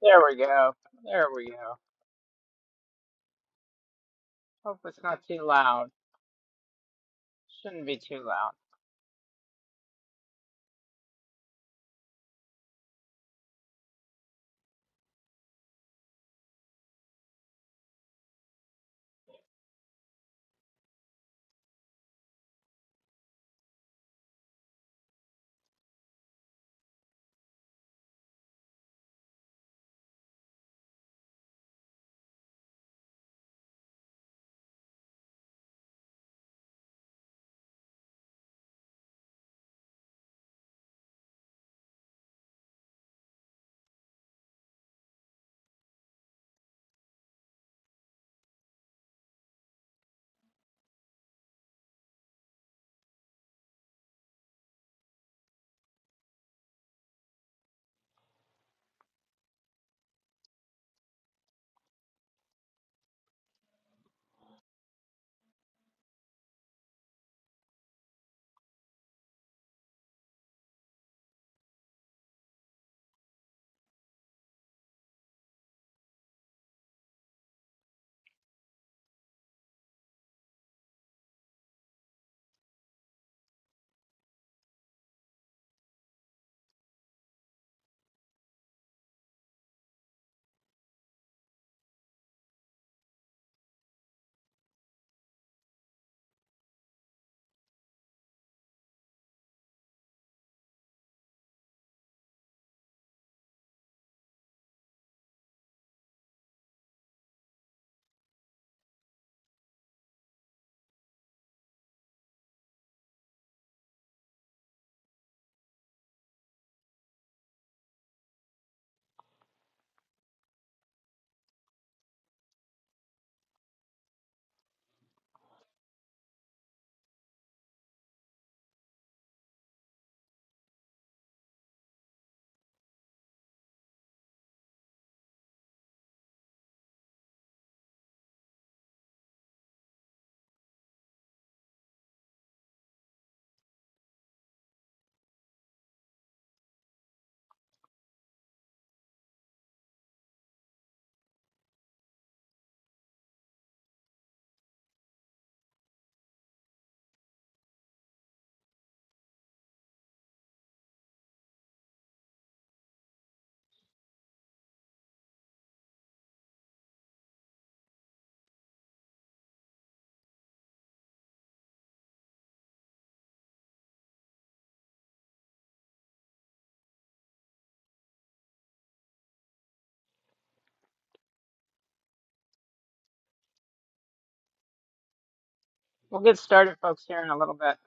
There we go. There we go. Hope it's not too loud. Shouldn't be too loud. We'll get started, folks, here in a little bit.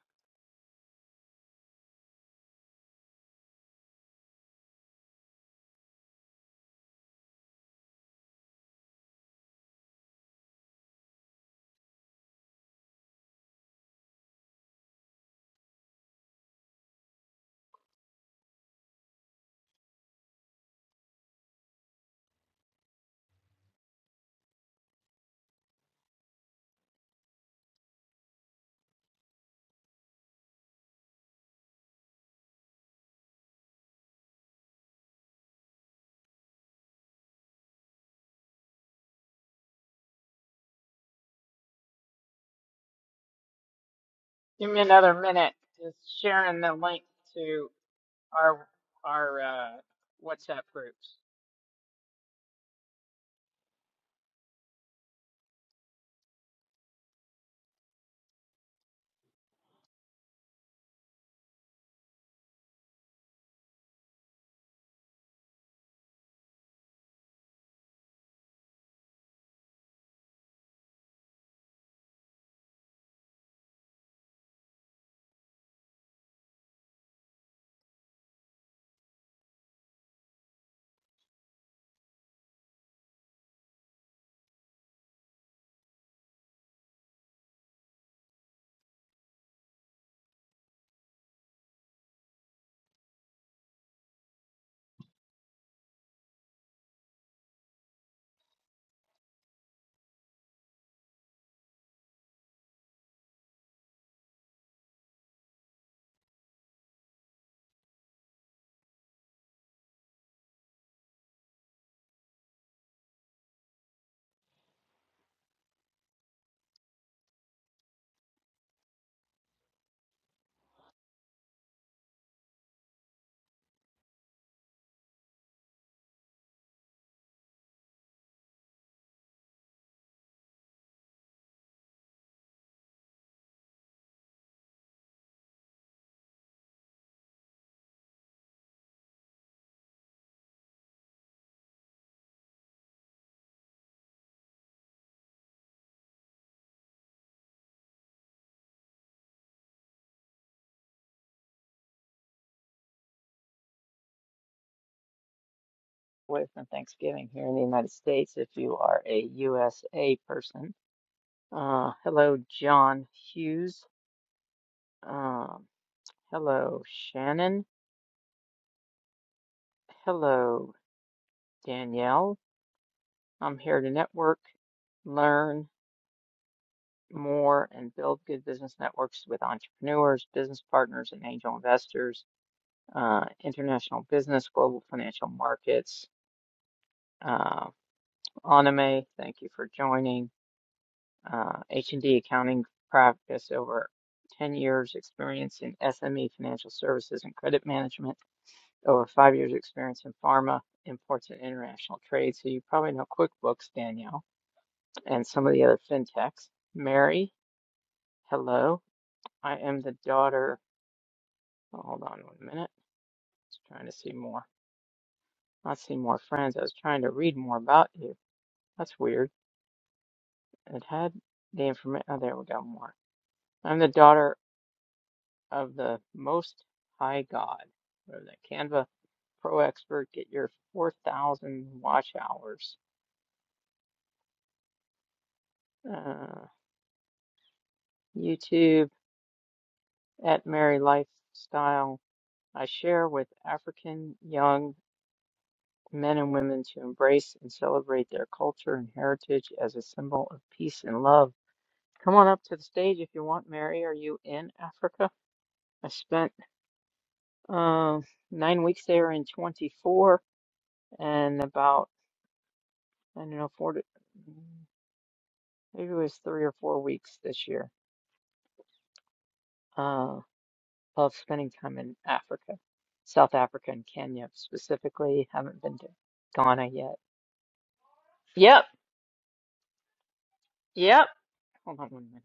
Give me another minute. Just sharing the link to our our uh, WhatsApp groups. Away from Thanksgiving here in the United States, if you are a USA person. Uh, hello, John Hughes. Um, hello, Shannon. Hello, Danielle. I'm here to network, learn. more and build good business networks with entrepreneurs, business partners, and angel investors, uh, international business, global financial markets. Uh, Anime, thank you for joining. Uh, H&D accounting practice over 10 years experience in SME financial services and credit management, over five years experience in pharma, imports and international trade. So you probably know QuickBooks, Danielle, and some of the other fintechs. Mary, hello. I am the daughter Oh, hold on one minute. Just trying to see more. I see more friends. I was trying to read more about you. That's weird. It had the information. Oh, there we go. More. I'm the daughter of the Most High God. Whatever that Canva Pro Expert. Get your 4,000 watch hours. Uh, YouTube at Mary Lifestyle. I share with African young men and women to embrace and celebrate their culture and heritage as a symbol of peace and love Come on up to the stage if you want, Mary. Are you in Africa? I spent um nine weeks there in 24 and about, I don't know, four to, maybe it was three or four weeks this year uh, of spending time in Africa, South Africa and Kenya specifically. Haven't been to Ghana yet. Yep, yep. Hold on one minute.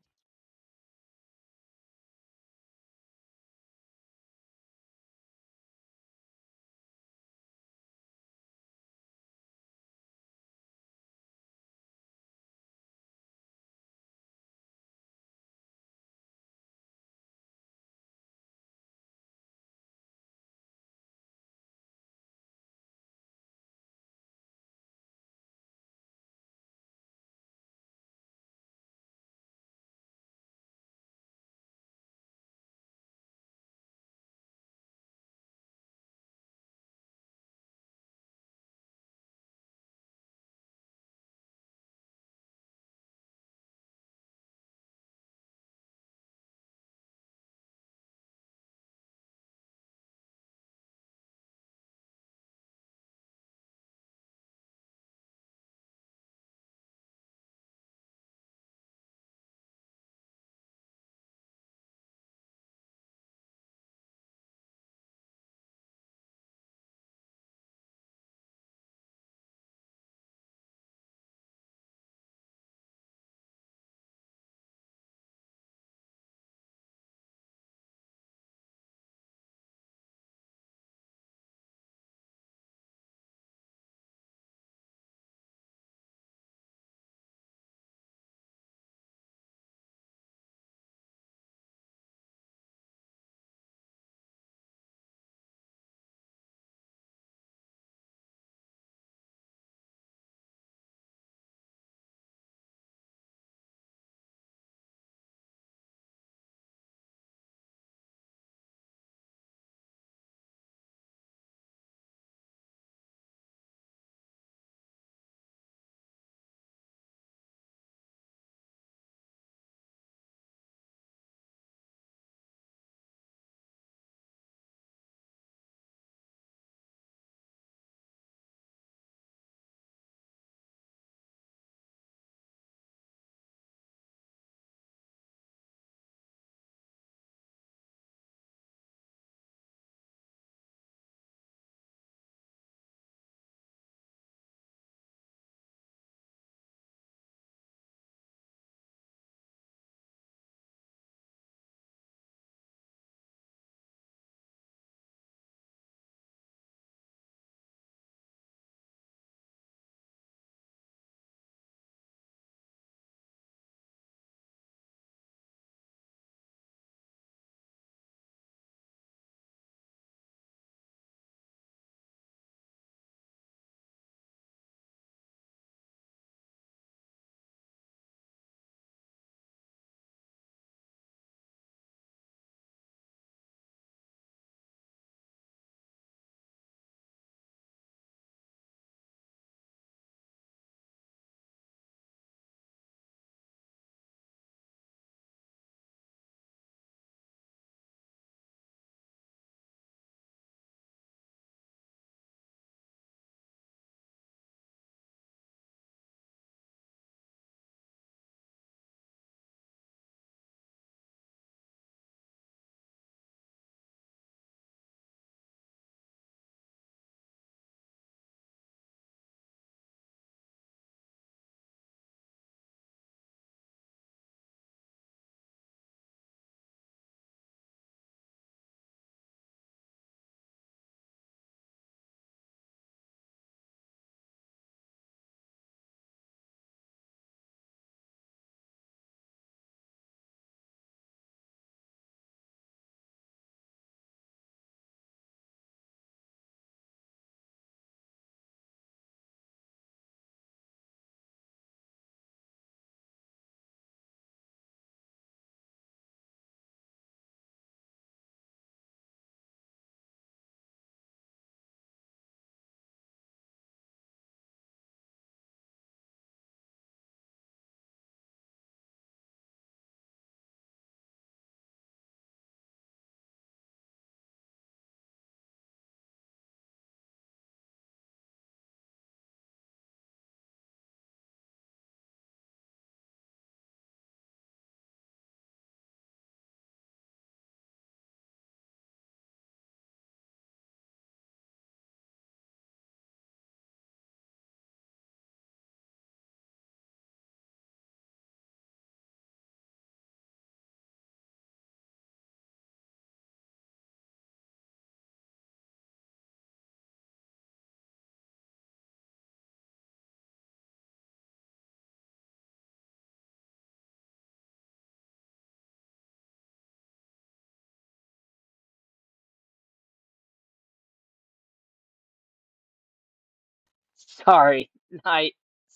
Sorry, I,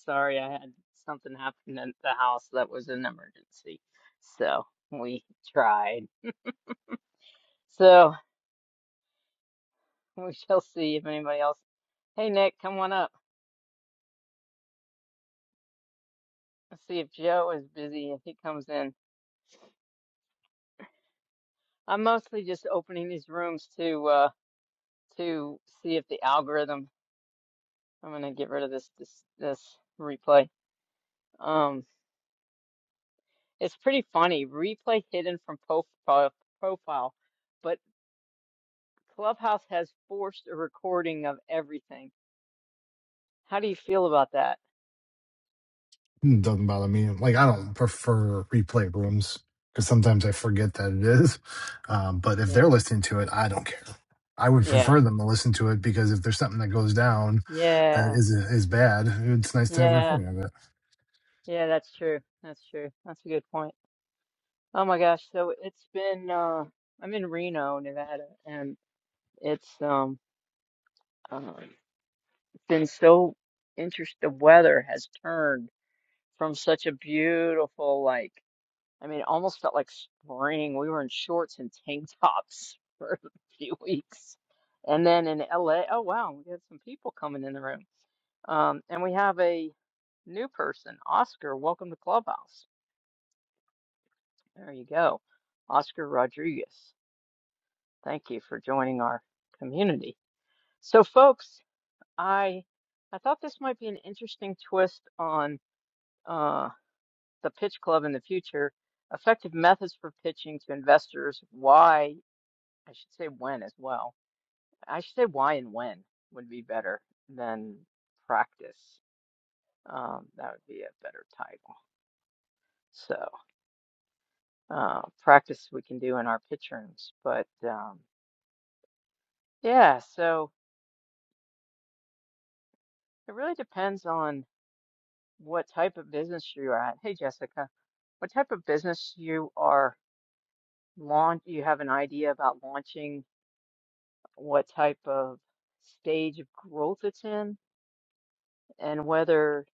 sorry, I had something happen at the house that was an emergency. So we tried. So we shall see if anybody else. Hey, Nick, come on up. Let's see if Joe is busy, if he comes in. I'm mostly just opening these rooms to uh to see if the algorithm. I'm gonna get rid of this this this replay. Um, it's pretty funny. Replay hidden from profile profile, but Clubhouse has forced a recording of everything. How do you feel about that? It doesn't bother me. Like I don't prefer replay rooms because sometimes I forget that it is. Um, but if Yeah. they're listening to it, I don't care. I would Yeah. prefer them to listen to it because if there's something that goes down that Yeah. is is bad, it's nice to have a Yeah. recording of it. Yeah, that's true. That's true. That's a good point. Oh my gosh, so it's been uh I'm in Reno, Nevada, and it's um uh, been so interest the weather has turned from such a beautiful like I mean it almost felt like spring. We were in shorts and tank tops for a few weeks. And then in LA, oh wow, we had some people coming in the room. Um and we have a new person, Oscar, welcome to Clubhouse. There you go. Oscar Rodriguez. Thank you for joining our community. So, folks, I I thought this might be an interesting twist on uh, the Pitch Club in the future. Effective methods for pitching to investors. Why I should say when as well. I should say why and when would be better than practice. Um, that would be a better title. So uh, practice we can do in our pitch rooms, but um, yeah. So it really depends on. what type of business you are at. Hey, Jessica, what type of business you are launch? You have an idea about launching, what type of stage of growth it's in, and whether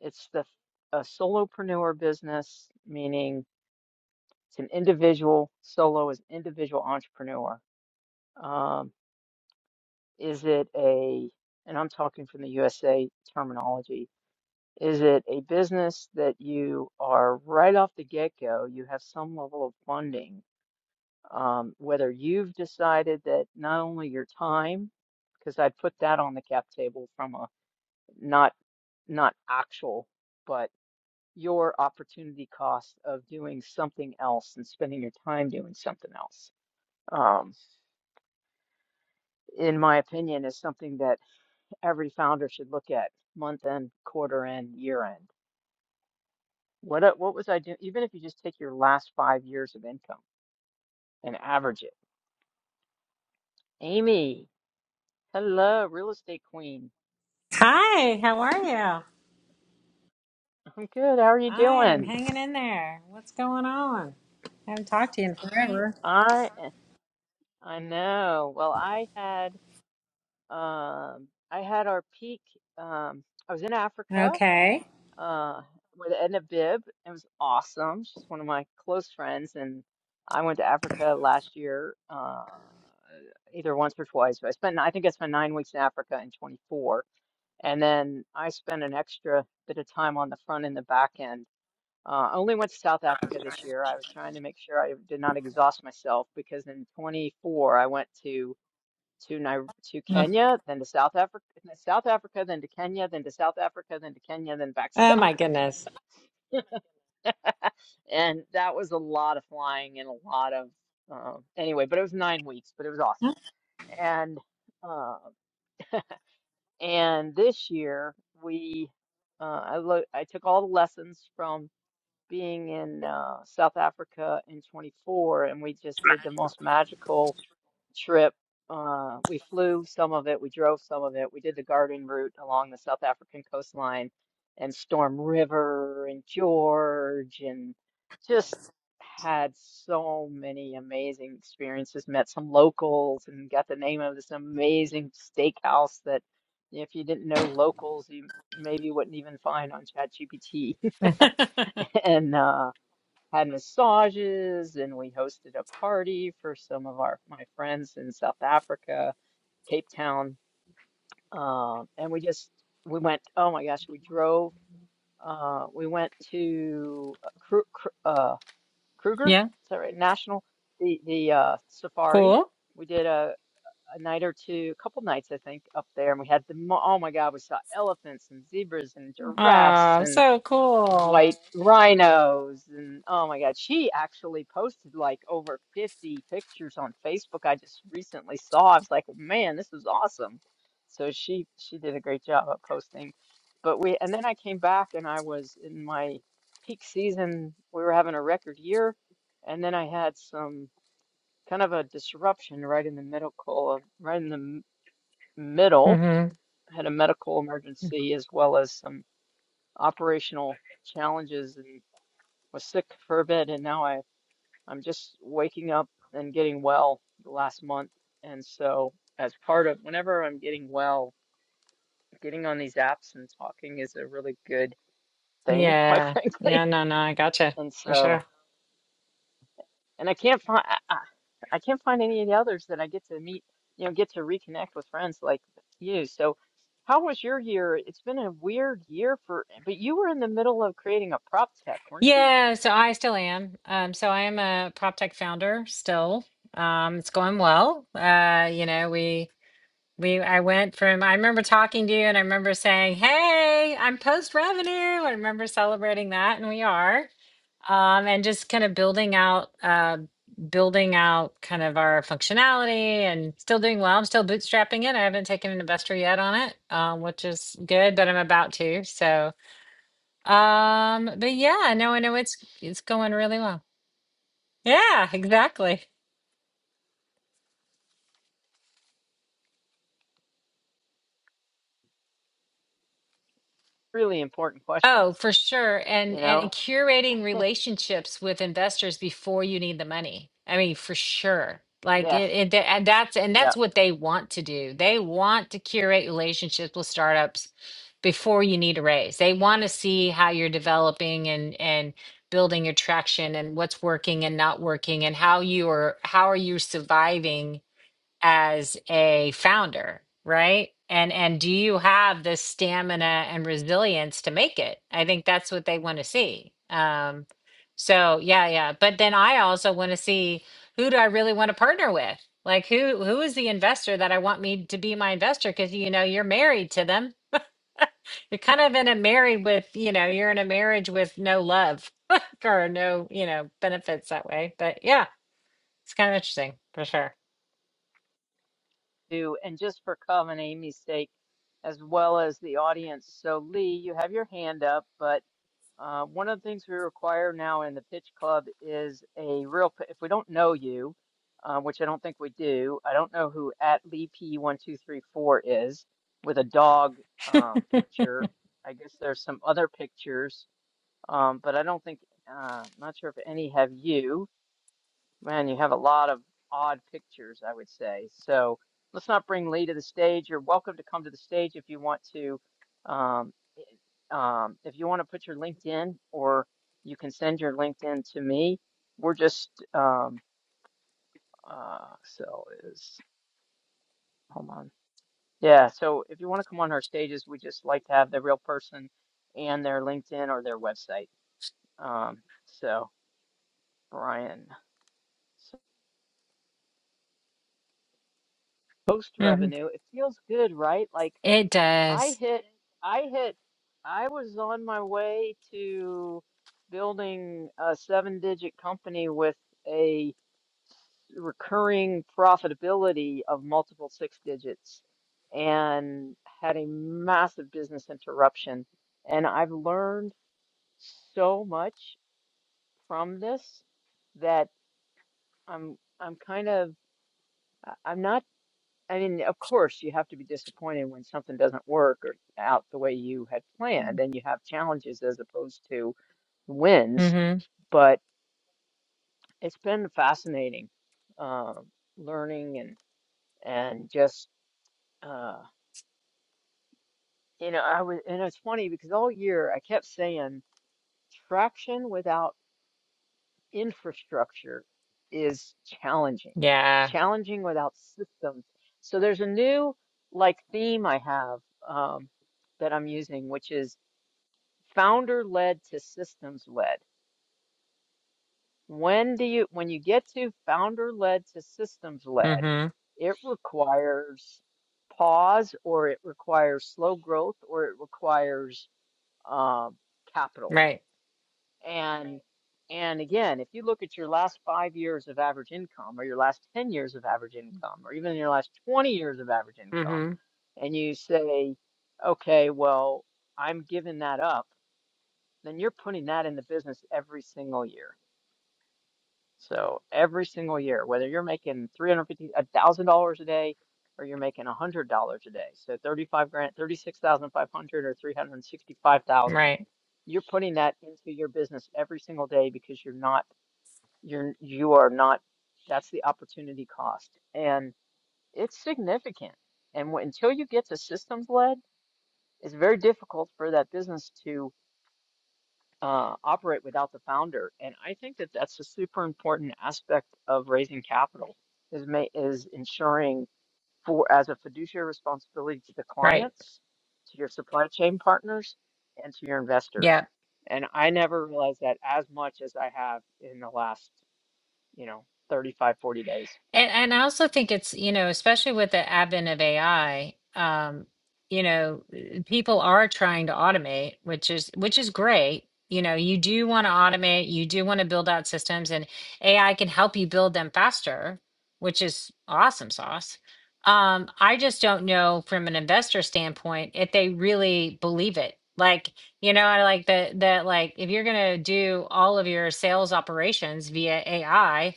it's the a solopreneur business, meaning it's an individual solo is individual entrepreneur. Um, is it a, and I'm talking from the USA terminology, Is it a business that you are right off the get-go, you have some level of funding? Um, whether you've decided that not only your time, because I'd put that on the cap table from a not not actual, but your opportunity cost of doing something else and spending your time doing something else, um, in my opinion, is something that every founder should look at month end, quarter end, year end What a- what was I doing? Even if you just take your last five years of income and average it. Amy, hello, real estate queen. Hi, how are you? I'm good. How are you I am doing? hanging in there. What's going on? I haven't talked to you in forever. I eh, I know. Well, I had um I had our peak. Um, I was in Africa Okay. uh with Edna Bibb. It was awesome. She's one of my close friends, and I went to Africa last year. Uh, either once or twice, but I spent I think I spent nine weeks in Africa in 24 And then I spent an extra bit of time on the front and the back end. Uh, I only went to South Africa this year. I was trying to make sure I did not exhaust myself because in 24 I went to to Nai- to Mm. Kenya, then to South Africa, South Africa, then to Kenya, then to South Africa, then to Kenya, then back to Oh South. my goodness. And that was a lot of flying and a lot of uh, anyway. But it was nine weeks, but it was awesome. And uh, and this year we uh, I lo- I took all the lessons from being in uh, South Africa in 24, and we just did the most magical trip. Uh, we flew some of it, we drove some of it, we did the garden route along the South African coastline and Storm River and George, and just had so many amazing experiences. Met some locals and got the name of this amazing steakhouse that if you didn't know locals, you maybe wouldn't even find on ChatGPT. And uh, had massages and we hosted a party for some of our my friends in South Africa, Cape Town. Um, and we just we went, oh my gosh, we drove uh we went to uh, Kru Kru- uh Kruger, is yeah, that right? National the the uh safari. cool. We did a a night or two, a couple nights I think up there and we had the mo- oh my God, we saw elephants and zebras and giraffes Oh, and so cool. white rhinos and oh my god she actually posted like over 50 pictures on facebook i just recently saw i was like "Oh, man this is awesome so she she did a great job of posting but we and then i came back and i was in my peak season we were having a record year and then i had some kind of a disruption right in the medical of right in the m- middle hmm I had a medical emergency as well as some operational challenges was sick for a bit and now I I'm just waking up and getting well the last month. And so as part of whenever I'm getting well, getting on these apps and talking is a really good thing, quite Yeah. Yeah, frankly. no, no, I gotcha And for so sure. and I can't find I, I I can't find any of the others that I get to meet, you know, get to reconnect with friends like you. So how was your year? It's been a weird year for, but you were in the middle of creating a prop tech, weren't you? Yeah, so I still am. Um, so I am a prop tech founder still. Um, it's going well. Uh, you know, we We I went from I remember talking to you and I remember saying, "Hey, I'm post revenue." I remember celebrating that and we are. Um and just kind of building out uh building out kind of our functionality and still doing well. I'm still bootstrapping it. I haven't taken an investor yet on it, um, which is good, but I'm about to. So, um but yeah, no, I know it's it's going really well. Yeah, exactly. Really important questions, Oh, for sure. And you and know? curating relationships with investors before you need the money. I mean, for sure. Like Yes. it, it tha- and that's and Yeah. that's what they want to do. They want to curate relationships with startups before you need a raise. They want to see how you're developing and and building your traction and what's working and not working and how you are how are you surviving as a founder, right? And and do you have the stamina and resilience to make it? I think that's what they want to see. Um, so yeah, yeah. But then I also want to see who do I really want to partner with? Like who who is the investor that I want me to be my investor? Because you know you're married to them. You're kind of in a married with you know you're in a marriage with no love or no you know benefits that way. But yeah, it's kind of interesting for sure. do, and just for Cov and Amy's sake, as well as the audience. So, Lee, you have your hand up, but uh, one of the things we require now in the Pitch Club is a real, p- if we don't know you, uh, which I don't think we do, I don't know who at Lee P1234 is with a dog uh, picture. I guess there's some other pictures, um, but I don't think, uh, not sure if any have you. Man, you have a lot of odd pictures, I would say. So let's not bring Lee to the stage. You're welcome to come to the stage if you want to. Um, um, if you want to put your LinkedIn, or you can send your LinkedIn to me. We're just um, uh, so is hold on. Yeah, so if you want to come on our stages, we just like to have the real person and their LinkedIn or their website. Um, so Brian, so post Mhm. revenue, it feels good, right? Like It I does. hit, I hit, I was on my way to building a seven-digit company with a s- recurring profitability of multiple six digits and had a massive business interruption. And I've learned so much from this that I'm I'm kind of I- I'm not. I mean, of course, you have to be disappointed when something doesn't work or out the way you had planned, and you have challenges as opposed to wins. Mm-hmm. But it's been fascinating, um, learning and and just uh, you know, I was, and it's funny because all year I kept saying traction without infrastructure is challenging, Yeah. challenging without systems. So there's a new like theme I have um, that I'm using, which is founder led to systems led when do you when you get to founder led to systems led Mm-hmm. it requires pause or it requires slow growth or it requires um, capital Right. and and again if you look at your last five years of average income or your last 10 years of average income or even your last 20 years of average income Mm-hmm. and you say okay well i'm giving that up then you're putting that in the business every single year. So every single year, whether you're making three hundred fifty, a thousand dollars a day, or you're making a hundred dollars a day, so thirty-five grand, thirty-six thousand five hundred, or three hundred sixty-five thousand, Right. you're putting that into your business every single day because you're not, you're, you are not. That's the opportunity cost, and it's significant. And wh- until you get to systems led, it's very difficult for that business to uh, operate without the founder. And I think that that's a super important aspect of raising capital is ma is ensuring for as a fiduciary responsibility to the Right. clients, to your supply chain partners, and to your Yeah. investors. And I never realized that as much as I have in the last, you know, 35, 40 days. And and I also think it's, you know, especially with the advent of AI, um, you know, uh, people are trying to automate, which is which is great. You know, you do want to automate, you do want to build out systems, and AI can help you build them faster, which is awesome sauce. Um, I just don't know from an investor standpoint if they really believe it. Like, you know, I like that that like if you're gonna do all of your sales operations via AI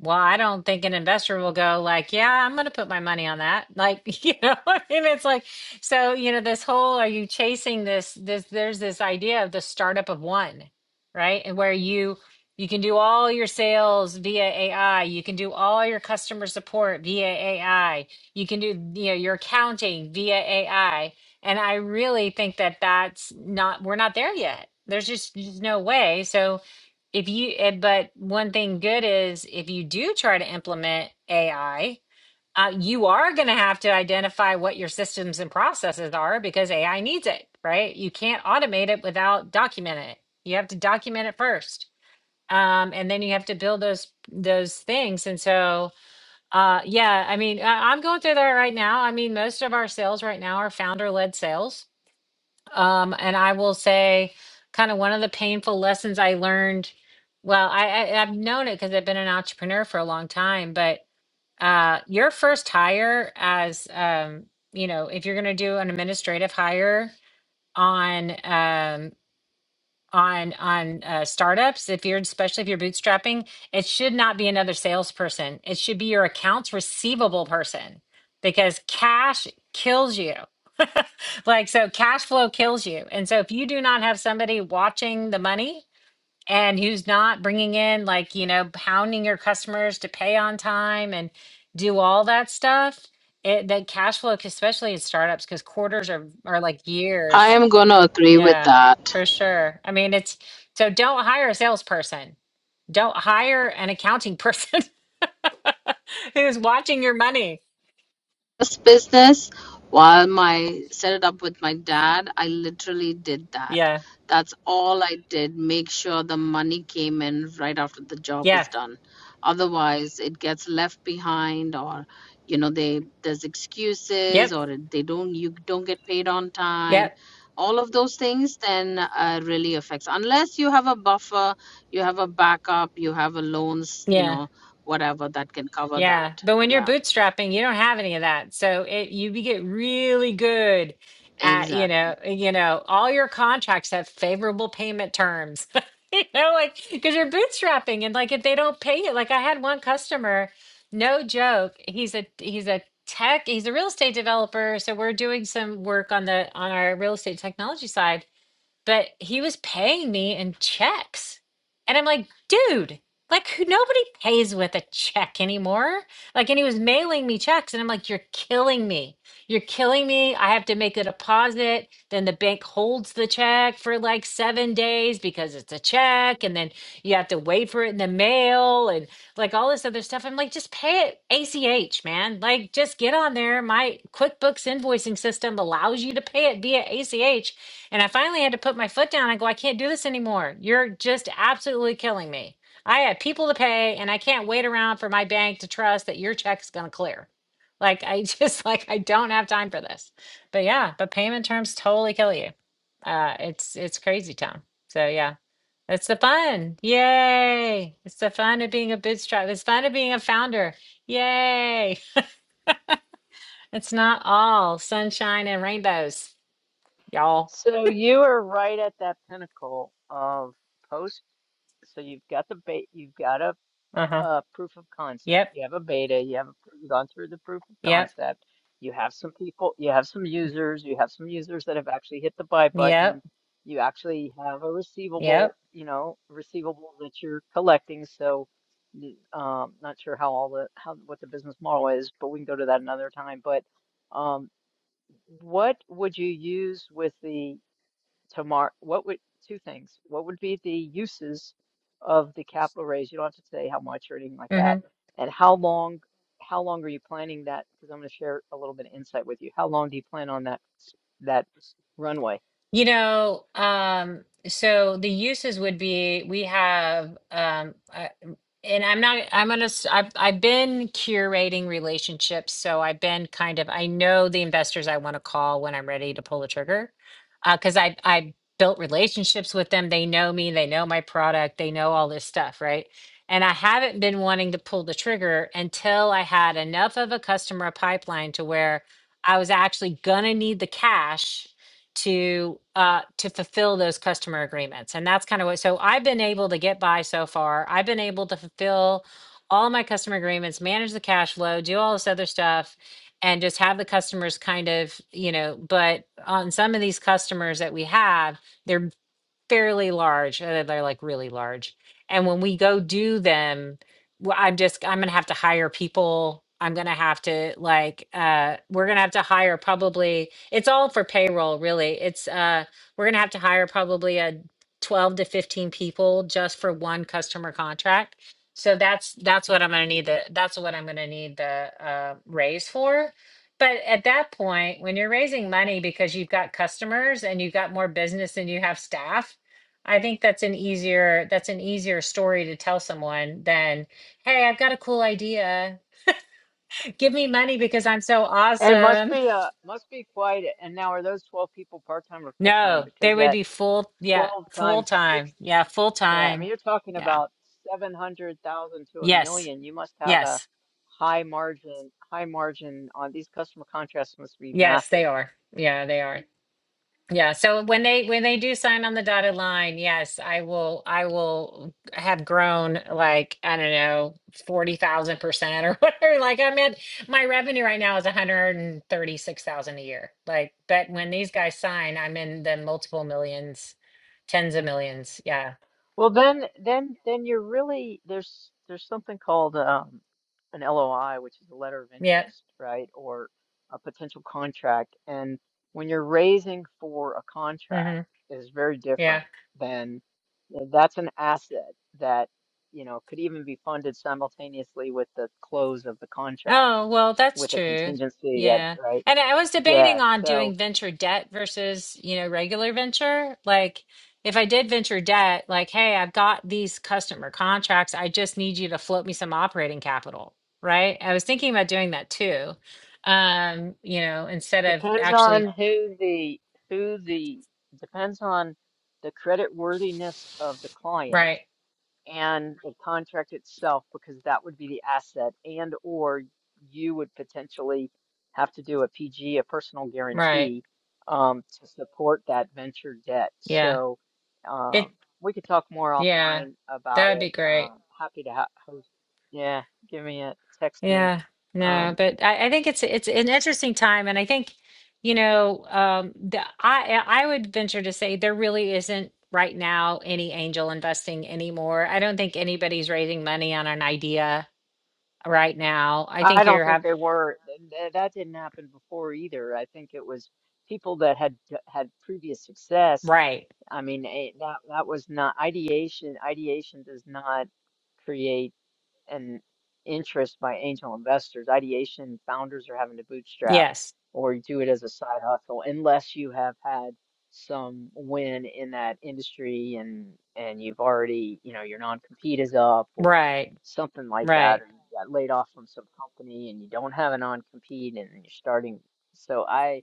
well, I don't think an investor will go like, yeah, I'm going to put my money on that. Like, you know, I mean, it's like, so, you know, this whole, are you chasing this, this, there's this idea of the startup of one, right? And where you, you can do all your sales via AI. You can do all your customer support via AI. You can do, you know, your accounting via AI. And I really think that that's not, we're not there yet. There's just, just no way. So, if you, eh, but one thing good is if you do try to implement AI, uh, you are going to have to identify what your systems and processes are because AI needs it, right? You can't automate it without documenting it. You have to document it first, um, and then you have to build those those things. And so, uh, yeah, I mean, I, I'm going through that right now. I mean, most of our sales right now are founder led sales um, and I will say, kind of one of the painful lessons I learned. Well, I, I I've known it because I've been an entrepreneur for a long time, but uh, your first hire as um, you know, if you're going to do an administrative hire on um, on on uh, startups if you're especially if you're bootstrapping it should not be another salesperson it should be your accounts receivable person because cash kills you like so cash flow kills you and so if you do not have somebody watching the money and who's not bringing in like you know pounding your customers to pay on time and do all that stuff it the cash flow especially in startups because quarters are are like I years am going to agree with yeah, that. for sure. I mean, it's so don't hire a salesperson. Don't hire an accounting person who's watching your money. this business while my set it up with my dad i literally did that Yeah. that's all i did make sure the money came in right after the job was Yeah. done otherwise it gets left behind or you know they there's excuses Yep. or it- they don't you don't get paid on time Yep. all of those things then uh, really affects unless you have a buffer you have a backup you have a loans you Yeah. know whatever that can cover Yeah, that but when you're yeah bootstrapping, you don't have any of that. So it you be- get really good at, you exactly know, you know, all your contracts have favorable payment terms. You know, like because you're bootstrapping and like if they don't pay you, like I had one customer, no joke, he's a he's a tech, he's a real estate developer, so we're doing some work on the on our real estate technology side but he was paying me in checks. And I'm like, dude, like who nobody pays with a check anymore. Like, and he was mailing me checks. And I'm like, you're killing me. You're killing me. I have to make a deposit. Then the bank holds the check for like seven days because it's a check. And then you have to wait for it in the mail. and like all this other stuff. I'm like, just pay it ACH, man. Like, just get on there. My QuickBooks invoicing system allows you to pay it via ACH. And I finally had to put my foot down. I go, I can't do this anymore. You're just absolutely killing me. I have people to pay, and I can't wait around for my bank to trust that your check's going to clear. Like, I just like I don't have time for this. But yeah, but payment terms totally kill you. Uh, it's it's crazy town. So yeah. It's the fun. Yay. It's the fun of being a bootstrap. It's fun of being a founder. Yay. It's not all sunshine and rainbows, y'all. So you are right at that pinnacle of post. So you've got the bait, you've got a Uh huh. uh, proof of concept. Yep. You have a beta. You have a, pr- gone through the proof of Yep. concept. You have some people. You have some users. You have some users that have actually hit the buy Yep. button. You actually have a receivable. Yep. You know, receivable that you're collecting. So, n- um, not sure how all the how what the business model is, but we can go to that another time. But, um, what would you use with the tomorrow, what would, two things. What would be the uses of the capital raise? You don't have to say how much or anything like Mm hmm. that. And how long, how long are you planning that? Because I'm going to share a little bit of insight with you. How long do you plan on that, s- that runway? You know, um, so the uses would be we have, um, uh, and I'm not, I'm gonna, s- I've, I've been curating relationships. So I've been kind of, I know the investors I want to call when I'm ready to pull the trigger. Uh, cause I, I built relationships with them. They know me, they know my product, they know all this stuff, right? And I haven't been wanting to pull the trigger until I had enough of a customer pipeline to where I was actually gonna need the cash to uh to fulfill those customer agreements and that's kind of what so i've been able to get by so far i've been able to fulfill all my customer agreements manage the cash flow do all this other stuff and just have the customers kind of you know but on some of these customers that we have they're fairly large. Uh, they're like really large. And when we go do them, well, I'm just I'm gonna have to hire people. I'm gonna have to like uh we're gonna have to hire probably it's all for payroll really. It's uh we're gonna have to hire probably a 12 to 15 people just for one customer contract. So that's that's what I'm gonna need the that's what I'm gonna need the uh raise for. But at that point, when you're raising money because you've got customers and you've got more business than you have staff, I think that's an easier that's an easier story to tell someone than, "Hey, I've got a cool idea. Give me money because I'm so And it must awesome." be uh must be quite, and now are those 12 people part-time or full-time? No, Because they would that be full yeah, 12 full times time. Yeah, full Yeah, I time. mean, you're talking Yeah. about 700,000 to a Yes. million. You must have a Yes. high margin, high margin on these customer contracts must be Yes, massive. they are. Yeah, they are. Yeah, so when they when they do sign on the dotted line, yes, I will I will have grown like, I don't know, forty thousand percent or whatever. Like I'm at my revenue right now is one hundred and thirty-six thousand a year. Like, but when these guys sign, I'm in the multiple millions, tens of millions. Yeah. Well, then, then, then you're really there's there's something called um, an LOI, which is a letter of Yeah. interest, right, or a potential contract. And when you're raising for a contract, Mm-hmm. is very yeah. different than uh, that's an asset that you know could even be funded simultaneously with the close of the contract Oh, well, that's with a true. contingency that, Yeah. right? And I was debating Yeah. on So. doing venture debt versus, you know, regular venture. Like, if I did venture debt, like, hey, I've got these customer contracts. I just need you to float me some operating capital, right? I was thinking about doing that too. Um, you know, instead of Depends on actually, who the who the depends on the credit worthiness of the client right, and the contract itself because that would be the asset and or you would potentially have to do a PG, a personal right. guarantee, um, to support that venture debt. Yeah. So It, um, we could talk more yeah, offline that about would it. be Uh, great. happy to ha host. Yeah, give me a text me. Yeah, Um, no, but I, I think it's it's an interesting time, and I think you know, um, the, I I would venture to say there really isn't right now any angel investing anymore. I don't think anybody's raising money on an idea right now. I I think don't you're think have they were. th- th- That didn't happen before either. I think it was people that had d- had previous success. right. I mean, eh, that that was not ideation. Ideation does not create and interest by angel investors. Ideation founders are having to bootstrap Yes, or do it as a side hustle unless you have had some win in that industry and and you've already, you know, your non-compete is up or right, something like that, right. or you got laid off from some company and you don't have a non-compete and you're starting. So I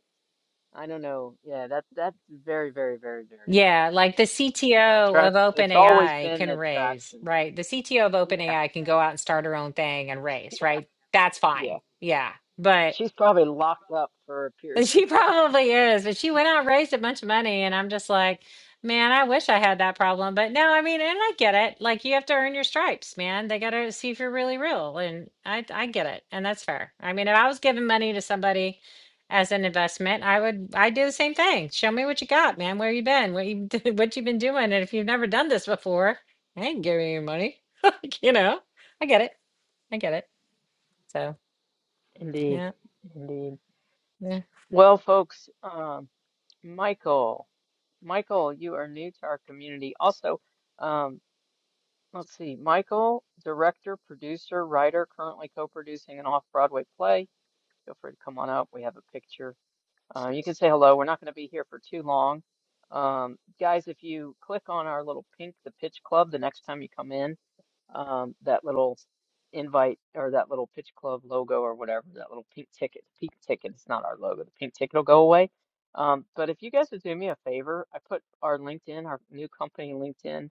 I don't know. Yeah, that that's very, very, very, very Yeah, rare. like the You know, CTO of attract it's always OpenAI been can raise, attraction. right? The CTO of Yeah, OpenAI can go out and start her own thing and raise, yeah, right? That's yeah. fine. Yeah, but. She's probably locked up for a period And She of time. probably is, but she went out and raised a bunch of money, and I'm just like, man, I wish I had that problem. But no, I mean, and I get it. Like you have to earn your stripes, man. They got to see if you're really real, and I I get it, and that's fair. I mean, if I was giving money to somebody as an investment, I would I'd do the same thing. Show me what you got, man. Where you been? What you what you've been doing? And if you've never done this before, I ain't giving you money. Like, you know, I get it. I get it. So Indeed, yeah, indeed. yeah. Well, folks, um, Michael, Michael, you are new to our community. Also, um, let's see, Michael, director, producer, writer, currently co-producing an off-Broadway play. Feel free to come on up. We have a picture. Uh, you can say hello. We're not going to be here for too long. Um, guys, if you click on our little pink, the pitch club, the next time you come in, um, that little invite or that little pitch club logo or whatever, that little pink ticket, pink ticket, it's not our logo, the pink ticket will go away. Um, but if you guys would do me a favor, I put our LinkedIn, our new company LinkedIn.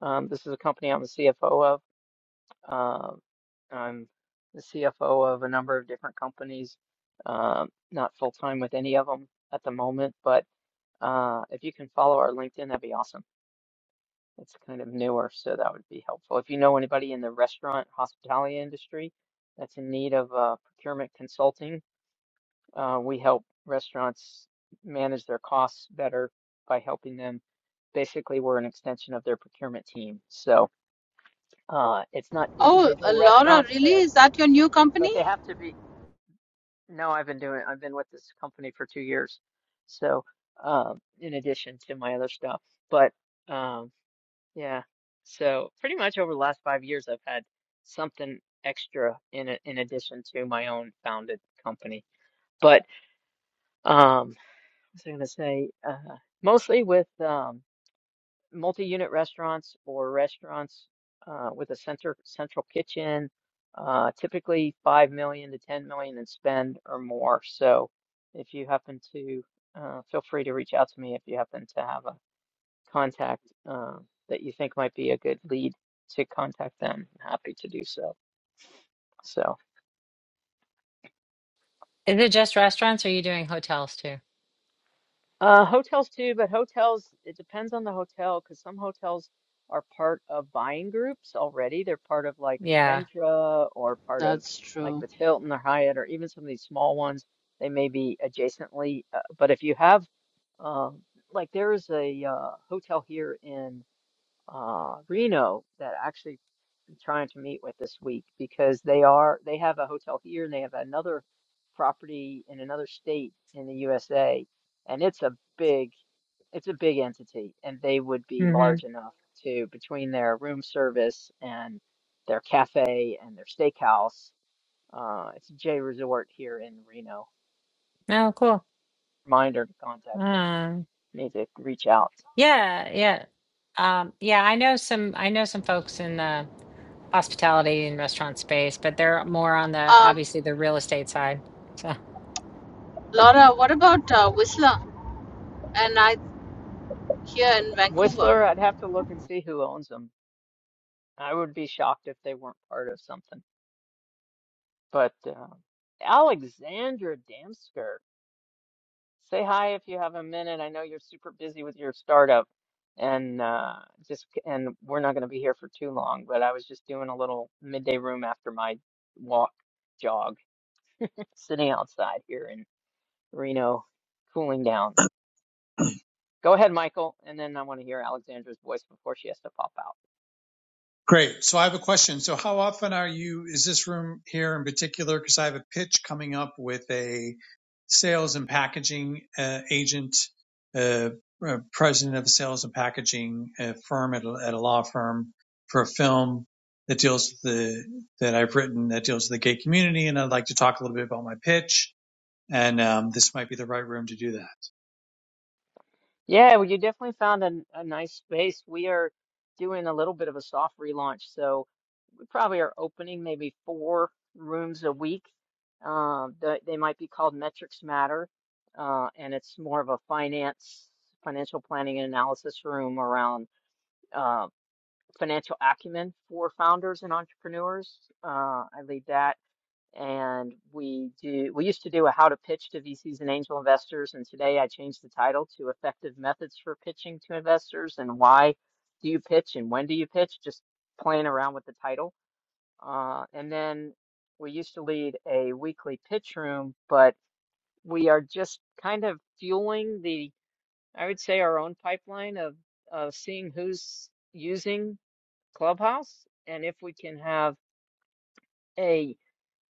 Um, this is a company I'm the CFO of. Um, I'm the CFO of a number of different companies, um, not full time with any of them at the moment, but uh, if you can follow our LinkedIn, that'd be awesome. It's kind of newer, so that would be helpful. If you know anybody in the restaurant hospitality industry that's in need of uh, procurement consulting, uh, we help restaurants manage their costs better by helping them. Basically, we're an extension of their procurement team. So uh, it's not Oh, uh, individual Laura, restaurants really? there, Is that your new but company? they have to be. No, I've been doing. I've been with this company for two years. So um, in addition to my other stuff, but. Um, Yeah. So pretty much over the last five years, I've had something extra in a, in addition to my own founded company. But um, what was I going to say? Uh, mostly with um, multi-unit restaurants or restaurants uh, with a center central kitchen, uh, typically five million to ten million in spend or more. So if you happen to, uh, feel free to reach out to me if you happen to have a contact uh, that you think might be a good lead to contact them, I'm happy to do so. So, Is it just restaurants, or are you doing hotels too? uh, hotels too, but hotels, it depends on the hotel because some hotels are part of buying groups already. They're part of like Yeah. Ventra or part of That's like if true. it's Hilton or Hyatt or even some of these small ones, they may be adjacently. Uh, but if you have, uh, like there is a uh, hotel here in. uh, Reno that actually I'm trying to meet with this week because they are they have a hotel here and they have another property in another state in the USA and it's a big it's a big entity and they would be large Mhm. enough to between their room service and their cafe and their steakhouse uh, it's J Resort here in Reno. Oh, cool. Reminder to contact them. Um, Need to reach out. yeah, yeah. Um, yeah, I know some I know some folks in the hospitality and restaurant space, but they're more on the Um, obviously the real estate side. So, Laura, what about uh, Whistler and I here in Vancouver? Whistler, I'd have to look and see who owns them I would be shocked if they weren't part of something. But uh, Alexandra Damsker, say hi if you have a minute. I know you're super busy with your startup, and uh, just and we're not going to be here for too long. But I was just doing a little midday room after my walk jog, sitting outside here in Reno, cooling down. Go ahead, Michael, and then I want to hear Alexandra's voice before she has to pop out. Great. So I have a question. So how often are you, is this room here in particular? Because I have a pitch coming up with a sales and packaging uh, agent, uh, uh, president of a sales and packaging uh, firm at a, at a law firm for a film that deals with the, that I've written that deals with the gay community. And I'd like to talk a little bit about my pitch. And um, this might be the right room to do that. Yeah, well, you definitely found a, a nice space. We are doing a little bit of a soft relaunch, so we probably are opening maybe four rooms a week. Um, they, they might be called Metrics Matter, uh, and it's more of a finance, financial planning and analysis room around uh, financial acumen for founders and entrepreneurs. Uh, I lead that and we do we used to do a how to pitch to VCs and angel investors and today I changed the title to effective methods for pitching to investors and why do you pitch and when do you pitch just playing around with the title uh, and then we used to lead a weekly pitch room but we are just kind of fueling the I would say our own pipeline of of seeing who's using Clubhouse and if we can have a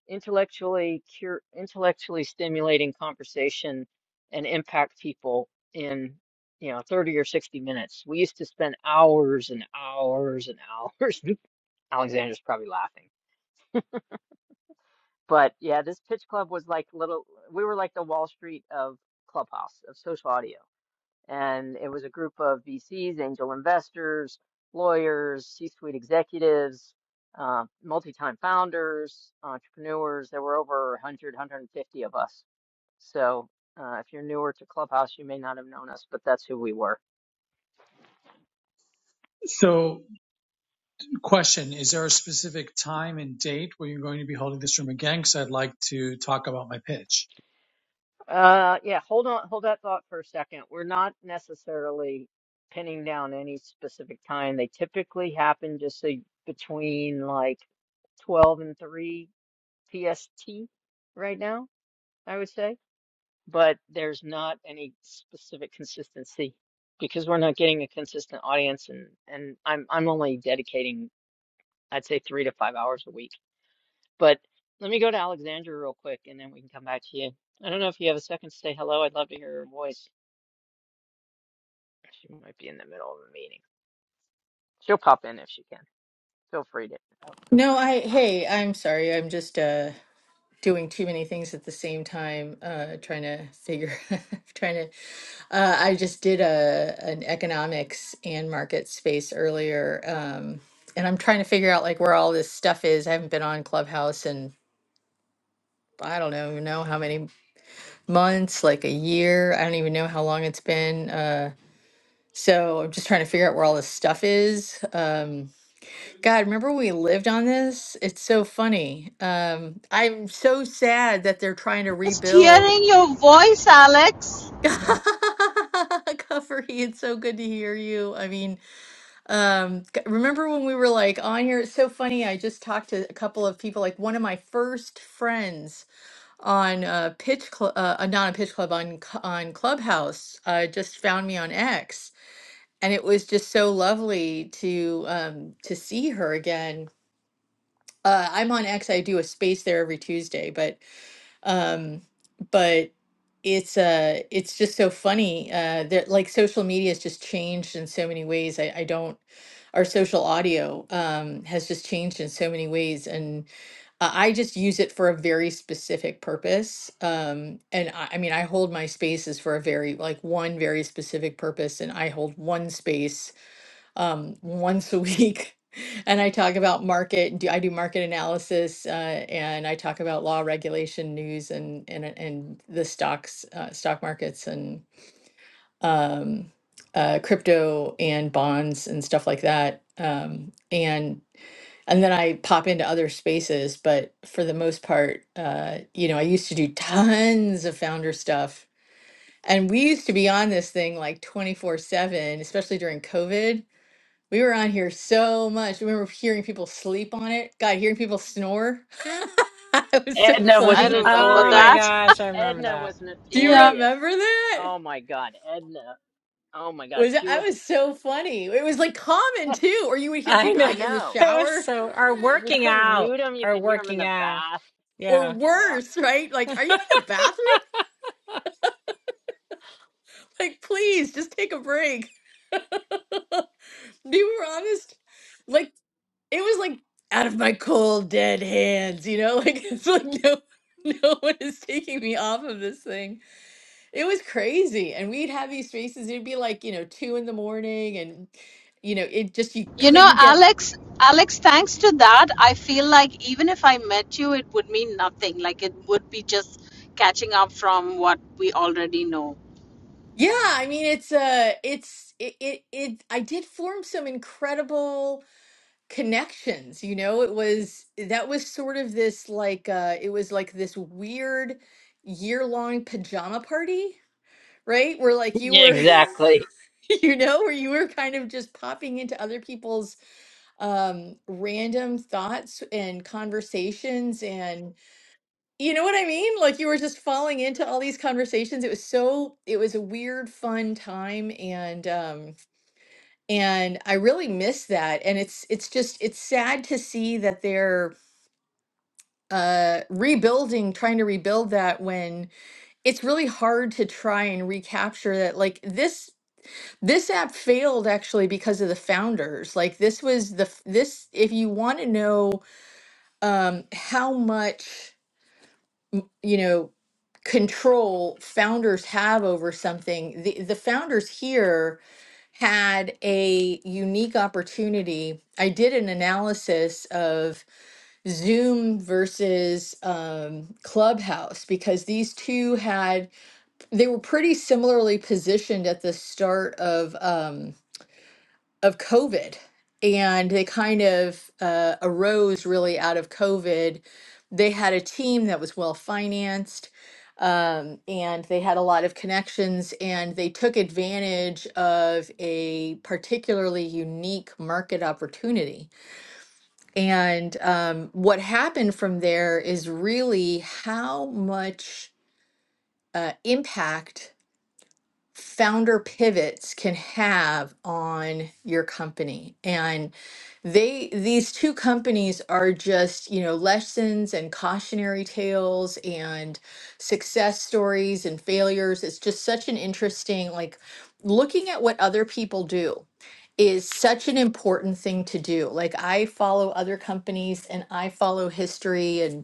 intellectually cur intellectually stimulating conversation and impact people in you know 30 or 60 minutes. We used to spend hours and hours and hours. Alexander's probably laughing. But yeah, this pitch club was like little we were like the Wall Street of Clubhouse of social audio. And it was a group of VCs, angel investors, lawyers, C-suite executives, uh, multi-time founders, entrepreneurs. There were over 100, 150 of us so uh, if you're newer to Clubhouse, you may not have known us, but that's who we were. So Question Is there a specific time and date where you're going to be holding this room again? Because I'd like to talk about my pitch. Uh, yeah, hold on, hold that thought for a second. We're not necessarily pinning down any specific time. They typically happen just say between like 12 and 3 PST right now, I would say. But there's not any specific consistency because we're not getting a consistent audience, and and I'm I'm only dedicating I'd say three to five hours a week But let me go to Alexandra real quick and then we can come back to you. I don't know if you have a second to say hello. I'd love to hear her voice. She might be in the middle of a meeting. She'll pop in if she can. Feel free to. No, I, hey, I'm sorry. I'm just uh doing too many things at the same time, uh trying to figure trying to uh I just did a an economics and market space earlier. Um and I'm trying to figure out like where all this stuff is. I haven't been on Clubhouse in I don't know, know how many months, like a year. I don't even know how long it's been. Uh so I'm just trying to figure out where all this stuff is. Um God, remember when we lived on this? It's so funny. Um, I'm so sad that they're trying to Just rebuild. hearing your voice, Alex. Cuffery, it's so good to hear you. I mean, um, g- remember when we were like on here? It's so funny. I just talked to a couple of people, like one of my first friends on uh, Pitch Club, uh, uh, not on Pitch Club, on Cl- on Clubhouse, uh, just found me on X, and it was just so lovely to um, to see her again uh, I'm on X. I do a space there every Tuesday, but um, but it's uh it's just so funny uh, that like social media has just changed in so many ways. I, I don't our social audio um, has just changed in so many ways, and uh, I just use it for a very specific purpose. Um, and I, I mean, I hold my spaces for a very like one very specific purpose, and I hold one space um, once a week. And I talk about market, do I do market analysis, uh, and I talk about law, regulation, news, and and and the stocks, uh, stock markets, and um, uh, crypto and bonds and stuff like that. Um, and and then I pop into other spaces, but for the most part, uh, you know, I used to do tons of founder stuff, and we used to be on this thing like twenty four seven, especially during COVID we were on here so much. I remember hearing people sleep on it. God, hearing people snore. It was so Edna was I funny. remember oh my notorious. that. gosh, I remember Edna that. was Do you Yeah. notorious. remember that? Oh my God, Edna. Oh my God, Was she I would. was so funny. It was like common I too, or you would hear I people know. like in the know. It was shower so, or And you working couldn't out, mute them. You or could hear them in working the out. bath. or Yeah. Yeah. worse, right? Like, are you in the bathroom? Like, please just take a break. Be were honest. Like it was like out of my cold dead hands, you know? Like it's like no no one is taking me off of this thing. It was crazy. And we'd have these spaces. It'd be like, you know, two in the morning and you know, it just you You know, couldn't get Alex, Alex, thanks to that, I feel like even if I met you, it would mean nothing. Like it would be just catching up from what we already know. Yeah, I mean it's uh it's it it, it I did form some incredible connections, you know. It was that was sort of this like uh it was like this weird year-long pajama party, right? Where like you Yeah, were exactly. you know, where you were kind of just popping into other people's um random thoughts and conversations and. You know what I mean? Like you were just falling into all these conversations. It was so it was a weird fun time and um and I really miss that and it's it's just it's sad to see that they're uh rebuilding trying to rebuild that when it's really hard to try and recapture that like this this app failed actually because of the founders like this was the f- this if you want to know um how much you know control founders have over something the the founders here had a unique opportunity i did an analysis of zoom versus um, clubhouse because these two had they were pretty similarly positioned at the start of um, of COVID, and they kind of uh, arose really out of COVID. They had a team that was well financed, um, and they had a lot of connections, and they took advantage of a particularly unique market opportunity. And um, what happened from there is really how much uh, impact founder pivots can have on your company and they these two companies are just you know lessons and cautionary tales and success stories and failures it's just such an interesting like looking at what other people do is such an important thing to do like i follow other companies and i follow history and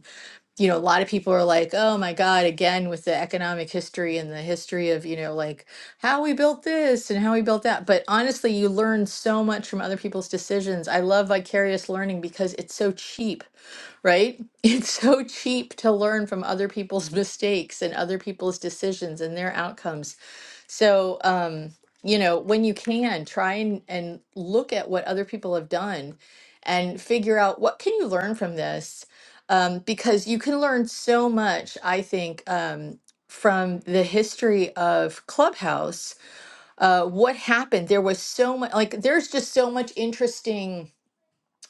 you know, a lot of people are like, oh my God, again, with the economic history and the history of, you know, like how we built this and how we built that. But honestly, you learn so much from other people's decisions. I love vicarious learning because it's so cheap, right? It's so cheap to learn from other people's mistakes and other people's decisions and their outcomes. So, um, you know, when you can, try and, and look at what other people have done and figure out what can you learn from this? Um, because you can learn so much, I think, um, from the history of Clubhouse. Uh, what happened? There was so much, like, there's just so much interesting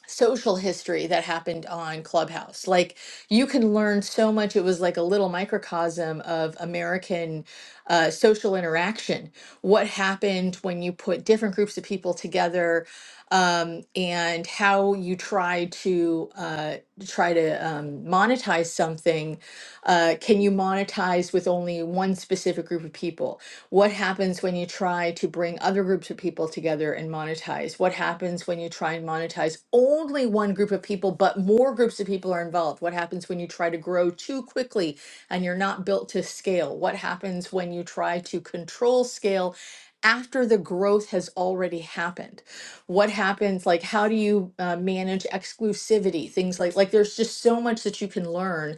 social history that happened on Clubhouse. Like you can learn so much. It was like a little microcosm of American uh, social interaction. What happened when you put different groups of people together, um, and how you try to uh, try to um, monetize something. Uh, can you monetize with only one specific group of people? What happens when you try to bring other groups of people together and monetize? What happens when you try and monetize only one group of people, but more groups of people are involved? What happens when you try to grow too quickly and you're not built to scale? What happens when you try to control scale after the growth has already happened? What happens? Like, how do you uh, manage exclusivity? Things like like there's just so much that you can learn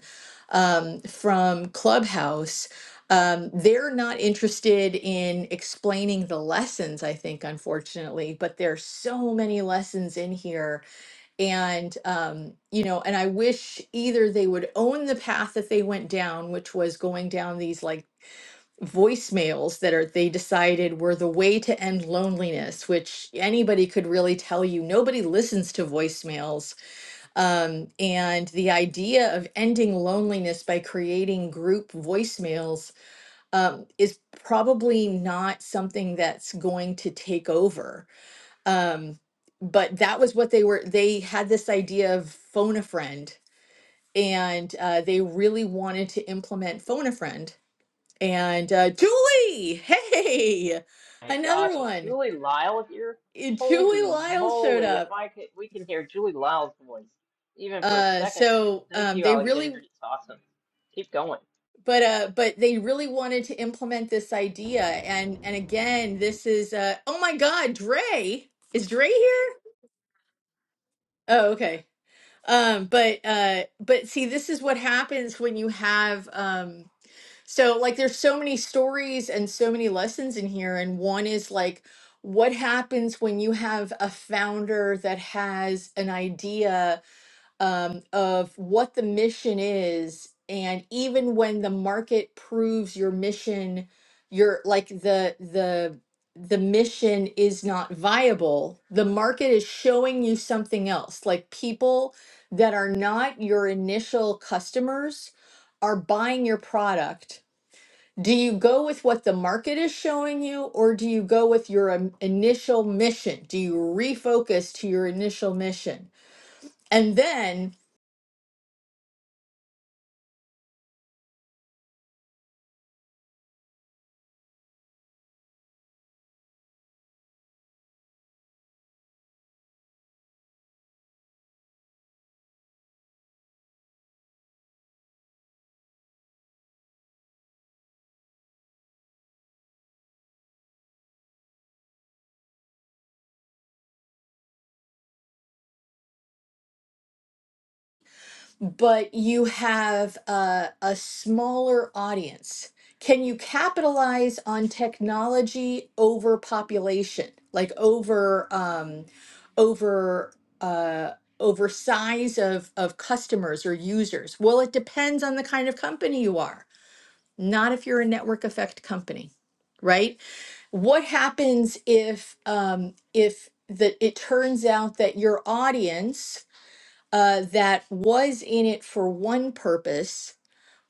um, from Clubhouse um, they're not interested in explaining the lessons, I think, unfortunately, but there's so many lessons in here. And, um, you know, and I wish either they would own the path that they went down, which was going down these like voicemails that are they decided were the way to end loneliness, which anybody could really tell you. Nobody listens to voicemails. Um, and the idea of ending loneliness by creating group voicemails um, is probably not something that's going to take over. Um, but that was what they were, they had this idea of phone a friend and uh, they really wanted to implement phone a friend. And uh, Julie, hey, my another gosh, is one. Julie Lyle here? Eh, Julie Holy Lyle showed moly, if up. I could, we can hear Julie Lyle's voice even for a Uh, second. so Thank um, you, they really, Alexandra. It's awesome. Keep going. but uh, but they really wanted to implement this idea. And and again, this is uh, oh my God, Dre, is Dre here? Oh, okay. Um, but uh, but see, this is what happens when you have um, so like there's so many stories and so many lessons in here, and one is like what happens when you have a founder that has an idea um, of what the mission is and even when the market proves your mission your like the the the mission is not viable the market is showing you something else like people that are not your initial customers are buying your product do you go with what the market is showing you or do you go with your um, initial mission do you refocus to your initial mission and then but you have a, a smaller audience. Can you capitalize on technology over population, like over um, over uh, over size of of customers or users? Well, it depends on the kind of company you are. Not if you're a network effect company, right? What happens if um, if that it turns out that your audience uh, that was in it for one purpose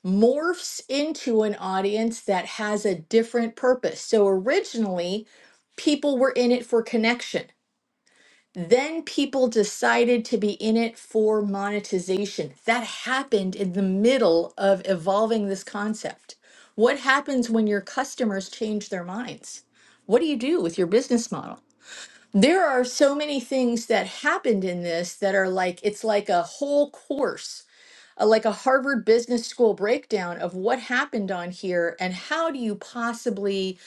morphs into an audience that has a different purpose. So originally, people were in it for connection. Then people decided to be in it for monetization. That happened in the middle of evolving this concept. What happens when your customers change their minds? What do you do with your business model? there are so many things that happened in this that are like it's like a whole course a- like a Harvard Business School breakdown of what happened on here and how do you possibly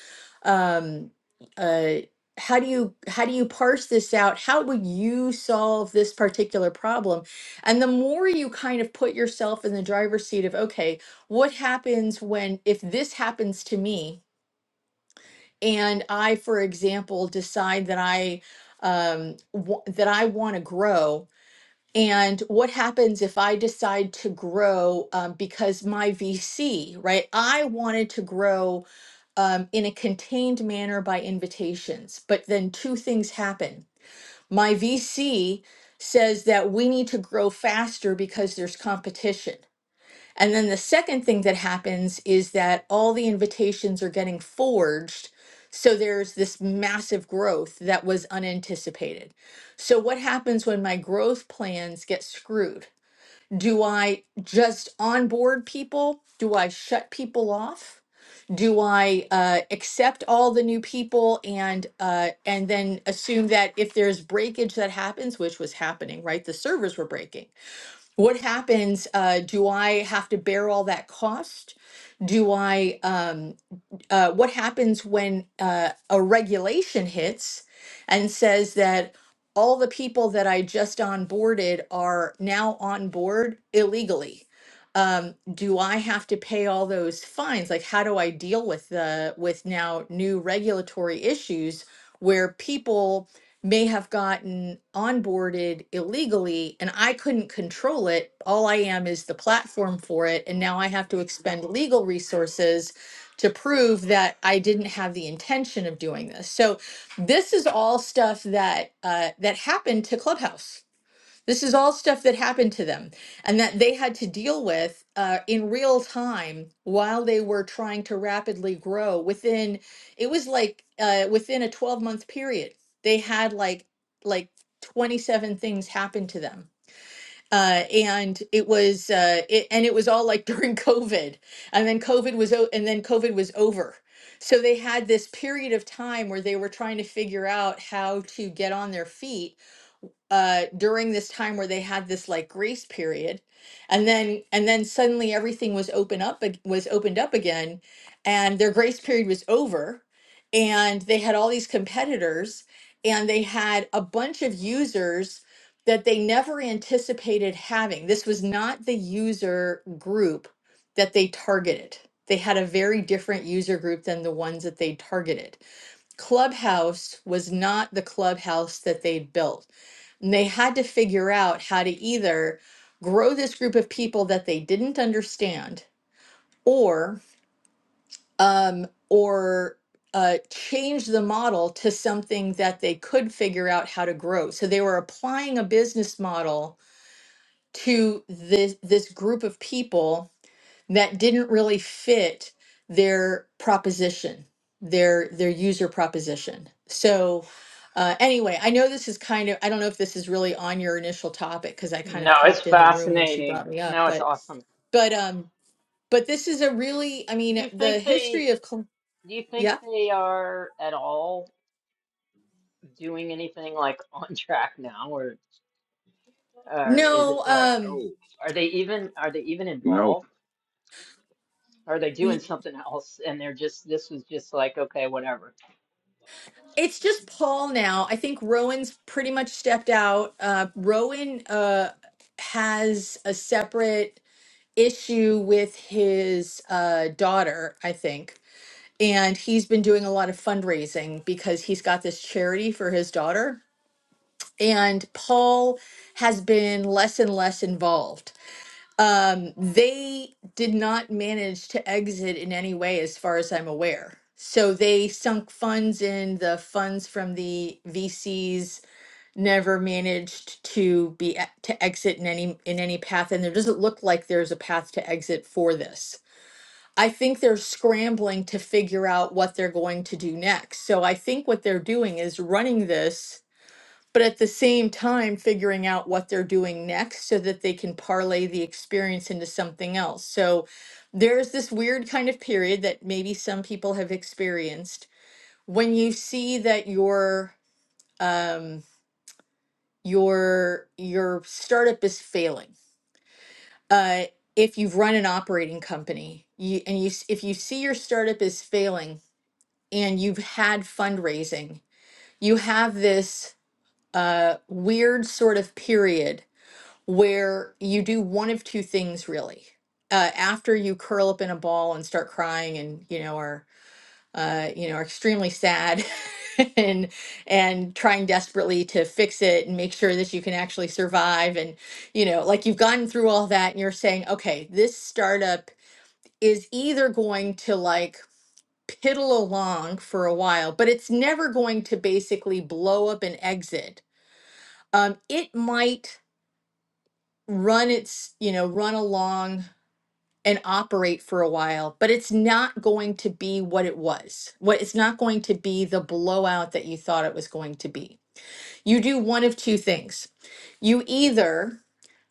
um, uh, how do you how do you parse this out? How would you solve this particular problem? And the more you kind of put yourself in the driver's seat of okay, what happens when if this happens to me and I, for example, decide that I um, wa- that I want to grow and what happens if I decide to grow um, because my VC, right? I wanted to grow um, in a contained manner by invitations, but then two things happen. My VC says that we need to grow faster because there's competition. And then the second thing that happens is that all the invitations are getting forged. So there's this massive growth that was unanticipated. So, what happens when my growth plans get screwed? Do I just onboard people? Do I shut people off? do I uh, accept all the new people and uh, and then assume that if there's breakage that happens, which was happening, right? The servers were breaking what happens uh, do i have to bear all that cost do i um, uh, what happens when uh, a regulation hits and says that all the people that I just onboarded are now on board illegally. Um, do I have to pay all those fines? Like, how do I deal with the with now new regulatory issues where people may have gotten onboarded illegally and I couldn't control it. All I am is the platform for it. And now I have to expend legal resources to prove that I didn't have the intention of doing this. So this is all stuff that uh, that happened to Clubhouse. This is all stuff that happened to them, and that they had to deal with uh, in real time while they were trying to rapidly grow. Within it was like uh, within a twelve month period, they had like like twenty seven things happen to them uh, and it was uh, it, and it was all like during COVID, and then COVID was o- and then COVID was over. So they had this period of time where they were trying to figure out how to get on their feet uh during this time where they had this like grace period and then and then suddenly everything was open up ag- was opened up again and their grace period was over and they had all these competitors and they had a bunch of users that they never anticipated having this was not the user group that they targeted they had a very different user group than the ones that they targeted clubhouse was not the clubhouse that they built and they had to figure out how to either grow this group of people that they didn't understand or um, or uh, change the model to something that they could figure out how to grow. So they were applying a business model to this this group of people that didn't really fit their proposition, their their user proposition. So uh, anyway, I know this is kind of I don't know if this is really on your initial topic because I kind No, of it's popped in the room when she fascinating. brought me up, No, it's but awesome. but um but this is a really I Do mean you think the they, history of col- do you think yeah they are at all doing anything like on track now, or or is no it like, um No, are they even, are they even no. involved? Are they doing y- something else and they're just, this was just like, okay, whatever. it's just Paul now. I think Rowan's pretty much stepped out. Uh, Rowan uh, has a separate. issue with his uh, daughter, I think. And he's been doing a lot of fundraising because he's got this charity for his daughter. And Paul has been less and less involved. Um, they did not manage to exit in any way, as far as I'm aware. So they sunk funds in, the funds from the VCs never managed to be e- to exit in any in any path and there doesn't look like there's a path to exit for this I think they're scrambling to figure out what they're going to do next. So I think what they're doing is running this, but at the same time, figuring out what they're doing next so that they can parlay the experience into something else. So there's this weird kind of period that maybe some people have experienced when you see that your um, your your startup is failing. Uh, if you've run an operating company you, and you s- if you see your startup is failing and you've had fundraising, you have this uh, weird sort of period where you do one of two things really. Uh, after you curl up in a ball and start crying, and you know are uh, you know are extremely sad, and and trying desperately to fix it and make sure that you can actually survive, and you know like you've gotten through all that, and you're saying, okay, this startup is either going to like piddle along for a while, but it's never going to basically blow up and exit. Um, it might run its, you know, run along and operate for a while, but it's not going to be what it was. What it's not going to be the blowout that you thought it was going to be. You do one of two things. You either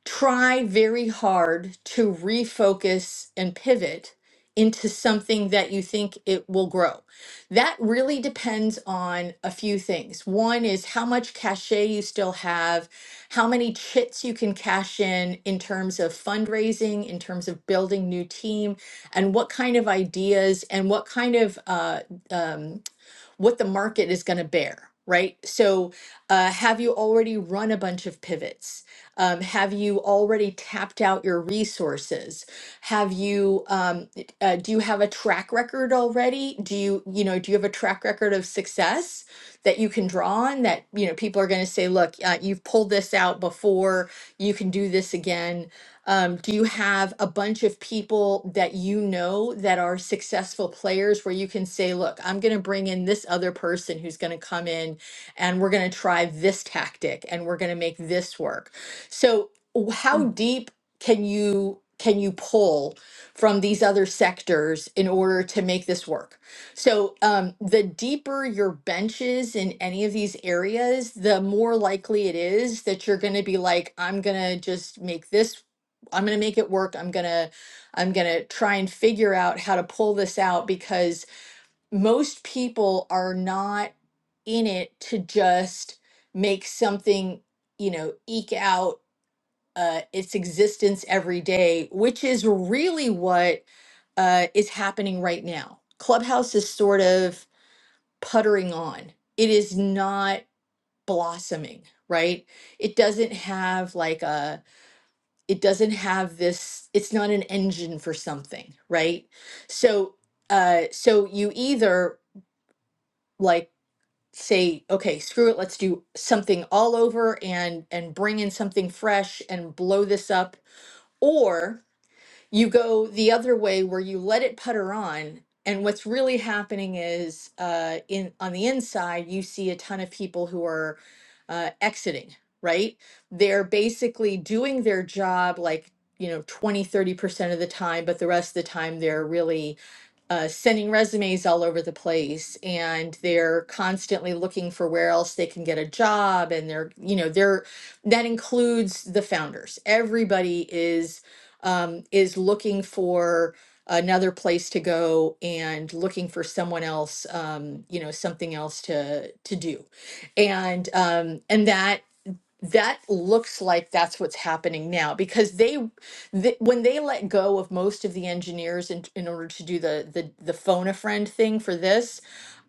try very hard to refocus and pivot into something that you think it will grow. That really depends on a few things. One is how much cachet you still have, how many chits you can cash in in terms of fundraising, in terms of building new team, and what kind of ideas and what kind of uh, um, what the market is going to bear, right? So, uh, have you already run a bunch of pivots? Um, have you already tapped out your resources? Have you um, uh, do you have a track record already? Do you you know do you have a track record of success that you can draw on that you know people are going to say, look, uh, you've pulled this out before, you can do this again um, do you have a bunch of people that you know that are successful players where you can say, look, I'm going to bring in this other person who's going to come in and we're going to try this tactic and we're going to make this work? So, w- how deep can you? can you pull from these other sectors in order to make this work so um, the deeper your bench is in any of these areas the more likely it is that you're going to be like i'm going to just make this I'm going to make it work. I'm going to I'm going to try and figure out how to pull this out because most people are not in it to just make something, you know, eke out uh, its existence every day, which is really what uh, is happening right now. Clubhouse is sort of puttering on. It is not blossoming, right? It doesn't have like a it doesn't have this it's not an engine for something right so uh so you either like say okay screw it let's do something all over and and bring in something fresh and blow this up or you go the other way where you let it putter on and what's really happening is uh, in on the inside you see a ton of people who are uh, exiting right they're basically doing their job like you know twenty, thirty percent of the time but the rest of the time they're really uh, sending resumes all over the place and they're constantly looking for where else they can get a job and they're you know they're that includes the founders everybody is um, is looking for another place to go and looking for someone else um, you know something else to to do and um, and that that looks like that's what's happening now because they, th- when they let go of most of the engineers in, in order to do the the the phone a friend thing for this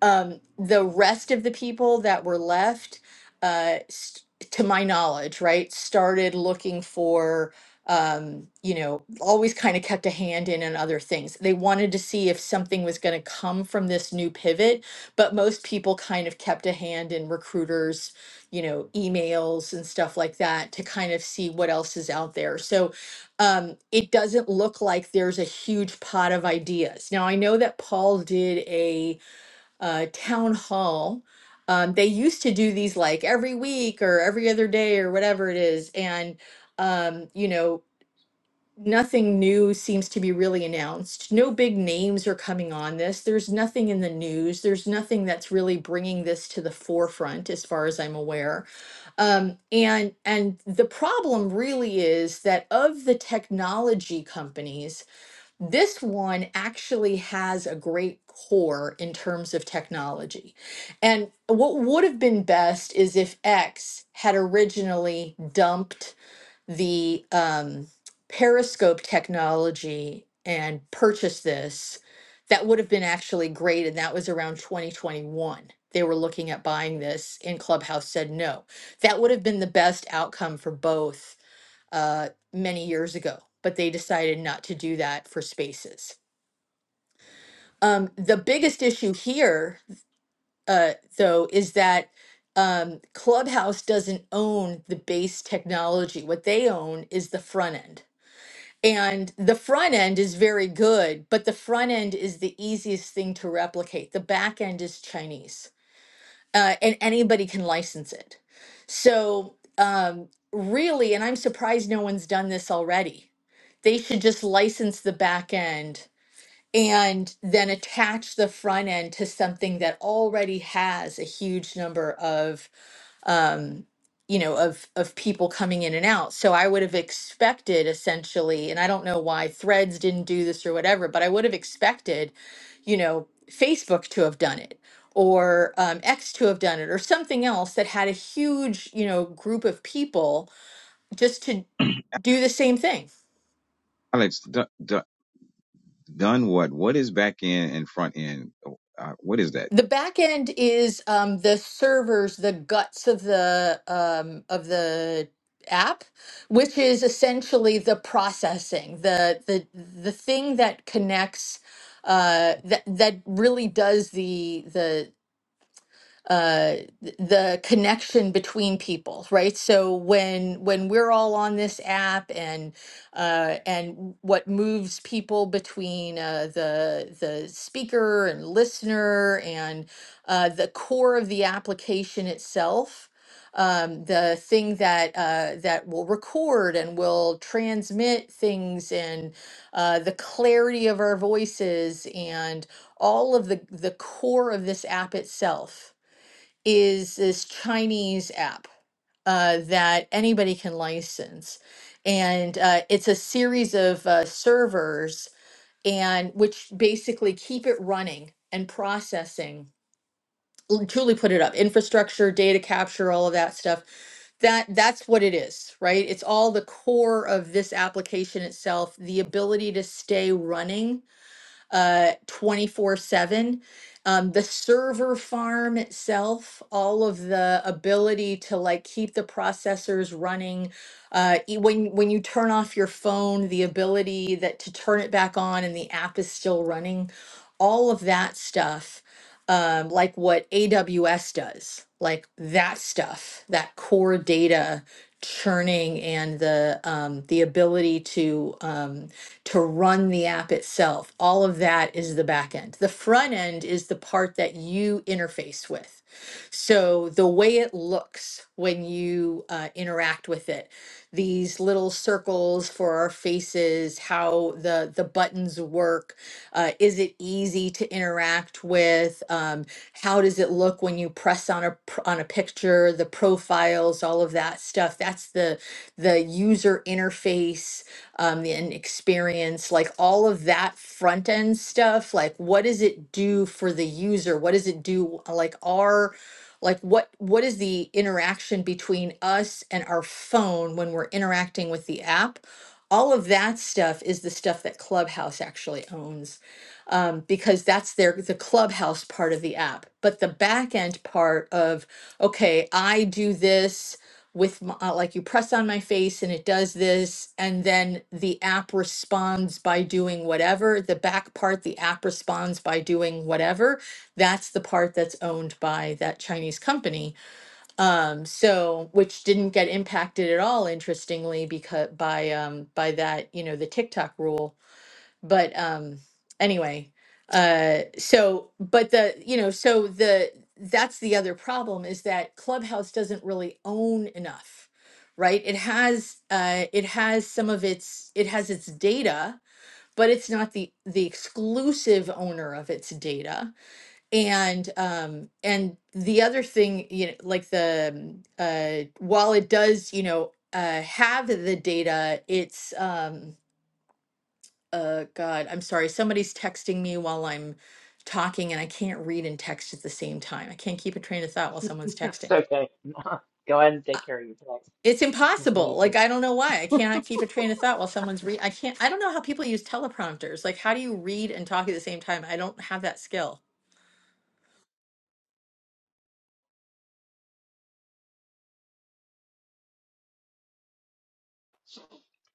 um the rest of the people that were left uh st- to my knowledge right started looking for um you know always kind of kept a hand in on other things they wanted to see if something was going to come from this new pivot but most people kind of kept a hand in recruiters you know, emails and stuff like that to kind of see what else is out there. So um, it doesn't look like there's a huge pot of ideas. Now, I know that Paul did a uh, town hall. Um, they used to do these like every week or every other day or whatever it is. And, um, you know, nothing new seems to be really announced. No big names are coming on this. There's nothing in the news. There's nothing that's really bringing this to the forefront, as far as I'm aware. Um, and and the problem really is that of the technology companies, this one actually has a great core in terms of technology. And what would have been best is if X had originally dumped the um, Periscope technology and purchased this, that would have been actually great. And that was around 2021. They were looking at buying this, and Clubhouse said no. That would have been the best outcome for both uh, many years ago, but they decided not to do that for spaces. Um, the biggest issue here, uh, though, is that um, Clubhouse doesn't own the base technology. What they own is the front end and the front end is very good, but the front end is the easiest thing to replicate. The back end is Chinese, uh, and anybody can license it. So, um, really, and I'm surprised no one's done this already. They should just license the back end and then attach the front end to something that already has a huge number of um, you know, of of people coming in and out. So I would have expected essentially, and I don't know why Threads didn't do this or whatever, but I would have expected, you know, Facebook to have done it or um, X to have done it or something else that had a huge, you know, group of people just to do the same thing Alex, done, done, what? What is back end and front end? Uh, what is that? The back end is um, the servers, the guts of the um, of the app, which is essentially the processing, the the the thing that connects uh, that that really does the the uh th- the connection between people right so when when we're all on this app and uh and what moves people between uh the the speaker and listener and uh the core of the application itself um the thing that uh that will record and will transmit things and uh the clarity of our voices and all of the the core of this app itself is this Chinese app uh, that anybody can license, and uh, it's a series of uh, servers and which basically keep it running and processing. l- Truly, put it up infrastructure, data capture, all of that stuff. That that's what it is, right? It's all the core of this application itself. The ability to stay running uh 24/7 um the server farm itself all of the ability to like keep the processors running uh e- when when you turn off your phone the ability that to turn it back on and the app is still running all of that stuff um like what AWS does like that stuff that core data churning and the um the ability to um to run the app itself. All of that is the back end. The front end is the part that you interface with. So the way it looks when you uh, interact with it, these little circles for our faces, how the the buttons work, uh, is it easy to interact with? Um, how does it look when you press on a pr- on a picture? The profiles, all of that stuff. That's the the user interface um, and experience, like all of that front end stuff. Like, what does it do for the user? What does it do? Like, our like what what is the interaction between us and our phone when we're interacting with the app all of that stuff is the stuff that clubhouse actually owns um, because that's their the clubhouse part of the app but the back end part of okay i do this with my, uh, like you press on my face and it does this and then the app responds by doing whatever the back part the app responds by doing whatever that's the part that's owned by that chinese company um so which didn't get impacted at all interestingly because by um by that you know the tiktok rule but um anyway uh so but the you know so the that's the other problem is that clubhouse doesn't really own enough right it has uh it has some of its it has its data but it's not the the exclusive owner of its data and um and the other thing you know like the um, uh while it does you know uh have the data it's um uh, God, I'm sorry. Somebody's texting me while I'm talking, and I can't read and text at the same time. I can't keep a train of thought while someone's It's texting. okay. go ahead and Uh, take care of your pets. It's Hope you impossible. make it. Like, I don't know why. I cannot keep a train of thought while someone's read. I can't, I don't know how people use teleprompters. Like, how do you read and talk at the same time? I don't have that skill.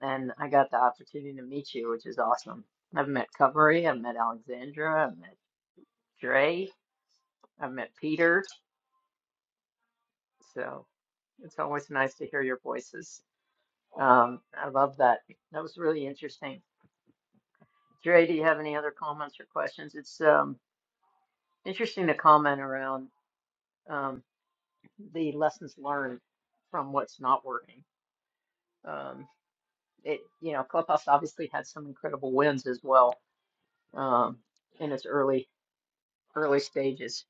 And I got the opportunity to meet you, which is awesome. I've met Covery, I've met Alexandra, I've met Dre, I've met Peter. So it's always nice to hear your voices. Um, I love that. That was really interesting. Dre, do you have any other comments or questions? It's um, interesting to comment around um, the lessons learned from what's not working. Um, it, you know, Clubhouse obviously had some incredible wins as well um, in its early early stages.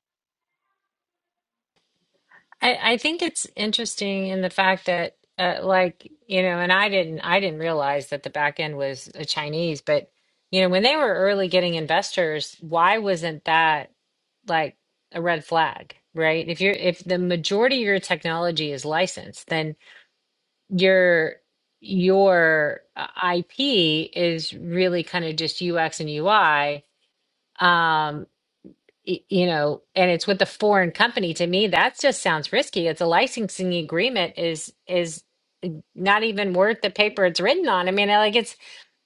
I, I think it's interesting in the fact that, uh, like, you know, and I didn't, I didn't realize that the back end was a Chinese, but you know, when they were early getting investors, why wasn't that like a red flag, right? If you're, if the majority of your technology is licensed, then your your uh, IP is really kind of just UX and UI, um, y- you know, and it's with a foreign company, to me, that just sounds risky. It's a licensing agreement is is not even worth the paper it's written on. I mean, I- like it's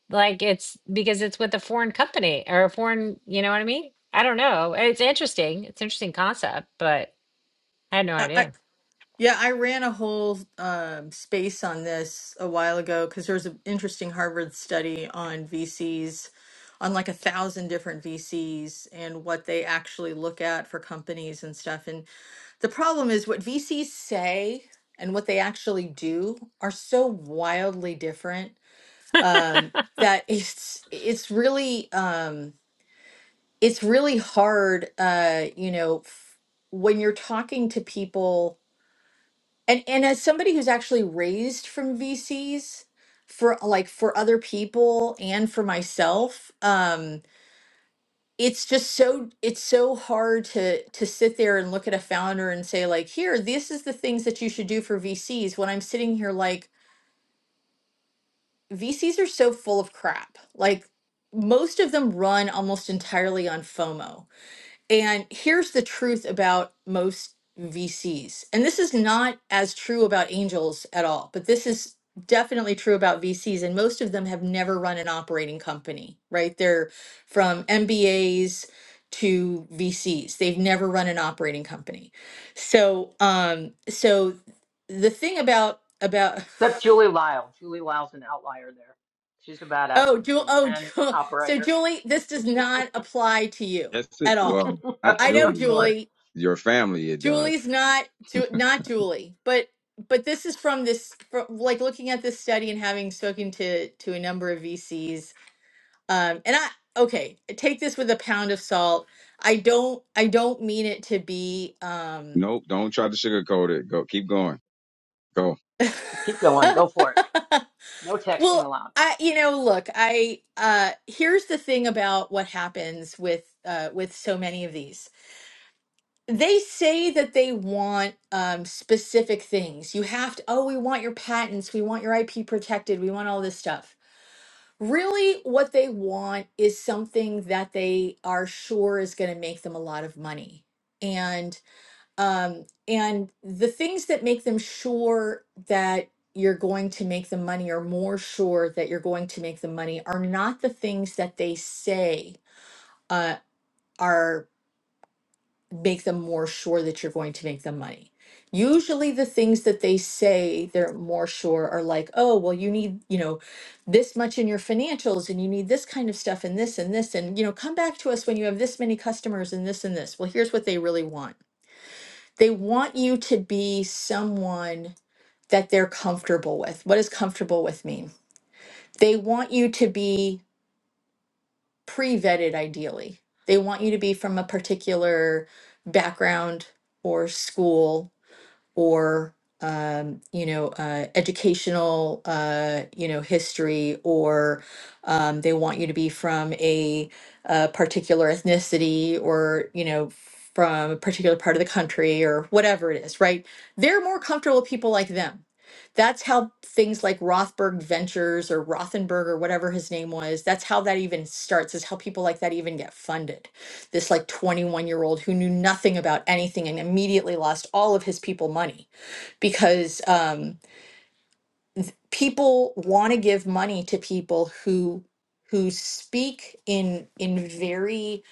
like it's because it's with a foreign company or a foreign, you know what I mean? I don't know. It's interesting. It's an interesting concept, but I had no idea. Yeah, I ran a whole um, space on this a while ago because there's an interesting Harvard study on VCs, on like a thousand different VCs and what they actually look at for companies and stuff. And the problem is what VCs say and what they actually do are so wildly different um, that it's it's really um, it's really hard, uh, you know, f- when you're talking to people and and as somebody who's actually raised from VCs for like for other people and for myself, um, it's just so it's so hard to to sit there and look at a founder and say like, here, this is the things that you should do for VCs. When I'm sitting here like VCs are so full of crap. Like most of them run almost entirely on FOMO And here's the truth about most VCs. And this is not as true about angels at all, but this is definitely true about VCs. And most of them have never run an operating company, right? They're from MBAs to VCs. They've never run an operating company. So, um, so the thing about, about, Except Julie Lyle. Julie Lyle's an outlier there. She's a badass oh, Ju- DC oh, and Ju- so operator. Julie, this does not apply to you That's it. at all. Well, not I know, of children, but course. Julie. your family. It does. Julie's not Ju- not Julie, but but this is from this from, like looking at this study and having spoken to to a number of VCs. Um, and I okay, take this with a pound of salt. I don't I don't mean it to be um Nope. Don't try to sugarcoat it. Go. Keep going. Go. Just keep going. Go for it. No texting well, allowed. I you know, look, I uh here's the thing about what happens with uh with so many of these. they say that they want um, specific things. You have to, oh, we want your patents, we want your IP protected, we want all this stuff. Really, what they want is something that they are sure is going to make them a lot of money. And um, and the things that make them sure that you're going to make them money or more sure that you're going to make them money are not the things that they say uh, are make them more sure that you're going to make them money. Usually, the things that they say they're more sure are like, oh, well, you need, you know, this much in your financials and you need this kind of stuff and this and this. And, you know, come back to us when you have this many customers and this and this. Well, here's what they really want they want you to be someone that they're comfortable with. What does comfortable with mean? They want you to be pre vetted, ideally. They want you to be from a particular background or school or um, you know uh, educational uh, you know history or um, they want you to be from a, uh particular ethnicity or you know from a particular part of the country or whatever it is right they're more comfortable with people like them that's how things like Rothberg Ventures or Rothenberg or whatever his name was, that's how that even starts, is how people like that even get funded this like 21 year old who knew nothing about anything and immediately lost all of his people money because um, people want to give money to people who who speak in in very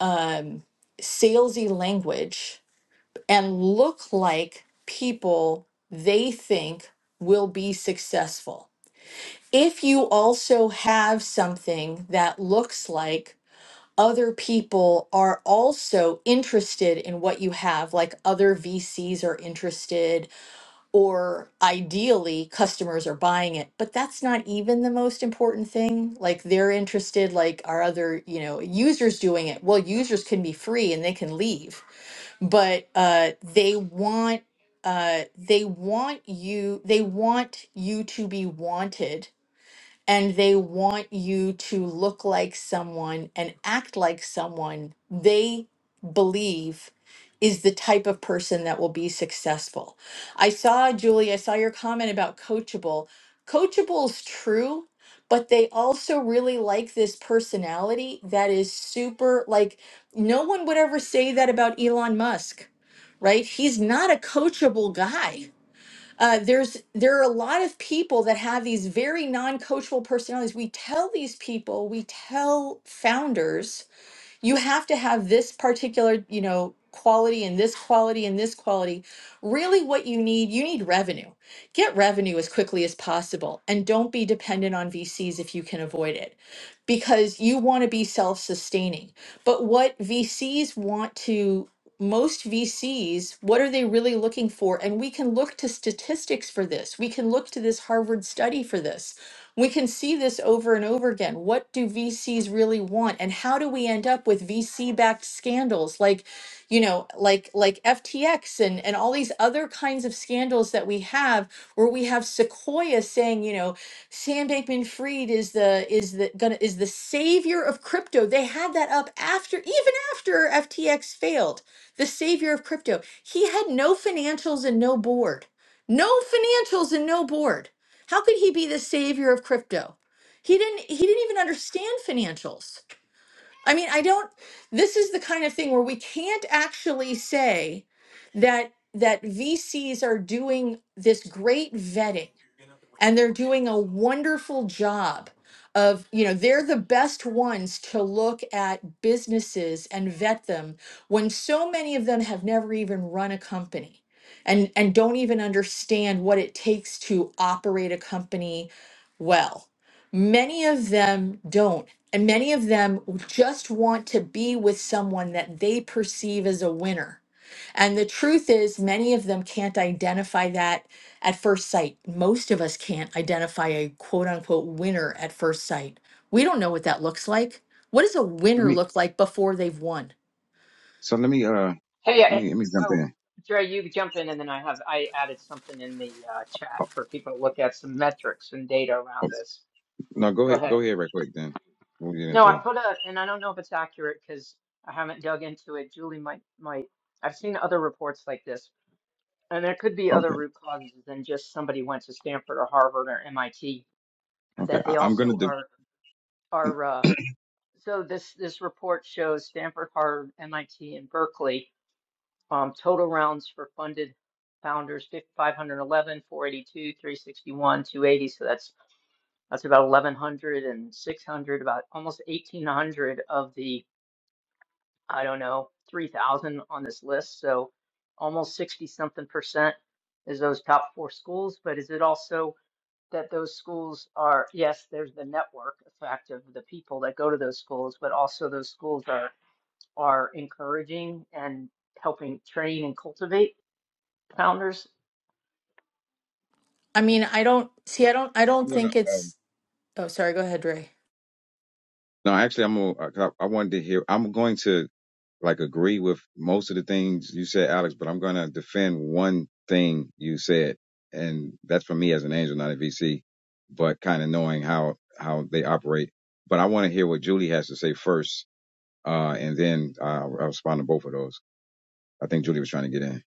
um, salesy language and look like people they think will be successful if you also have something that looks like other people are also interested in what you have, like other VCs are interested, or ideally customers are buying it. But that's not even the most important thing. Like they're interested, like are other, you know, users doing it? Well, users can be free and they can leave, but uh, they want uh, they want you they want you to be wanted and they want you to look like someone and act like someone they believe is the type of person that will be successful. I saw, Julie, I saw your comment about coachable. Coachable is true, but they also really like this personality that is super, like, no one would ever say that about Elon Musk, right? He's not a coachable guy uh, there's there are a lot of people that have these very non-coachable personalities. We tell these people, we tell founders you have to have this particular, you know, quality and this quality and this quality. Really, what you need, you need revenue. Get revenue as quickly as possible and don't be dependent on VCs if you can avoid it because you want to be self sustaining. But what VCs want to most VCs, what are they really looking for? And we can look to statistics for this. We can look to this Harvard study for this we can see this over and over again. What do VCs really want? And how do we end up with VC-backed scandals like, you know, like like FTX and, and all these other kinds of scandals that we have where we have Sequoia saying, you know, Sam Bankman Fried is the is the gonna is the savior of crypto. They had that up after even after FTX failed. The savior of crypto. He had no financials and no board. No financials and no board. How could he be the savior of crypto? He didn't he didn't even understand financials. I mean, I don't this is the kind of thing where we can't actually say that that VCs are doing this great vetting and they're doing a wonderful job of you know they're the best ones to look at businesses and vet them when so many of them have never even run a company and and don't even understand what it takes to operate a company well many of them don't and many of them just want to be with someone that they perceive as a winner and the truth is, many of them can't identify that at first sight. Most of us can't identify a quote unquote winner at first sight. We don't know what that looks like. What does a Let winner me. look like before they've won? So let me. Uh. Hey, Let I, me. Let me jump oh, in. Dre, you jump in, and then I have I added something in the uh, chat for people to look at some metrics and data Oh, around this. no. Go Go ahead. ahead. Go ahead. Right quick. Then. What were you gonna No, I say? put a, and I don't know if it's accurate because I haven't dug into it. Julie might might. I've seen other reports like this And there could be other Okay. root causes than just somebody went to Stanford or Harvard or MIT, Okay. that they I, I'm gonna. also De- are are uh, so this this report shows Stanford, Harvard, MIT, and Berkeley um, total rounds for funded founders 5- 511, 361, 280. So that's that's about 1100 and 600, about almost 1800 of the I don't know 3000 on this list. So almost 60 something percent is those top four schools, but is it also that those schools are, yes, there's the network effect of the people that go to those schools, but also those schools are are encouraging and helping train and cultivate founders. I mean, I don't see, I don't, I I'm don't gonna. think Um, it's, oh, sorry, go ahead, Ray. no. Actually, I'm gonna. I, I wanted to hear. I'm going to. like agree with most of the things you said, Alex, but I'm gonna defend one thing you said, and that's for me as an angel, not a VC, but kind of knowing how how they operate. But I want to hear what Julie has to say first, uh, and then uh, I'll respond to both of those. I think Julie was trying to get in,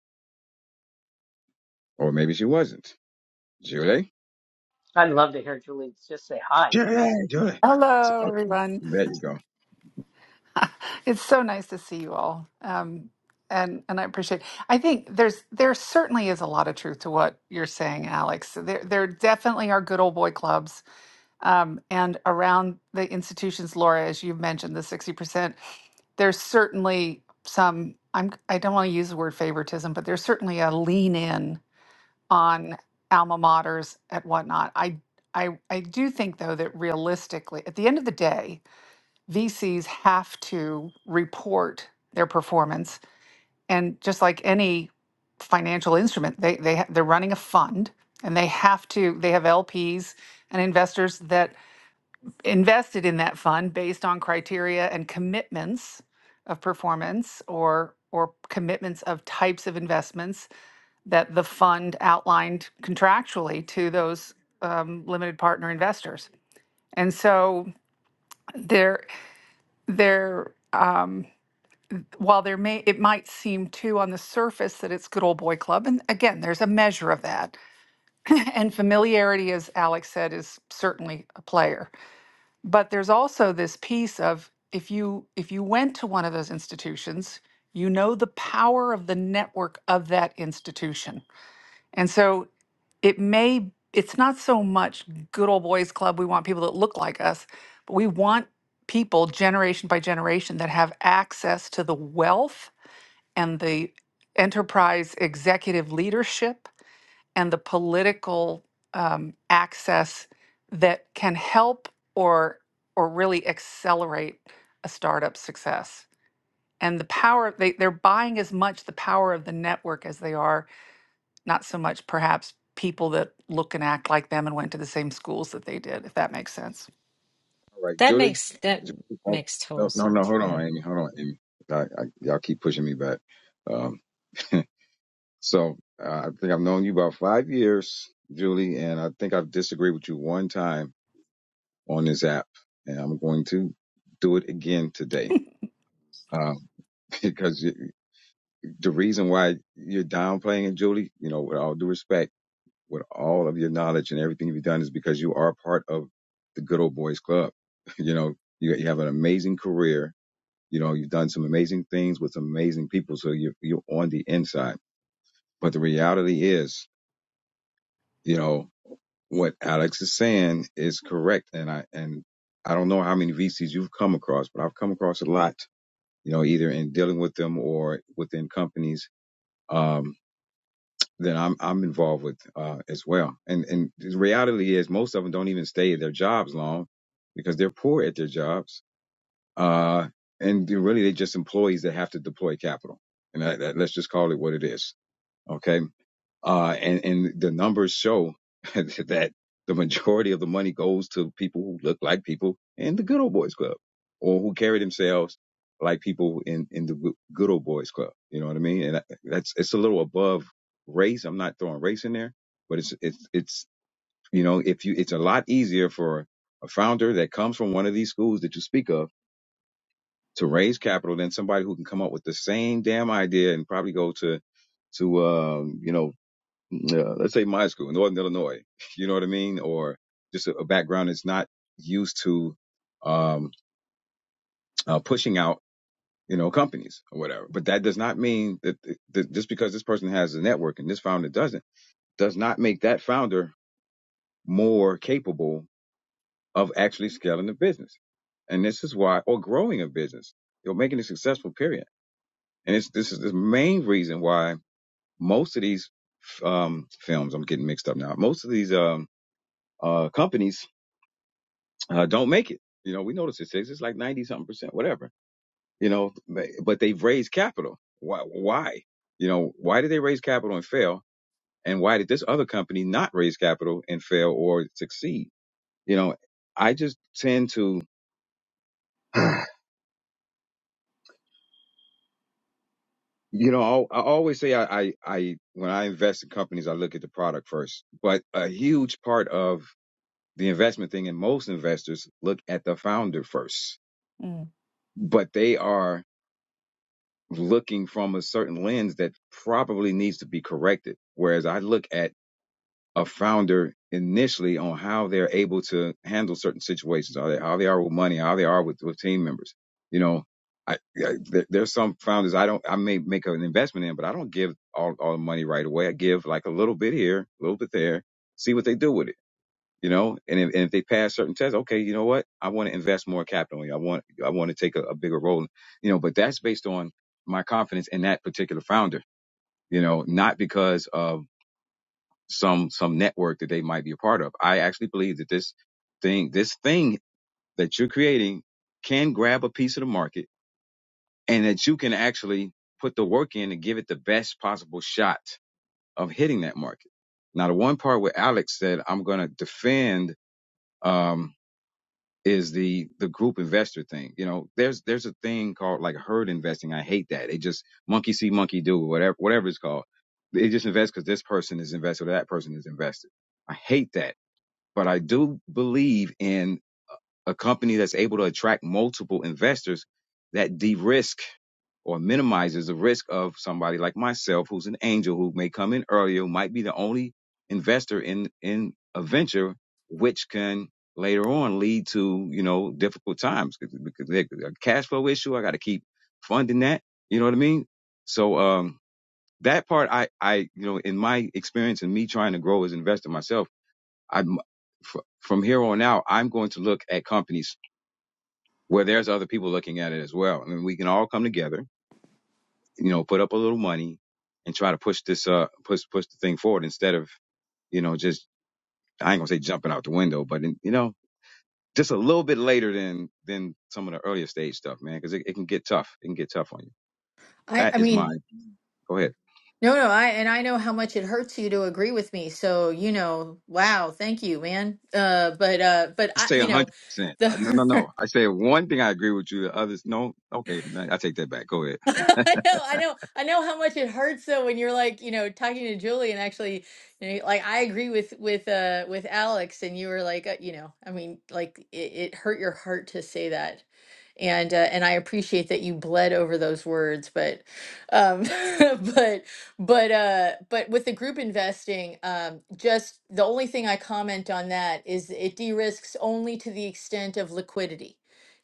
or maybe she wasn't. Julie, I'd love to hear Julie just say hi. Julie, Julie. So, Hello, okay, everyone. there you go. All It's so nice to see you all. Um, and and I appreciate. I think there's there certainly is a lot of truth to what you're saying, Alex. There there definitely are good old boy clubs, um, and around the institutions, Laura, as you have mentioned, the sixty percent. There's certainly some. I'm I don't want to use the word favoritism, but there's certainly a lean in on alma maters and whatnot. I I I do think though that realistically, at the end of the day. VCs have to report their performance. And just like any financial instrument, they, they, ha- they're running a fund and they have to, they have LPs and investors that invested in that fund based on criteria and commitments of performance or or commitments of types of investments that the fund outlined contractually to those um, limited partner investors. And so they're there, there. while there may it might seem too on the surface that it's good old boy club and again there's a measure of that and familiarity as alex said is certainly a player but there's also this piece of if you if you went to one of those institutions you know the power of the network of that institution and so it may it's not so much good old boys club we want people that look like us but we want people generation by generation that have access to the wealth and the enterprise executive leadership and the political um, access that can help or or really accelerate a startup success and the power they, they're buying as much the power of the network as they are not so much perhaps people that look and act like them and went to the same schools that they did if that makes sense right, That Julie. makes that Ju- oh, makes No, total no, no. sense. Hold Yeah. on, Amy. Hold on, Amy. I, I, y'all keep pushing me back. Um, So uh, I think I've known you about five years, Julie, and I think I've disagreed with you one time on this app, and I'm going to do it again today. Um, because you, the reason why you're downplaying it, Julie, you know, with all due respect, with all of your knowledge and everything you've done, is because you are part of the good old boys club. you know, you, you have an amazing career. You know, you've done some amazing things with some amazing people, so you're you're on the inside. But the reality is, you know, what Alex is saying is correct, and I and I don't know how many VCs you've come across, but I've come across a lot. You know, either in dealing with them or within companies um, that I'm I'm involved with uh, as well. And and the reality is, most of them don't even stay at their jobs long because they're poor at their jobs, uh, and they're really they're just employees that have to deploy capital. And that, that, let's just call it what it is. Okay uh, and, and the numbers show that the majority of the money goes to people who look like people in the good old boys club or who carry themselves like people in, in the Good Good old boys club. You know what I mean? And uh, that's, it's a little above race. I'm not throwing race in there, but it's, it's, it's, you know, if you, it's a lot easier for a founder that comes from one of these schools that you speak of to raise capital than somebody who can come up with the same damn idea and probably go to, to, um, you know, uh, let's say my school, in Northern Illinois, you know what I mean? Or just a, a background that's not used to um, uh, pushing out, you know, companies or whatever. But that does not mean that, that just because this person has a network and this founder doesn't, does not make that founder more capable of actually scaling a business. And this is why, or growing a business, or making it successful, period. And it's, this is the main reason why most of these um, films, I'm getting mixed up now, most of these um, uh, companies uh, don't make it. You know, we know the statistics. It's like ninety something percent, whatever. You know, but they've raised capital. Why? Why? You know, why did they raise capital and fail? And why did this other company not raise capital and fail or succeed? You know, I just tend to, you know, i I always say I, I, I, when I invest in companies, I look at the product first. But a huge part of the investment thing, and most investors look at the founder first. Mm. But they are looking from a certain lens that probably needs to be corrected. Whereas I look at a founder initially on how they're able to handle certain situations, how they, how they are with money, how they are with, with team members. You know, I, I there, there's some founders I don't I may make an investment in, but I don't give all all the money right away. I give like a little bit here, a little bit there, see what they do with it you know and if, and if they pass certain tests okay you know what i want to invest more capital in you i want i want to take a, a bigger role you know but that's based on my confidence in that particular founder you know not because of some some network that they might be a part of i actually believe that this thing this thing that you're creating can grab a piece of the market and that you can actually put the work in and give it the best possible shot of hitting that market now the one part where alex said i'm going to defend um, is the the group investor thing. You know, there's there's a thing called like herd investing. I hate that. They just monkey see, monkey do, whatever whatever it's called. They just invest because this person is invested or that person is invested. I hate that, but I do believe in a company that's able to attract multiple investors that de-risk or minimizes the risk of somebody like myself who's an angel who may come in earlier might be the only investor in in a venture which can later on lead to you know difficult times because they a cash flow issue i got to keep funding that you know what i mean so um that part i i you know in my experience and me trying to grow as an investor myself i'm fr- from here on out i'm going to look at companies where there's other people looking at it as well. I mean, we can all come together, you know, put up a little money and try to push this, uh, push, push the thing forward instead of, you know, just, I ain't gonna say jumping out the window, but, in, you know, just a little bit later than, than some of the earlier stage stuff, man, cause it, it can get tough. It can get tough on you. I, That I is my, mean, go ahead. no, no, I, and I know how much it hurts you to agree with me. So, you know, wow, thank you, man. Uh, but, uh, but I I, say you a know, hundred percent. Uh, No, no, the no. I say one thing I agree with you. The others, no. Okay. I I take that back. Go ahead. I know, I know, I know how much it hurts though when you're like, you know, talking to Julie and actually, you know, like I agree with with uh with Alex and you were like, uh, you know, I mean, like it, it hurt your heart to say that and uh, and I appreciate that you bled over those words, but um, but but uh, but with the group investing, um, just the only thing I comment on that is it de-risks only to the extent of liquidity.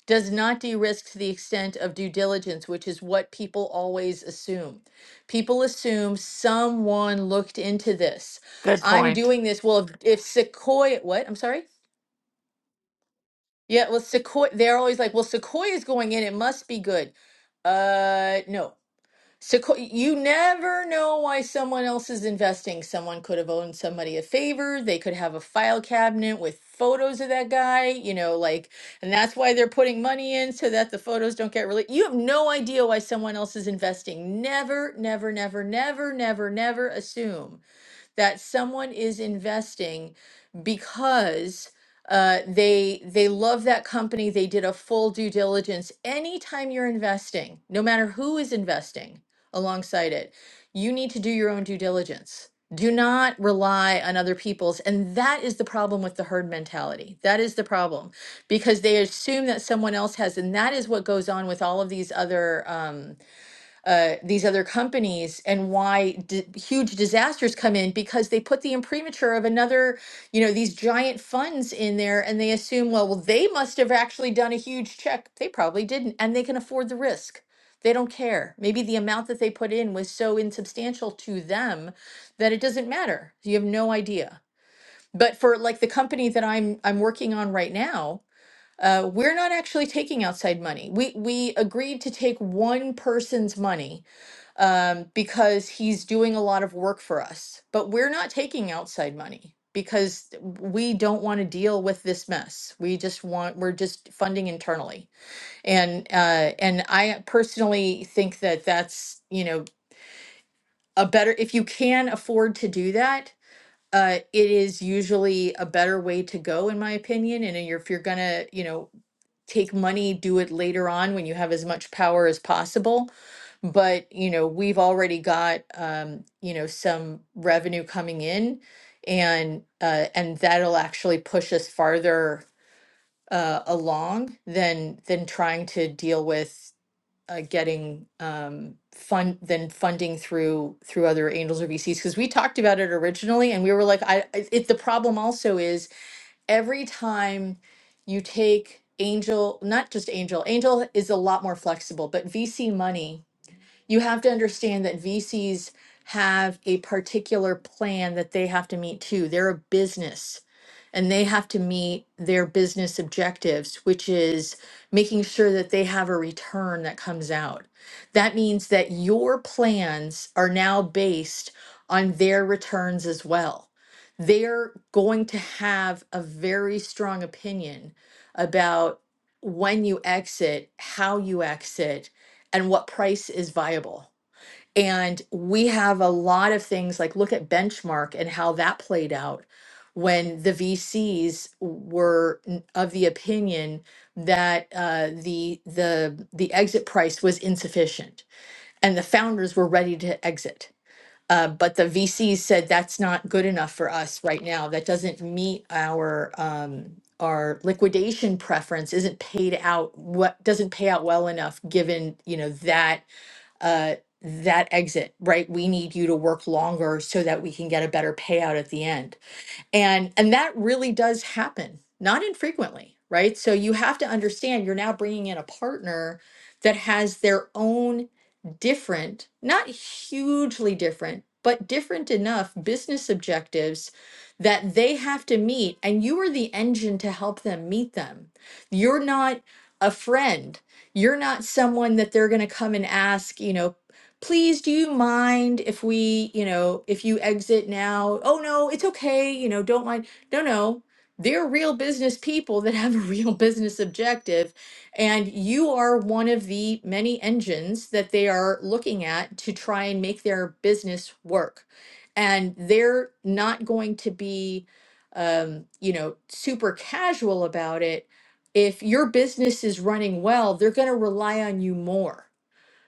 Does not de-risk to the extent of due diligence, which is what people always assume. People assume someone looked into this. good I'm point doing this. Well, if, if Sequoia, what? I'm sorry. Yeah, well, sequoia. They're always like, "Well, sequoia's going in. It must be good." Uh, no. Sequoia. You never know why someone else is investing. Someone could have owed somebody a favor. They could have a file cabinet with photos of that guy. You know, like, and that's why they're putting money in so that the photos don't get released. You have no idea why someone else is investing. Never, never, never, never, never, never assume that someone is investing because uh, they they love that company. They did a full due diligence. Anytime you're investing, no matter who is investing alongside it, you need to do your own due diligence. Do not rely on other people's. And that is the problem with the herd mentality. That is the problem because they assume that someone else has. And that is what goes on with all of these other. Um, uh, these other companies and why di- huge disasters come in because they put the imprimatur of another, you know, these giant funds in there and they assume, well, well, they must have actually done a huge check. They probably didn't, and they can afford the risk. They don't care. Maybe the amount that they put in was so insubstantial to them that it doesn't matter. You have no idea. But for like the company that I'm I'm working on right now, uh, we're not actually taking outside money. We we agreed to take one person's money um, because he's doing a lot of work for us. But we're not taking outside money because we don't want to deal with this mess. We just want we're just funding internally, and uh, and I personally think that that's you know a better if you can afford to do that. Uh, it is usually a better way to go, in my opinion. And if you're gonna, you know, take money, do it later on when you have as much power as possible. But, you know, we've already got, um, you know, some revenue coming in and uh, and that'll actually push us farther uh, along than than trying to deal with uh, getting um, fund than funding through through other angels or VCs because we talked about it originally and we were like I I- it, the problem also is every time you take angel, not just angel, angel is a lot more flexible, but VC money you have to understand that VCs have a particular plan that they have to meet too. They're a business and they have to meet their business objectives, which is making sure that they have a return that comes out. That means that your plans are now based on their returns as well. They're going to have a very strong opinion about when you exit, how you exit, and what price is viable. And we have a lot of things like look at benchmark and how that played out when the VCs were n- of the opinion that uh, the the the exit price was insufficient and the founders were ready to exit. Uh, but the VCs said that's not good enough for us right now. That doesn't meet our um, our liquidation preference. Isn't paid out what doesn't pay out well enough given you know that uh, that exit, right? We need you to work longer so that we can get a better payout at the end. And and that really does happen, not infrequently, right? So you have to understand you're now bringing in a partner that has their own different, not hugely different, but different enough business objectives that they have to meet and you are the engine to help them meet them. You're not a friend you're not someone that they're going to come and ask, you know, please do you mind if we you know if you exit now oh no it's okay you know don't mind no no they're real business people that have a real business objective and you are one of the many engines that they are looking at to try and make their business work and they're not going to be um, you know super casual about it if your business is running well they're going to rely on you more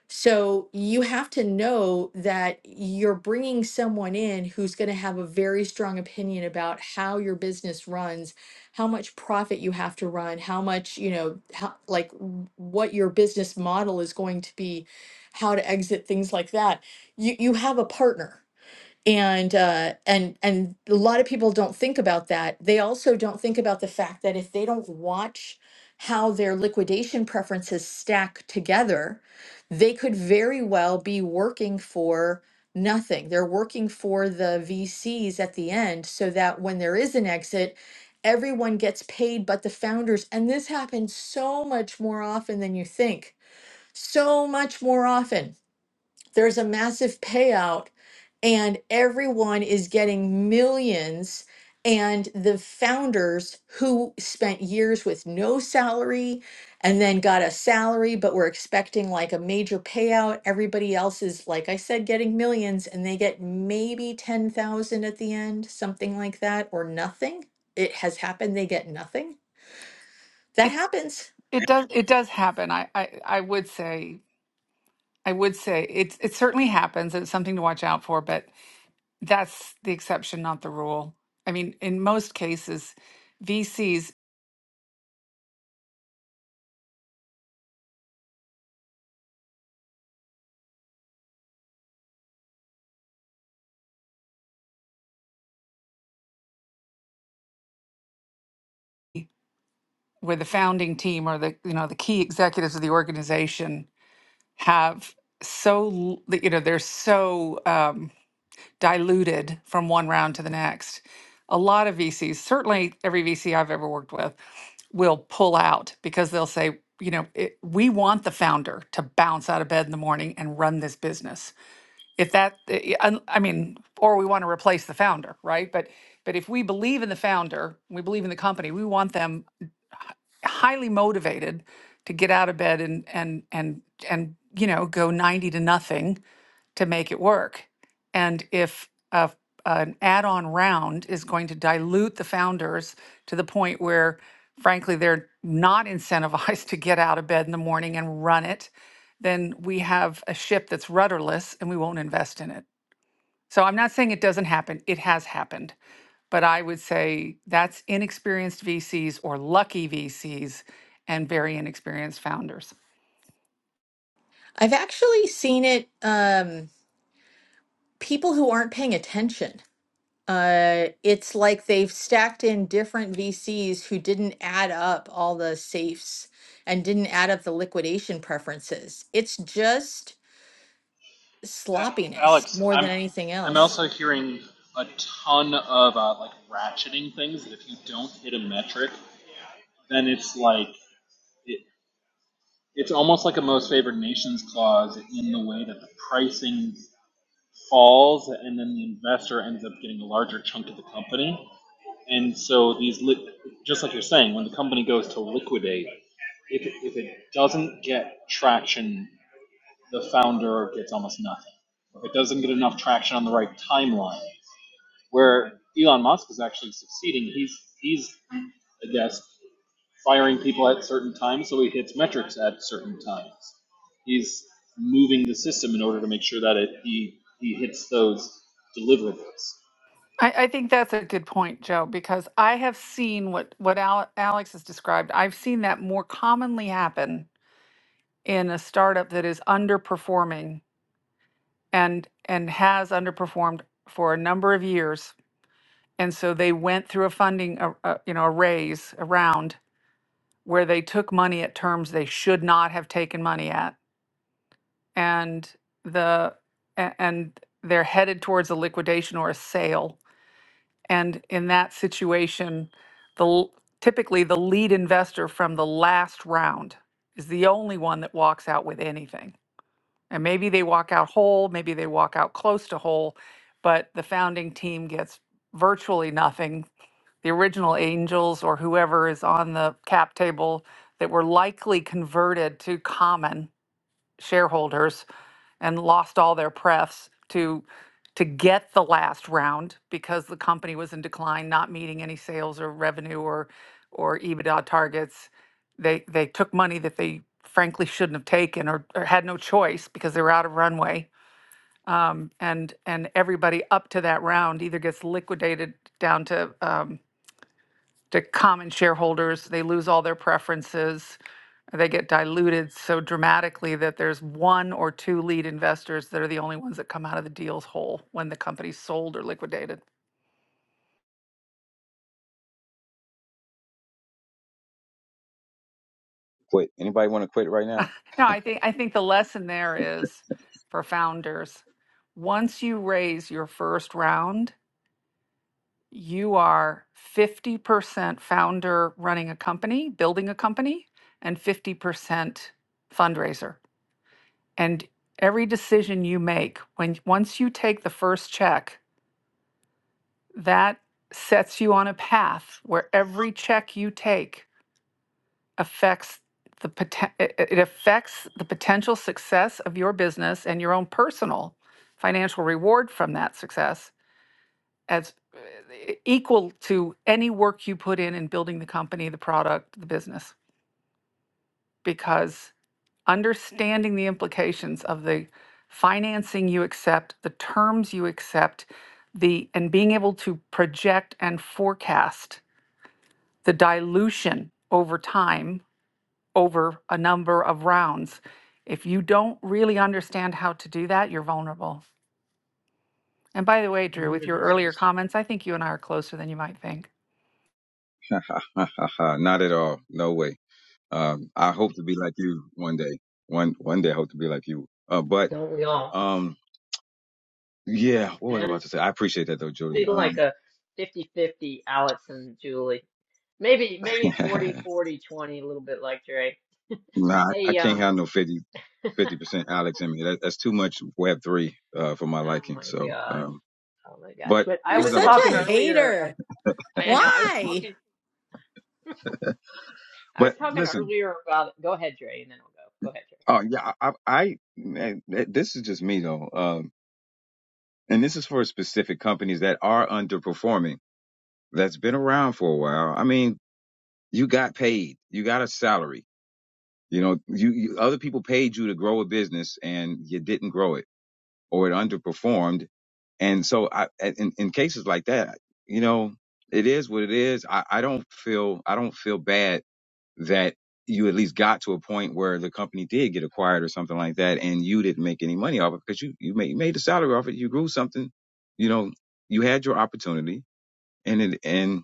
so you have to know that you're bringing someone in who's going to have a very strong opinion about how your business runs, how much profit you have to run, how much, you know, how, like w- what your business model is going to be, how to exit things like that. You you have a partner and uh, and and a lot of people don't think about that. They also don't think about the fact that if they don't watch how their liquidation preferences stack together, they could very well be working for nothing. They're working for the VCs at the end, so that when there is an exit, everyone gets paid but the founders. And this happens so much more often than you think. So much more often there's a massive payout and everyone is getting millions. And the founders who spent years with no salary and then got a salary, but were expecting like a major payout, everybody else is, like I said, getting millions and they get maybe 10,000 at the end, something like that, or nothing. It has happened, they get nothing. That it happens. It does it does happen. I, I I would say I would say it's it certainly happens. It's something to watch out for, but that's the exception, not the rule. I mean, in most cases, VCs where the founding team or the you know the key executives of the organization have so l- you know they're so um, diluted from one round to the next. A lot of VCs, certainly every VC I've ever worked with, will pull out because they'll say, you know, it, we want the founder to bounce out of bed in the morning and run this business. If that, i- i- I mean, or we want to replace the founder, right? But but if we believe in the founder, we believe in the company. We want them highly motivated to get out of bed and and and and you know go 90 to nothing to make it work and if a, an add-on round is going to dilute the founders to the point where frankly they're not incentivized to get out of bed in the morning and run it then we have a ship that's rudderless and we won't invest in it so I'm not saying it doesn't happen, it has happened. But I would say that's inexperienced VCs or lucky VCs and very inexperienced founders. I've actually seen it, um, people who aren't paying attention. Uh, it's like they've stacked in different VCs who didn't add up all the safes and didn't add up the liquidation preferences. It's just sloppiness Alex, more I'm than anything I'm else. also hearing a ton of uh, like ratcheting things that if you don't hit a metric, then it's like it, it's almost like a most favored nations clause in the way that the pricing falls, and then the investor ends up getting a larger chunk of the company. And so these, li- just like you're saying, when the company goes to liquidate, if it, if it doesn't get traction, the founder gets almost nothing. If it doesn't get enough traction on the right timeline where Elon Musk is actually succeeding. He's he's I guess firing people at certain times so he hits metrics at certain times. He's moving the system in order to make sure that it he he hits those deliverables. I, I think that's a good point, Joe, because I have seen what, what Ale- Alex has described. I've seen that more commonly happen in a startup that is underperforming and and has underperformed for a number of years. And so they went through a funding, a, a, you know, a raise, a round, where they took money at terms they should not have taken money at and the a- and they're headed towards a liquidation or a sale and in that situation the l- typically the lead investor from the last round is the only one that walks out with anything and maybe they walk out whole maybe they walk out close to whole but the founding team gets virtually nothing the original angels or whoever is on the cap table that were likely converted to common shareholders and lost all their prefs to to get the last round because the company was in decline, not meeting any sales or revenue or or EBITDA targets. They they took money that they frankly shouldn't have taken or, or had no choice because they were out of runway. Um, and and everybody up to that round either gets liquidated down to um, to common shareholders. They lose all their preferences. They get diluted so dramatically that there's one or two lead investors that are the only ones that come out of the deals whole when the company's sold or liquidated. Quit. Anybody want to quit right now? No, I think I think the lesson there is for founders, once you raise your first round, you are 50% founder running a company, building a company, and 50% fundraiser and every decision you make when once you take the first check that sets you on a path where every check you take affects the poten- it it- affects the potential success of your business and your own personal financial reward from that success as uh, e- equal to any work you put in in building the company the product the business because. understanding the implications of the financing you accept, the terms you accept, the and being able to project and forecast the dilution over time over a number of rounds. If you don't really understand how to do that, you're vulnerable. And by the way, Drew, with 100%. your earlier comments, I think you and I are closer than you might think. Not at all. No way. Um, I hope to be like you one day. One one day, I hope to be like you. Uh, but Don't we all? um, yeah, what was And I about to say? I appreciate that though, be Julie. like Um, a fifty-fifty, Alex and Julie. Maybe maybe 40, 40, 20, a little bit like Dre. nah, I, I Hey, can't um have no 50 percent Alex in me. That, that's too much Web three uh, for my oh liking. my So, gosh. um, Oh my gosh. but But I what You're was I was about such to a talking say? earlier uh, hater. I, I know I was Why? talking I was But talking listen, earlier about, go ahead, Dre, and then I'll go. Go ahead, Dre. oh yeah, I, I, I this is just me though, um, and this is for specific companies that are underperforming. That's been around for a while. I mean, you got paid, you got a salary You know, you, you other people paid you to grow a business and you didn't grow it or it underperformed. And so I, in, in cases like that, you know, it is what it is. I, I don't feel, I don't feel bad that you at least got to a point where the company did get acquired or something like that. And you didn't make any money off it because you, you made, you made a salary off it. You grew something, you know, you had your opportunity and it, and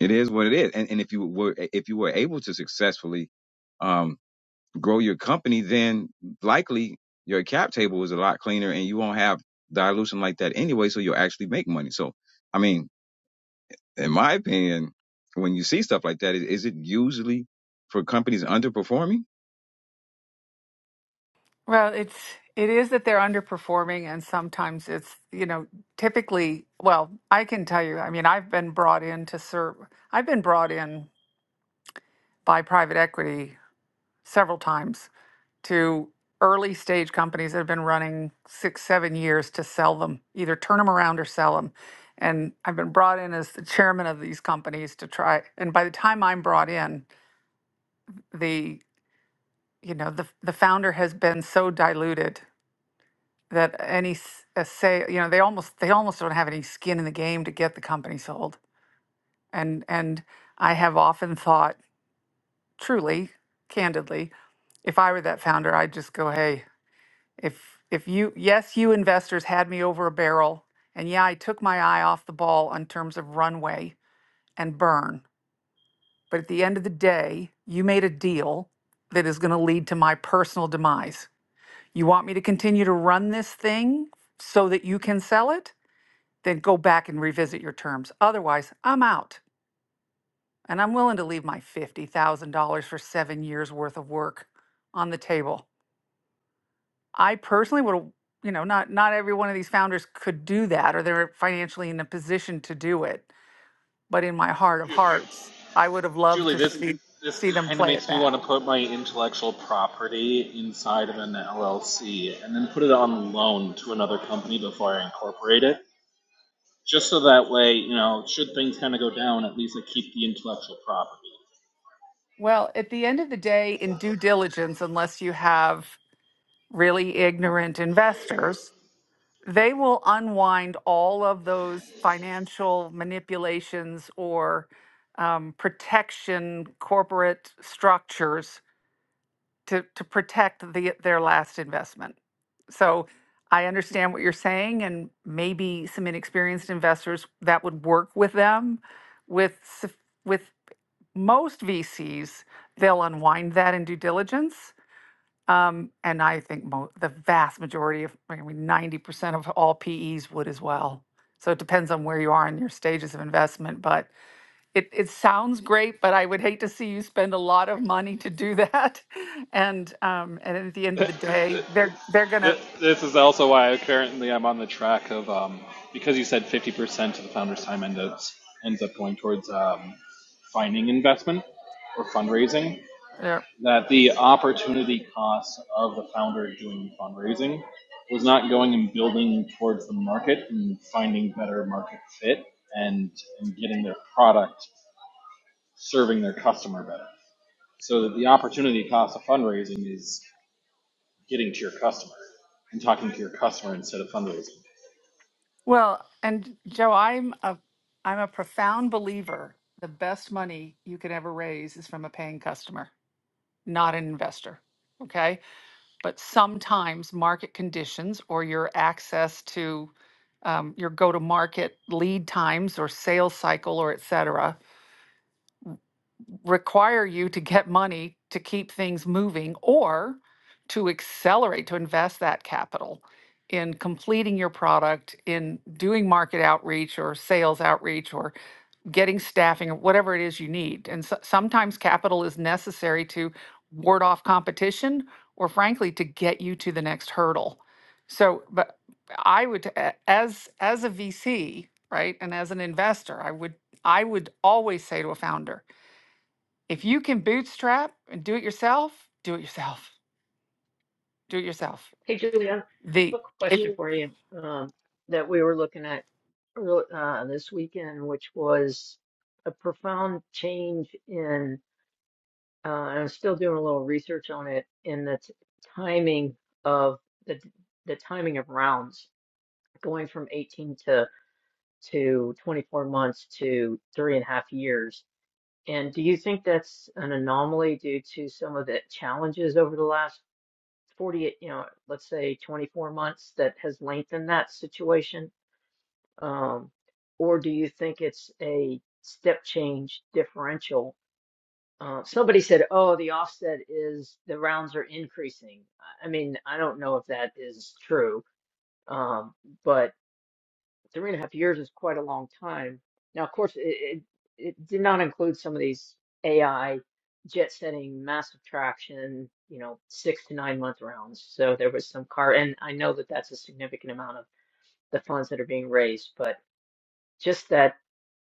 it is what it is. And, and if you were, if you were able to successfully um, grow your company, then likely your cap table is a lot cleaner and you won't have dilution like that anyway. So you'll actually make money. So, I mean, in my opinion, when you see stuff like that, is, is it usually for companies underperforming? Well, it's it is that they're underperforming, and sometimes it's you know typically. Well, I can tell you. I mean, I've been brought in to serve. I've been brought in by private equity several times to early stage companies that have been running six, seven years to sell them, either turn them around or sell them. And I've been brought in as the chairman of these companies to try. And by the time I'm brought in, the you know the the founder has been so diluted that any s- a sale, you know, they almost they almost don't have any skin in the game to get the company sold. And and I have often thought, truly, candidly, if I were that founder, I'd just go, hey, if if you yes, you investors had me over a barrel, and yeah, I took my eye off the ball on terms of runway and burn, but at the end of the day, you made a deal that is going to lead to my personal demise. You want me to continue to run this thing so that you can sell it? then go back and revisit your terms. Otherwise, I'm out and I'm willing to leave my $50,000 for seven years worth of work on the table. I personally would, you know, not, not every one of these founders could do that or they're financially in a position to do it. But in my heart of Ju- hearts, I would have loved Julie, to this see, this see them kind of play it makes me back. want to put my intellectual property inside of an LLC and then put it on loan to another company before I incorporate it, just so that way, you know, should things kind of go down, at least I keep the intellectual property. Well, at the end of the day, in due diligence, unless you have really ignorant investors, they will unwind all of those financial manipulations or um, protection corporate structures to, to protect the, their last investment. So I understand what you're saying, and maybe some inexperienced investors that would work with them. With suf- with most VCs, they'll unwind that in due diligence, um, and I think mo- the vast majority of, I mean, 90% of all PEs would as well. So it depends on where you are in your stages of investment, but it, it sounds great, but I would hate to see you spend a lot of money to do that. And, um, and at the end of the day, they're, they're Th- gonna, This is also why I currently I'm on the track of um, because you said 50% of the founder's time ends up, ends up going towards um, finding investment or fundraising. they're, That the opportunity cost of the founder doing fundraising was not going and building towards the market and finding better market fit and, and getting their product serving their customer better. So that the opportunity cost of fundraising is getting to your customer and talking to your customer instead of fundraising. well, and Joe, I'm a, I'm a profound believer. The best money you can ever raise is from a paying customer, not an investor. Okay but sometimes market conditions or your access to um, your go-to-market lead times or sales cycle or et cetera require you to get money to keep things moving or to accelerate to invest that capital in completing your product in doing market outreach or sales outreach or getting staffing, or whatever it is you need. And so, sometimes capital is necessary to ward off competition or frankly to get you to the next hurdle. So, but I would a- as as a VC, right? And as an investor, I would I would always say to a founder, if you can bootstrap and do it yourself, do it yourself. Do it yourself. Hey, Julia, I have The a if, question Mm. for you um, that we were looking at earl- uh, this weekend, which was a profound change in, uh, and I'm still doing a little research on it, in the t- timing of the the timing of rounds, going from 18 to to 24 months to three and a half years. And do you think that's an anomaly due to some of the challenges over the last 48, you know, let's say 24 months that has lengthened that situation? Um, or do you think it's a step change differential? Uh, somebody said, oh, the offset is the rounds are increasing. I I mean, I don't know if that is true, um, but three and a half years is quite a long time. Now, of course, it, it, it did not include some of these AI jet setting, massive traction, you know, six to nine month rounds. So there was some car, and I know that that's a significant amount of the funds that are being raised, but just that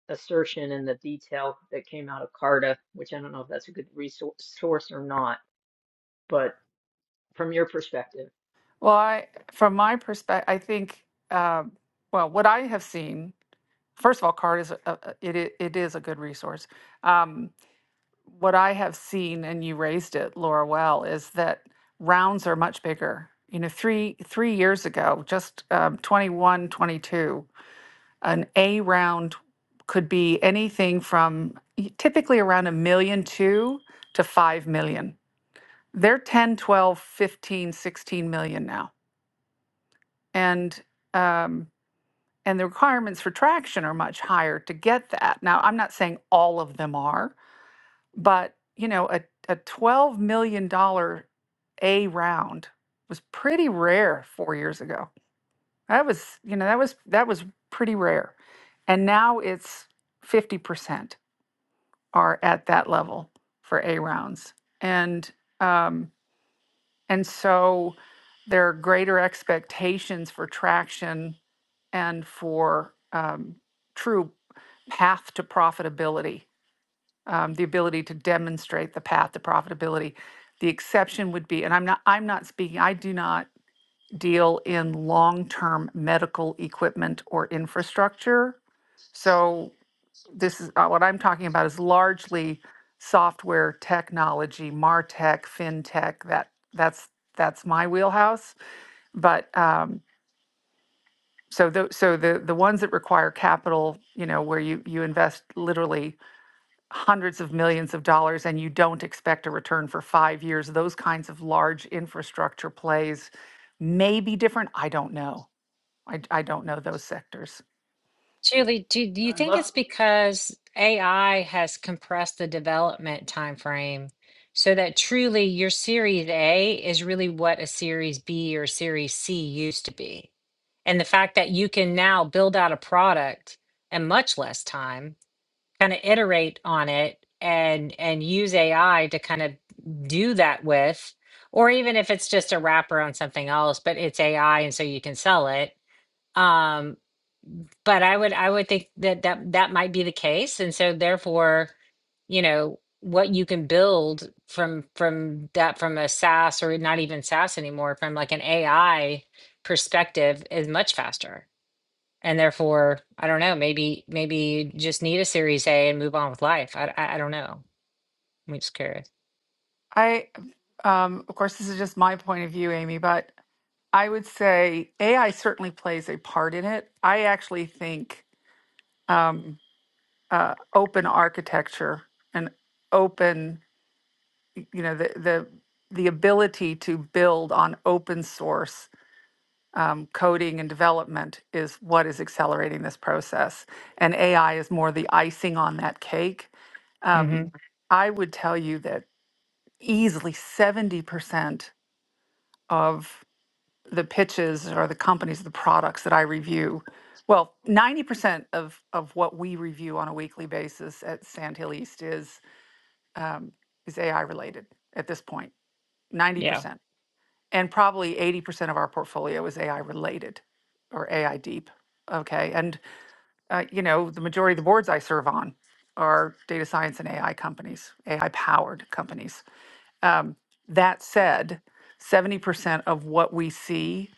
assertion and the detail that came out of Carta, which I don't know if that's a good resource source or not, but from your perspective, well, I, from my perspective, I think, uh, well, what I have seen first of all, CARD is a, a- it i- it is a good resource. Um, what I have seen, and you raised it, Laura, well, is that rounds are much bigger. You know, three three years ago, just um, 21, twenty-two, an A round could be anything from y- typically around a million two to five million. They're ten, twelve, fifteen, sixteen million now. And um, and the requirements for traction are much higher to get that. Now, I'm not saying all of them are, but you know, a, a $12 million dollars A round was pretty rare four years ago. That was, you know, that was that was pretty rare. And now it's 50% are at that level for A rounds. And um, and so there are greater expectations for traction and for um, true path to profitability, um, the ability to demonstrate the path to profitability. The exception would be, and I'm not, I'm not speaking, I do not deal in long-term medical equipment or infrastructure. So this is uh, what I'm talking about is largely software technology, martech, fintech. That that's that's my wheelhouse. But um, so the so the the ones that require capital, you know, where you you invest literally hundreds of millions of dollars and you don't expect a return for five years, those kinds of large infrastructure plays may be different. I don't know. I I don't know those sectors. Julie, do do you I think love, it's because AI has compressed the development time frame, so that truly your Series A is really what a Series B or Series C used to be? And the fact that you can now build out a product in much less time, kind of iterate on it and and use AI to kind of do that with, or even if it's just a wrapper on something else, but it's AI and so you can sell it. Um but I would I would think that that that might be the case, and so therefore, you know, what you can build from from that from a SaaS or not even SaaS anymore, from like an AI perspective, is much faster. And therefore, I don't know. Maybe maybe you just need a Series A and move on with life. I I, I don't know. I'm just curious. I um, of course this is just my point of view, Amy, but I would say AI certainly plays a part in it. I actually think um, uh, open architecture and open y- you know the the the ability to build on open source um, coding and development is what is accelerating this process, and AI is more the icing on that cake. hmm Um, I would tell you that easily seventy percent of the pitches or the companies, the products that I review, well, ninety percent of of what we review on a weekly basis at Sandhill East is um, is AI related at this point. 90% Yeah, and probably 80% of our portfolio is AI related or AI deep. Okay. And, uh, you know, the majority of the boards I serve on are data science and AI companies, AI powered companies. Um, that said, 70% of what we see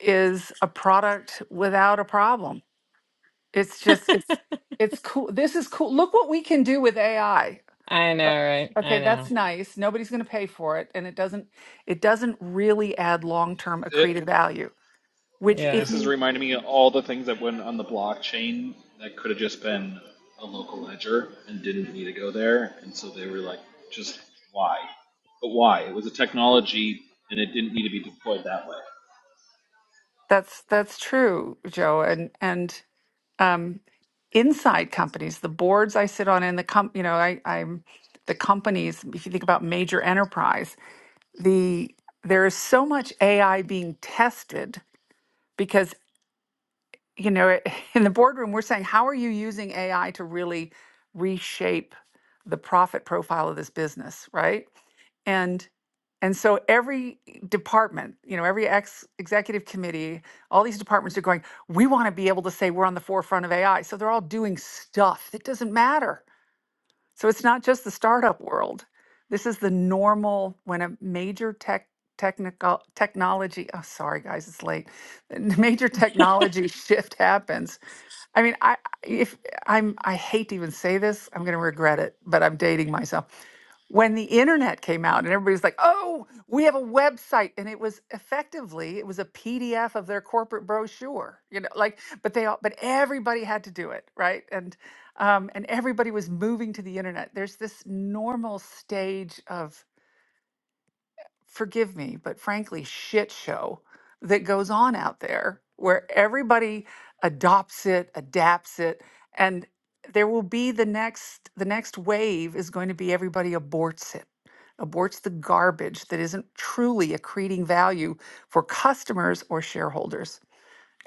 is a product without a problem. It's just, it's, it's cool. This is cool. Look what we can do with AI. I know, Uh, right? I Okay, that's know. nice. Nobody's going to pay for it, and it doesn't it doesn't really add long-term It accretive value which Yeah. if this is you reminding me of all the things that went on the blockchain that could have just been a local ledger and didn't need to go there, and so they were like, just why? But why? It was a technology, and it didn't need to be deployed that way. that's that's true joe and and um inside companies the boards i sit on in the com you know i i'm the companies if you think about major enterprise the there is so much ai being tested because. you know, in the boardroom, we're saying, how are you using AI to really reshape the profit profile of this business, right? And and so every department, you know, every ex executive committee, all these departments are going, we want to be able to say we're on the forefront of AI. So they're all doing stuff that doesn't matter so it's not just the startup world. This is the normal when a major tech technical technology. Oh, sorry guys, it's late. Major technology shift happens. I mean, I- if I'm I hate to even say this, I'm going to regret it, but I'm dating myself when the internet came out and everybody's like, oh, we have a website. And it was effectively, it was a PDF of their corporate brochure, you know, like, but they all, but everybody had to do it, right? And, um, and everybody was moving to the internet. There's this normal stage of forgive me, but frankly, shit show that goes on out there where everybody adopts it, adapts it, and there will be the next the next wave is going to be everybody aborts it aborts the garbage that isn't truly accreting value for customers or shareholders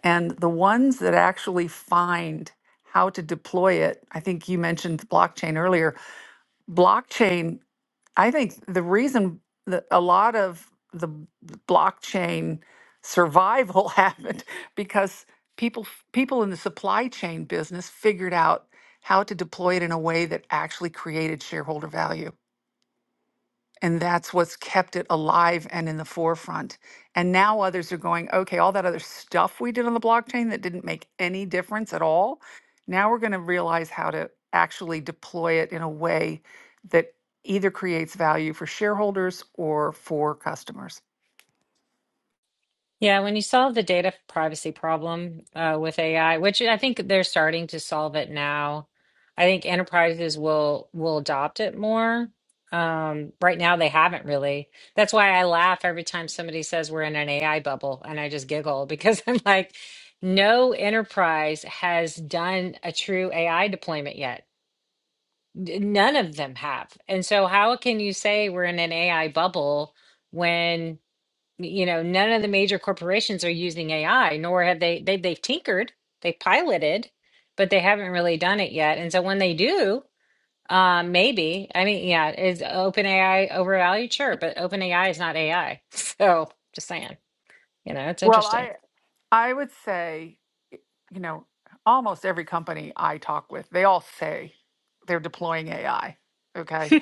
and the ones that actually find how to deploy it i think you mentioned blockchain earlier blockchain I think the reason that a lot of the blockchain survival happened because people f- people in the supply chain business figured out how to deploy it in a way that actually created shareholder value. And that's what's kept it alive and in the forefront. And now others are going, okay, all that other stuff we did on the blockchain that didn't make any difference at all. Now we're going to realize how to actually deploy it in a way that either creates value for shareholders or for customers. Yeah, when you solve the data privacy problem uh, with AI, which I think they're starting to solve it now, I think enterprises will will adopt it more. Um, right now, they haven't really. That's why I laugh every time somebody says we're in an AI bubble, and I just giggle because I'm like, no enterprise has done a true AI deployment yet. N- None of them have. And so, how can you say we're in an AI bubble when? you know, none of the major corporations are using AI, nor have they, they they've tinkered, they piloted, but they haven't really done it yet. And so when they do, um, maybe, I mean, yeah, is OpenAI overvalued? Sure, but OpenAI is not AI. So just saying, you know, it's Well, interesting. I I would say, you know, almost every company I talk with, they all say they're deploying AI. Okay.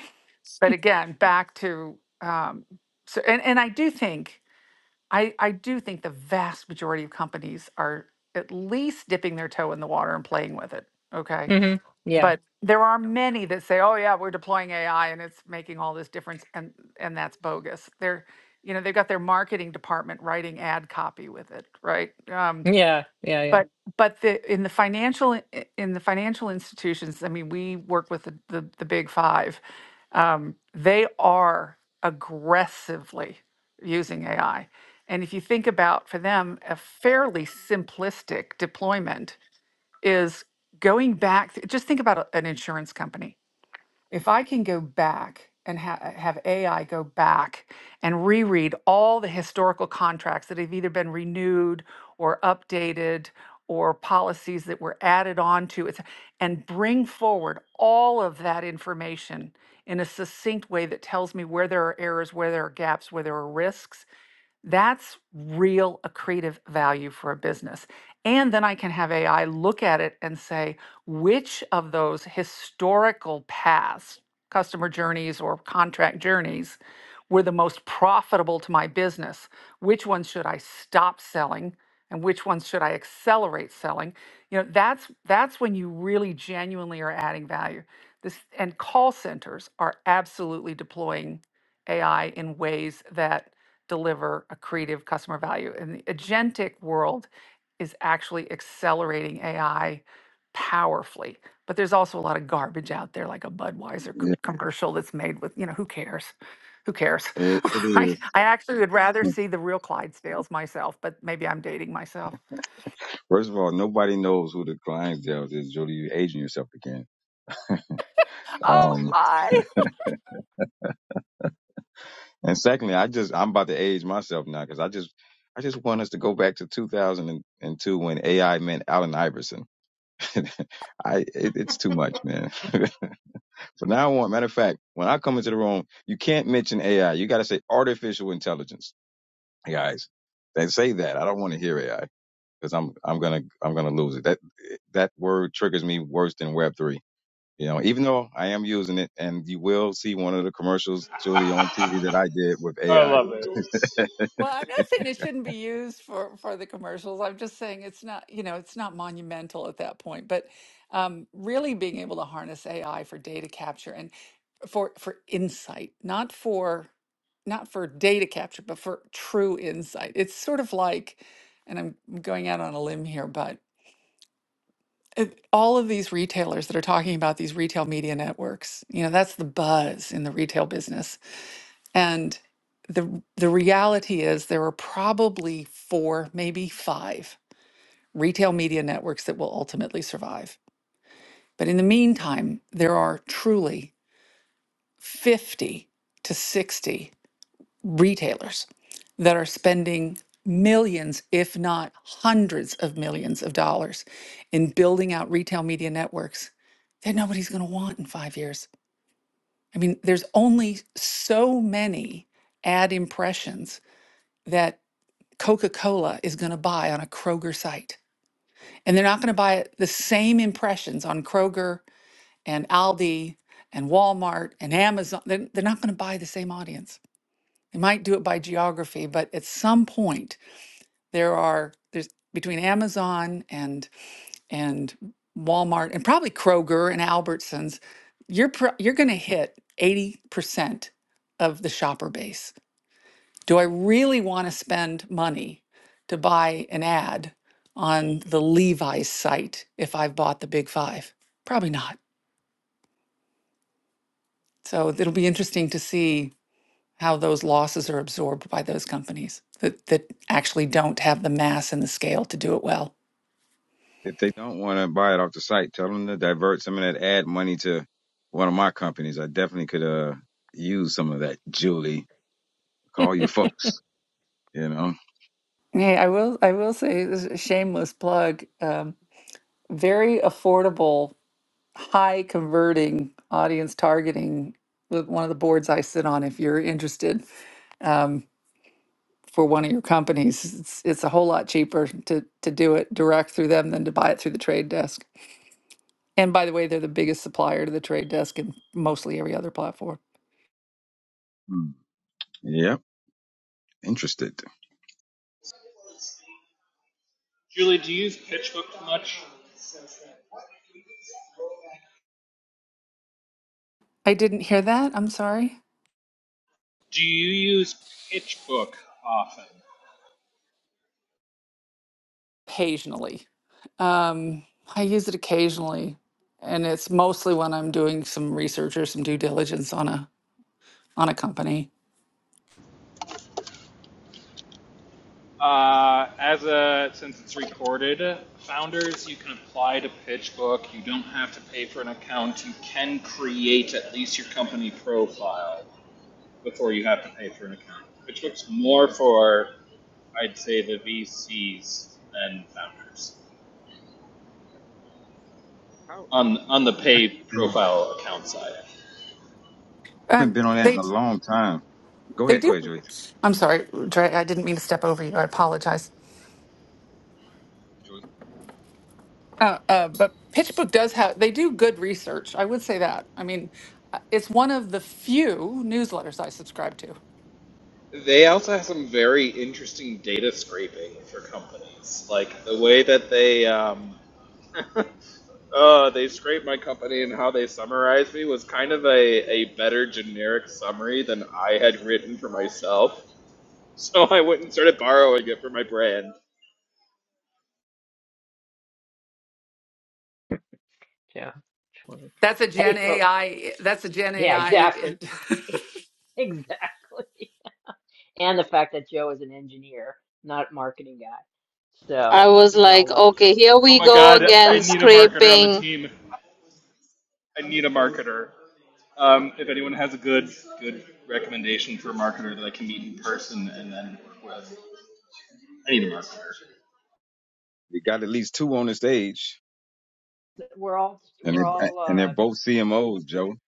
But again, back to um, so and, and I do think I, I do think the vast majority of companies are at least dipping their toe in the water and playing with it. Okay. hmm Yeah. But there are many that say, oh yeah, we're deploying AI and it's making all this difference and and that's bogus. They're you know, they've got their marketing department writing ad copy with it, right? Um, Yeah. Yeah. Yeah. but but the in the financial in the financial institutions, I mean, we work with the the, the big five. Um, they are aggressively using AI, and if you think about for them, a fairly simplistic deployment is going back. Just think about a- an insurance company if I can go back and ha- uh, have AI go back and reread all the historical contracts that have either been renewed or updated or policies that were added on to it and bring forward all of that information in a succinct way that tells me where there are errors, where there are gaps, where there are risks, that's real accretive value for a business. And then I can have AI look at it and say, which of those historical past customer journeys or contract journeys were the most profitable to my business? Which ones should I stop selling? And which ones should I accelerate selling? You know, that's that's when you really genuinely are adding value. This and call centers are absolutely deploying AI in ways that deliver a creative customer value. And the agentic world is actually accelerating AI powerfully. But there's also a lot of garbage out there, like a Budweiser c- Yeah, commercial that's made with, you know, who cares? Who cares? it, it right? is. I actually would rather see the real Clydesdales myself, but maybe I'm dating myself. First of all, nobody knows who the clientele is. Jody, you aging yourself again. Oh Um, my. and secondly, I just I'm about to age myself now because I just I just want us to go back to 2002 when AI meant Allen Iverson. I it, it's too much, man. From now on, matter of fact, when I come into the room, you can't mention AI. You got to say artificial intelligence, guys. They say that. I don't want to hear AI because I'm I'm gonna I'm gonna lose it. That that word triggers me worse than Web three. You know, even though I am using it, and you will see one of the commercials, Julie, on TV that I did with I AI. love it. Well, I'm not saying it shouldn't be used for for the commercials. I'm just saying it's not, you know, it's not monumental at that point. But um, really being able to harness AI for data capture and for for insight not for not for data capture but for true insight it's sort of like and i'm going out on a limb here but it- all of these retailers that are talking about these retail media networks you know that's the buzz in the retail business and the the reality is there are probably four maybe five retail media networks that will ultimately survive but in the meantime there are truly 50 to 60 retailers that are spending millions, if not hundreds of millions of dollars in building out retail media networks that nobody's going to want in five years. I mean, there's only so many ad impressions that Coca Cola is going to buy on a Kroger site. And they're not going to buy the same impressions on Kroger and Aldi and Walmart and Amazon. They're, they're not going to buy the same audience. They might do it by geography, but at some point, There are there's between Amazon and and Walmart and probably Kroger and Albertsons, you're pro you're going to hit 80% of the shopper base. Do I really want to spend money to buy an ad on the Levi's site if I've bought the Big 5? Probably not. So it'll be interesting to see how those losses are absorbed by those companies that, that actually don't have the mass and the scale to do it well. If they don't want to buy it off the site, tell them to divert some of that ad money to one of my companies. I definitely could uh use some of that, Julie. Call your folks, you know. Hey, I will I will say this is a shameless plug. Um, very affordable, high converting audience targeting with one of the boards I sit on if you're interested um, for one of your companies. It's it's a whole lot cheaper to to do it direct through them than to buy it through the trade desk. And by the way, they're the biggest supplier to the trade desk and mostly every other platform. Hmm. Yep. Interested. Julie, do you use PitchBook much? I didn't hear that. I'm sorry. Do you use PitchBook often? occasionally. Um, I use it occasionally, and it's mostly when I'm doing some research or some due diligence on a on a company. Uh, as a since it's recorded, founders you can apply to PitchBook. You don't have to pay for an account. You can create at least your company profile before you have to pay for an account. PitchBook's more for I'd say the VCs than founders How, on on the pay and I profile account side. haven't Um, been on that in a they long time. Go they ahead. Go do. ahead, Julie. I'm sorry, Dre. I didn't mean to step over you. I apologize. Julie. Uh, uh, but PitchBook does have they do good research. I would say that. I mean, uh, it's one of the few newsletters I subscribe to. They also have some very interesting data scraping for companies, like the way that they. Um, Uh, they scraped my company, and how they summarized me was kind of a, a better generic summary than I had written for myself. So I went and started borrowing it for my brand. yeah, 20. That's a Gen Hey, folks. AI. That's a Gen Yeah, exactly. AI. Exactly. and the fact that Joe is an engineer, not a marketing guy. So I was and we all like, love okay, Joe. here Oh we my go god, I again, need a marketer on the scraping. team. I need a marketer. Um, if anyone has a good good recommendation for a marketer that I can meet in person and then work with, I need a marketer. We got at least two on the stage We're all and we're they, all and they're uh, both CMOs, Joe.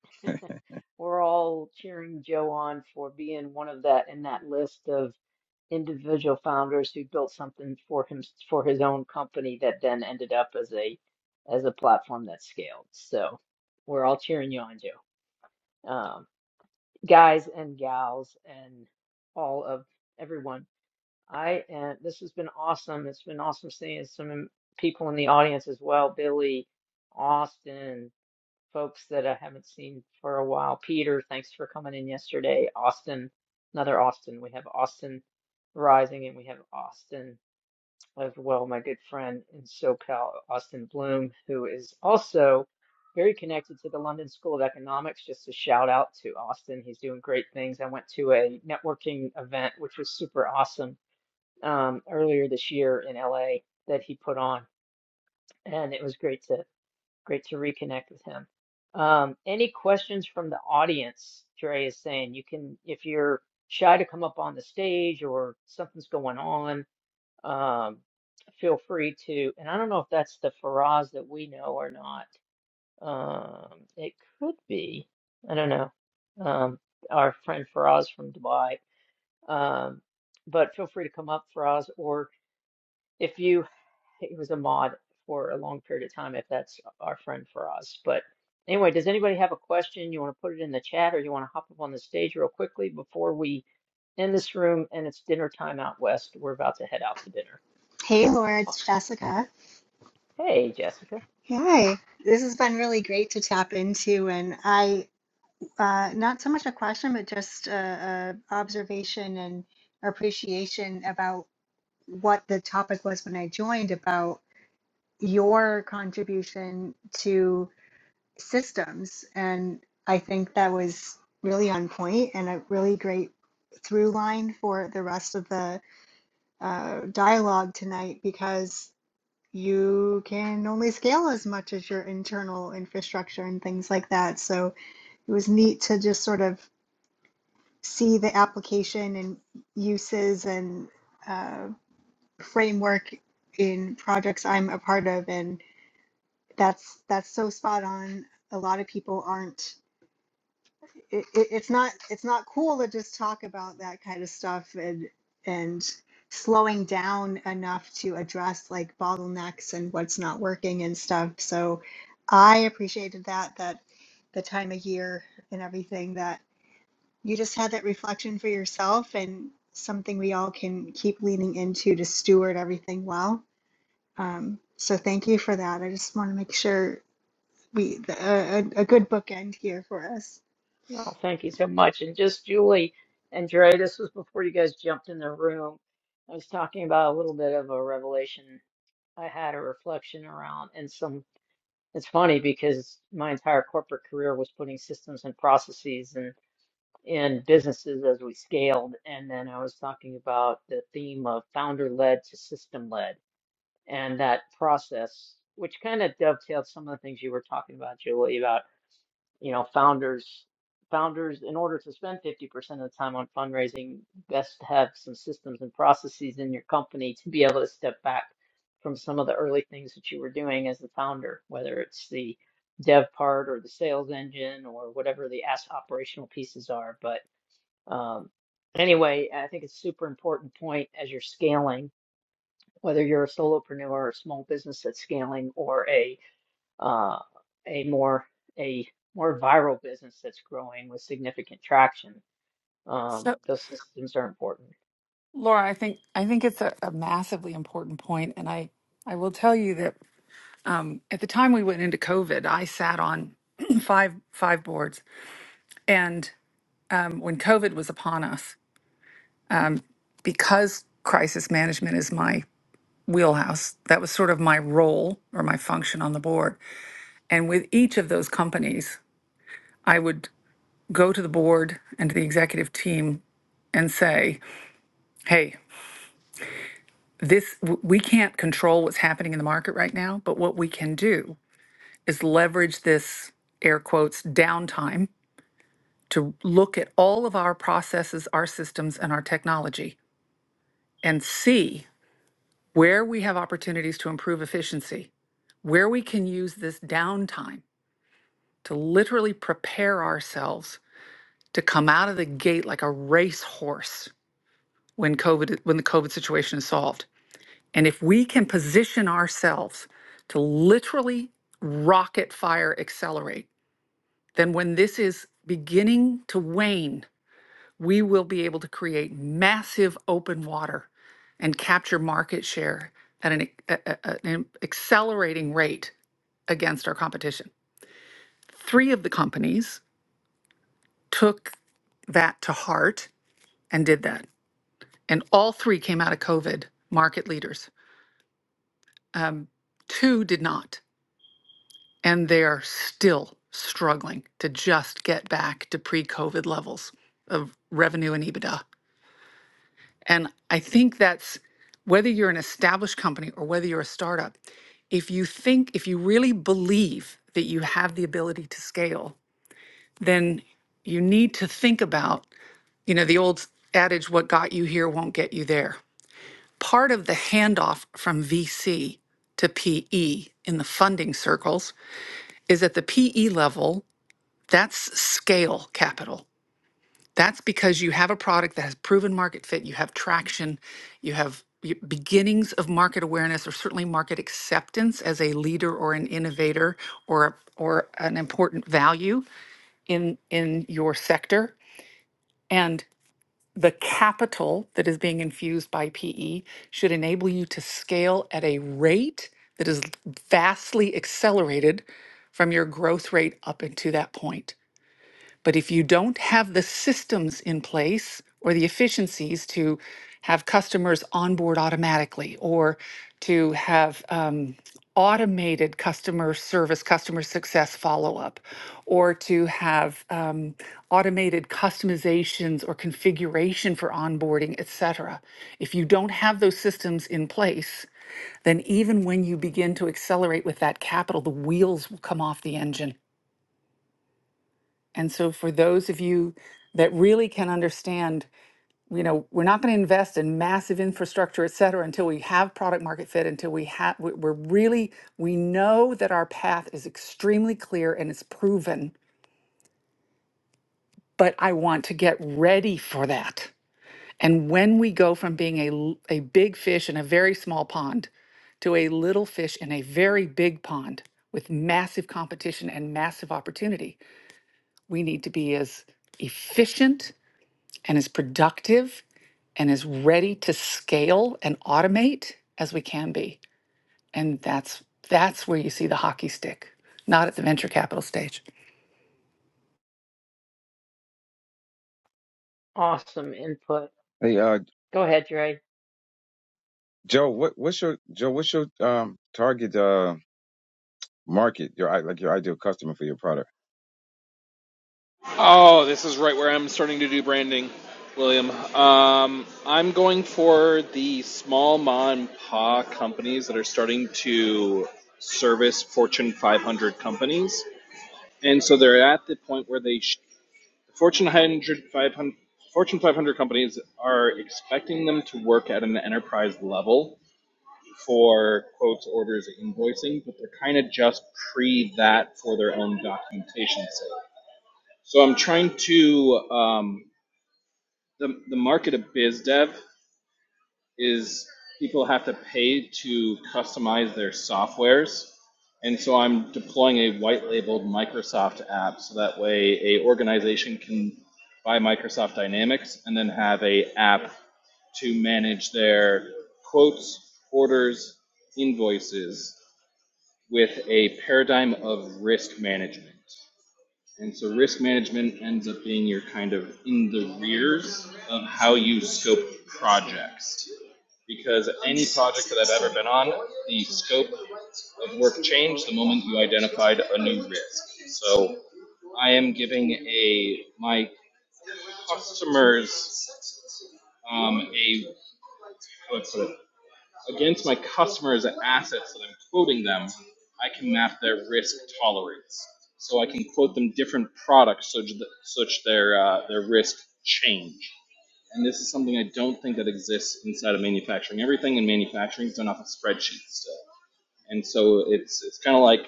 we're all cheering Joe on for being one of that in that list of individual founders who built something for him for his own company that then ended up as a as a platform that scaled. So we're all cheering you on, Joe. Um, guys and gals and all of everyone I uh, this has been awesome. It's been awesome seeing some people in the audience as well, Billy, Austin, folks that I haven't seen for a while. Peter, thanks for coming in yesterday. Austin, another Austin. We have Austin Rising and we have Austin as well, my good friend in SoCal, Austin Bloom, who is also very connected to the London School of Economics. Just a shout out to Austin. He's doing great things. I went to a networking event, which was super awesome um, earlier this year in LA that he put on, and it was great to great to reconnect with him. Um, any questions from the audience? Dre is saying you can if you're shy to come up on the stage or something's going on, um, feel free to. And I don't know if that's the Faraz that we know or not. Um, it could be. I don't know. Um, our friend Faraz from Dubai. Um, but feel free to come up, Faraz, or if you. he was a mod for a long period of time, if that's our friend Faraz. But anyway, does anybody have a question? You want to put it in the chat or you want to hop up on the stage real quickly before we end this room and it's dinner time out west. We're about to head out to dinner. Hey, Laura, Oh, it's Jessica. hey, Jessica. Hi. This has been really great to tap into, and I, uh, not so much a question, but just a, a observation and appreciation about what the topic was when I joined about your contribution to systems. And I think that was really on point and a really great through line for the rest of the uh, dialogue tonight because. you can only scale as much as your internal infrastructure and things like that. So it was neat to just sort of see the application and uses and uh, framework in projects I'm a part of, and that's that's so spot on. A lot of people aren't it, it, it's not it's not cool to just talk about that kind of stuff and and slowing down enough to address like bottlenecks and what's not working and stuff. So I appreciated that that the time of year and everything that you just had that reflection for yourself and something we all can keep leaning into to steward everything well. Um, so thank you for that. I just want to make sure we the, a, a a good bookend here for us. No, thank you so much. And just Julie and Dre, this was before you guys jumped in the room. I was talking about a little bit of a revelation I had a reflection around and some it's funny because my entire corporate career was putting systems and processes and. in businesses as we scaled. And then I was talking about the theme of founder led to system led and that process, which kind of dovetailed some of the things you were talking about, Julie, about, you know, founders, founders, in order to spend 50% of the time on fundraising, best to have some systems and processes in your company to be able to step back from some of the early things that you were doing as the founder, whether it's the dev part or the sales engine or whatever the as- operational pieces are. But um, anyway, I think it's a super important point as you're scaling, whether you're a solopreneur or a small business that's scaling or a uh, a more a more viral business that's growing with significant traction. Um, those systems are important. Laura, I think I think it's a, a massively important point, and I I will tell you that um, at the time we went into COVID, I sat on five five boards, and um, when COVID was upon us, because crisis management is my wheelhouse, that was sort of my role or my function on the board, and with each of those companies, I would go to the board and to the executive team and say, hey, this w- we can't control what's happening in the market right now, but what we can do is leverage this air quotes downtime to look at all of our processes, our systems, and our technology and see where we have opportunities to improve efficiency, where we can use this downtime to literally prepare ourselves to come out of the gate like a racehorse when COVID when the COVID situation is solved. And if we can position ourselves to literally rocket fire accelerate then when this is beginning to wane, we will be able to create massive open water and capture market share at an, a- a- an accelerating rate against our competition. Three of the companies took that to heart and did that. And all three came out of COVID market leaders. Um, two did not. And they are still struggling to just get back to pre COVID levels of revenue and EBITDA. And I think that's whether you're an established company or whether you're a startup, if you think, if you really believe that you have the ability to scale, then you need to think about, you know, the old adage, what got you here won't get you there. Part of the handoff from VC to PE in the funding circles is at the PE level, that's scale capital. That's because you have a product that has proven market fit, you have traction, you have y- beginnings of market awareness or certainly market acceptance as a leader or an innovator or a- or an important value in in your sector and the capital that is being infused by PE should enable you to scale at a rate that is vastly accelerated from your growth rate up into that point. But if you don't have the systems in place or the efficiencies to have customers onboard automatically or to have um, automated customer service, customer success follow up, or to have um, automated customizations or configuration for onboarding, et cetera. If you don't have those systems in place, then even when you begin to accelerate with that capital, the wheels will come off the engine and so for those of you that really can understand, you know, we're not going to invest in massive infrastructure, et cetera, until we have product market fit, until we have, we're really, we know that our path is extremely clear and it's proven, but I want to get ready for that. And when we go from being a, l- a big fish in a very small pond to a little fish in a very big pond with massive competition and massive opportunity, we need to be as efficient and as productive and as ready to scale and automate as we can be. And that's that's where you see the hockey stick, not at the venture capital stage. Awesome input. Hey, uh, Go ahead, Dre. Joe, what, what's your, Joe, what's your, um, target, uh, market, your, i- like your ideal customer for your product? Oh, this is right where I'm starting to do branding, William. Um, I'm going for the small mom and pop companies that are starting to service Fortune 500 companies, and so they're at the point where they sh- Fortune 100 500 Fortune 500 companies are expecting them to work at an enterprise level for quotes, orders, invoicing, but they're kind of just pre that for their own documentation sake. So I'm trying to um, the, the market of biz dev is people have to pay to customize their softwares and so i'm deploying a white labeled microsoft app so that way a organization can buy microsoft dynamics and then have a app to manage their quotes orders invoices with a paradigm of risk management and so risk management ends up being your kind of in the rears of how you scope projects. Because any project that I've ever been on, the scope of work changed the moment you identified a new risk. So I am giving a my customers um, a how do I put it? Against my customers' assets that I'm quoting them, I can map their risk tolerance. So I can quote them different products such that such their uh, their risk change. And this is something I don't think that exists inside of manufacturing. Everything in manufacturing is done off of spreadsheets still. And so it's it's kind of like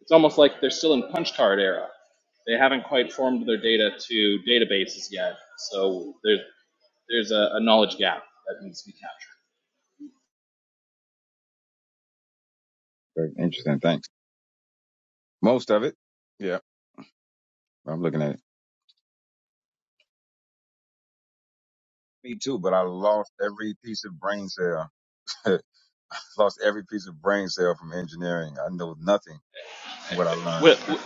it's almost like they're still in punch card era. They haven't quite formed their data to databases yet. So there's there's a, a knowledge gap that needs to be captured. Very interesting. Thanks. Most of it. Yeah. I'm looking at it. Me too, but I lost every piece of brain cell. lost every piece of brain cell from engineering. I know nothing. what I learned. Wi- Wi-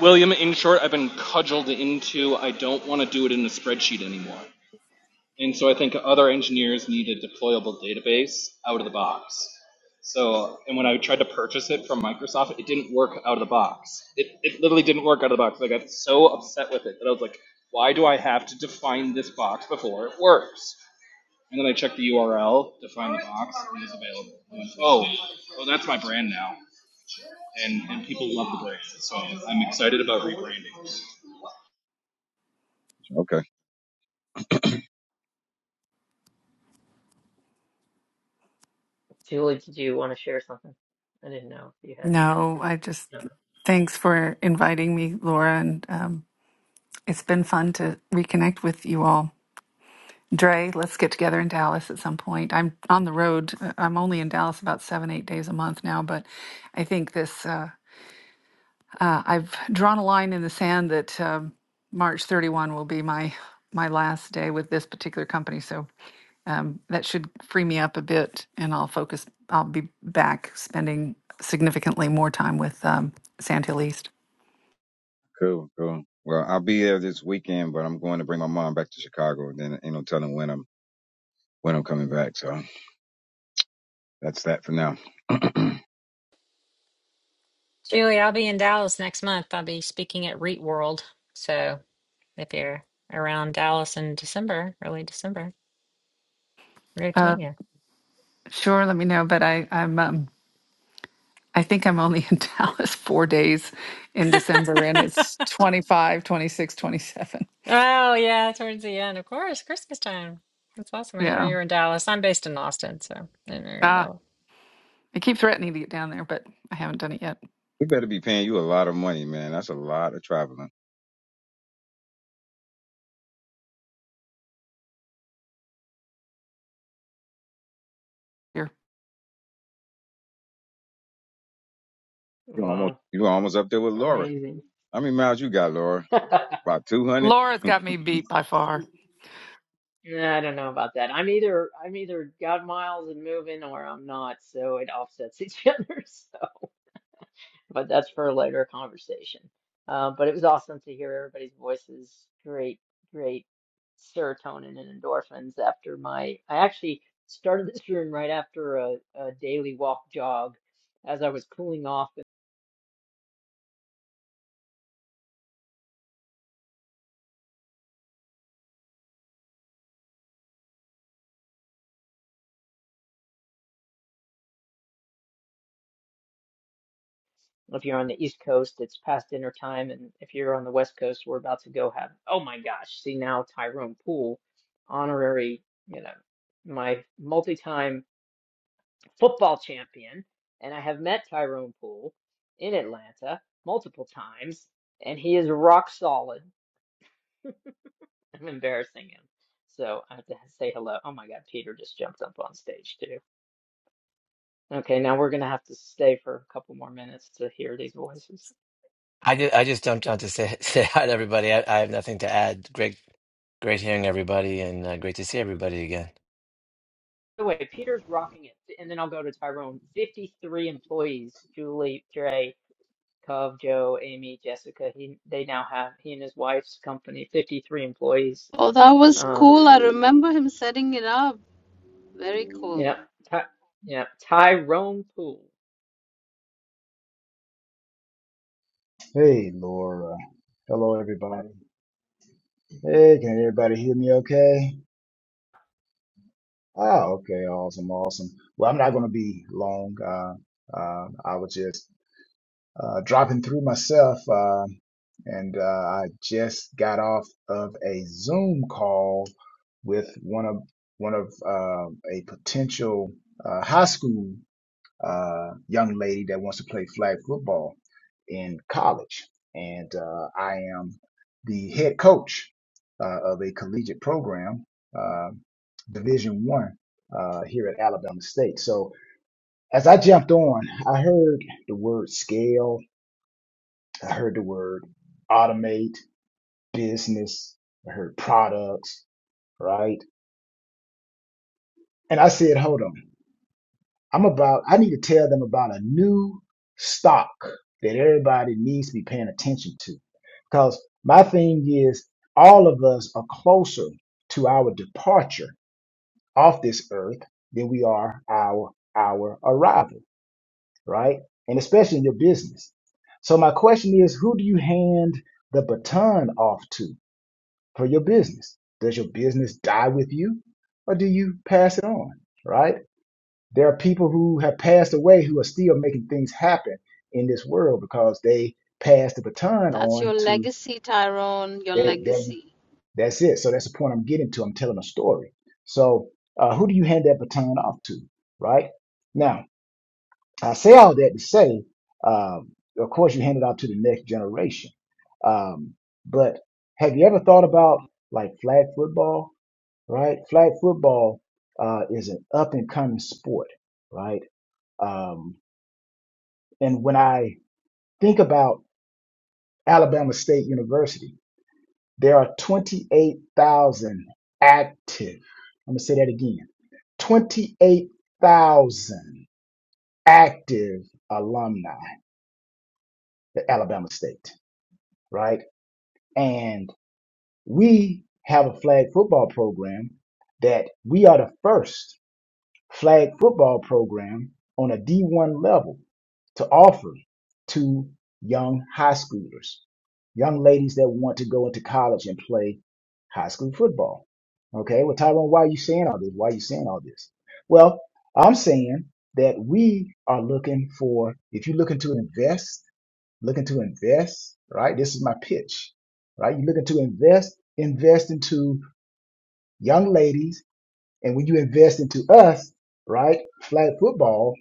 William, in short, I've been cudgeled into I don't want to do it in a spreadsheet anymore. And so I think other engineers need a deployable database out of the box. So, and when I tried to purchase it from Microsoft, it didn't work out of the box. It, it literally didn't work out of the box. I got so upset with it that I was like, why do I have to define this box before it works? And then I checked the URL, define the box, and it available. I went, oh, oh, that's my brand now and, and people love the brand. So I'm excited about rebranding. Okay, Julie, did you want to share something? I didn't know if you had. No, I just Okay. thanks for inviting me, Laura, and um, it's been fun to reconnect with you all. Dre, let's get together in Dallas at some point. I'm on the road. uh, I'm only in Dallas about seven, eight days a month now, but I think this. Uh, Uh, I've drawn a line in the sand that um, March 31 will be my my last day with this particular company. So um, that should free me up a bit, and I'll focus. I'll be back spending significantly more time with um, Sandhill East. cool, cool. Well, I'll be there this weekend, but I'm going to bring my mom back to Chicago. And then ain't no telling when I'm when I'm coming back. So that's that for now. we Julie, I'll be in Dallas next month. I'll be speaking at REIT World. So if you're around Dallas in December, early December, we're great to meet Uh, you. sure, let me know. But I, I'm um, I think I'm only in Dallas four days in December, and it's 25, 26, 27. Oh, yeah, towards the end, of course, Christmas time. That's awesome. I didn't know Yeah. you were in Dallas. I'm based in Austin, so I didn't know you were in Ah, Dallas. I keep threatening to get down there, but I haven't done it yet. better be paying you a lot of money, man. That's a lot of traveling. Here, You almost Wow, you almost up there with Laura. amazing. How many miles you got, Laura? About two hundred. Laura's got me beat by far. Yeah, I don't know about that. I'm either I'm either got miles and moving or I'm not, so it offsets each other. So, but that's for a later conversation. Uh, but it was awesome to hear everybody's voices. Great, great serotonin and endorphins after my I actually started this room right after a, a daily walk jog as I was cooling off If you're on the East Coast, it's past dinner time, and if you're on the West Coast, we're about to go have. Oh my gosh! See now, Tyrone Poole, honorary, you know, my multi-time football champion, and I have met Tyrone Poole in Atlanta multiple times, and he is rock solid. I'm embarrassing him, so I have to say hello. Oh my God, Peter just jumped up on stage too. Okay, now we're gonna have to stay for a couple more minutes to hear these voices. I just, I just jumped on to say say hi to everybody. I, I have nothing to add. Great, great hearing everybody, and uh, great to see everybody again. the way, Peter's rocking it, and then I'll go to Tyrone. Fifty-three employees: Julie, Dre, Cove, Joe, Amy, Jessica. He they now have he and his wife's company. Fifty-three employees. Oh, that was Um, cool. I remember him setting it up. Very cool. yeah, Ty, yeah, Tyrone Poole. Hey, Laura. Hello, everybody. Hey, can everybody hear me okay? Oh, okay. Awesome. Awesome. Well, I'm not going to be long. Uh, uh, I was just uh, dropping through myself, uh, and uh, I just got off of a Zoom call with one of one of uh, a potential uh, high school. uh, young lady that wants to play flag football in college. And uh, I am the head coach uh, of a collegiate program, uh, Division One, uh, here at Alabama State. So as I jumped on, I heard the word scale, I heard the word automate, business, I heard products, right? And I said, hold on. I'm about, I need to tell them about a new stock that everybody needs to be paying attention to. Because my thing is, all of us are closer to our departure off this earth than we are our our arrival, right? And especially in your business. So my question is, who do you hand the baton off to for your business? Does your business die with you, or do you pass it on, right? There are people who have passed away who are still making things happen in this world because they passed the baton That's on your to legacy, Tyrone. Your that. Then legacy. that's it. So that's the point I'm getting to. I'm telling a story. So uh, who do you hand that baton off to, right? Now I say all that to say, um, of course, you hand it off to the next generation. Um, but have you ever thought about like flag football, right? Flag football uh, is an up and coming sport, right? Um, And when I think about Alabama State University, there are 28,000 active. I'm going to say that again 28,000 active alumni at Alabama State, right? And we have a flag football program that we are the first. flag football program on a D1 level to offer to young high schoolers, young ladies that want to go into college and play high school football. Okay, well, Tyrone, why are you saying all this? Why are you saying all this? Well, I'm saying that we are looking for, if you're looking to invest, looking to invest, right? This is my pitch, right? You're looking to invest, invest into young ladies and when you invest into us, right, flag football,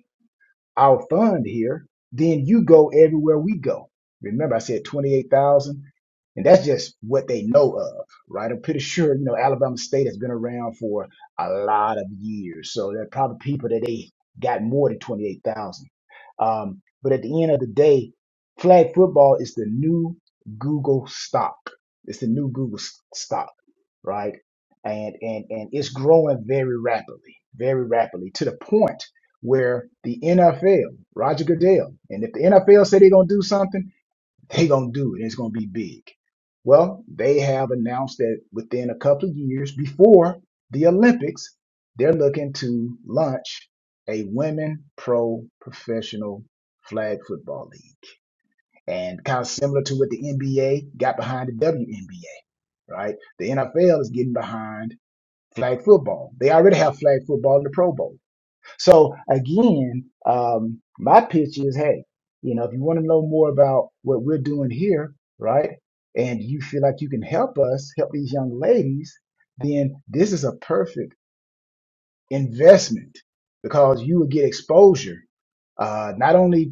our fund here, then you go everywhere we go. Remember, I said 28,000, and that's just what they know of, right? I'm pretty sure, you know, Alabama State has been around for a lot of years. So there are probably people that they got more than 28,000. Um, but at the end of the day, flag football is the new Google stock. It's the new Google s- stock, right? And and and it's growing very rapidly, very rapidly to the point where the NFL, Roger Goodell, and if the NFL said they're gonna do something they gonna do it. It's gonna be big. Well, they have announced that within a couple of years before the Olympics, they're looking to launch a women pro professional flag football league. And kind of similar to what the NBA got behind the WNBA, right? The NFL is getting behind flag football. They already have flag football in the Pro Bowl so again, um, my pitch is, hey, you know, if you want to know more about what we're doing here, right, and you feel like you can help us help these young ladies, then this is a perfect investment because you will get exposure uh, not only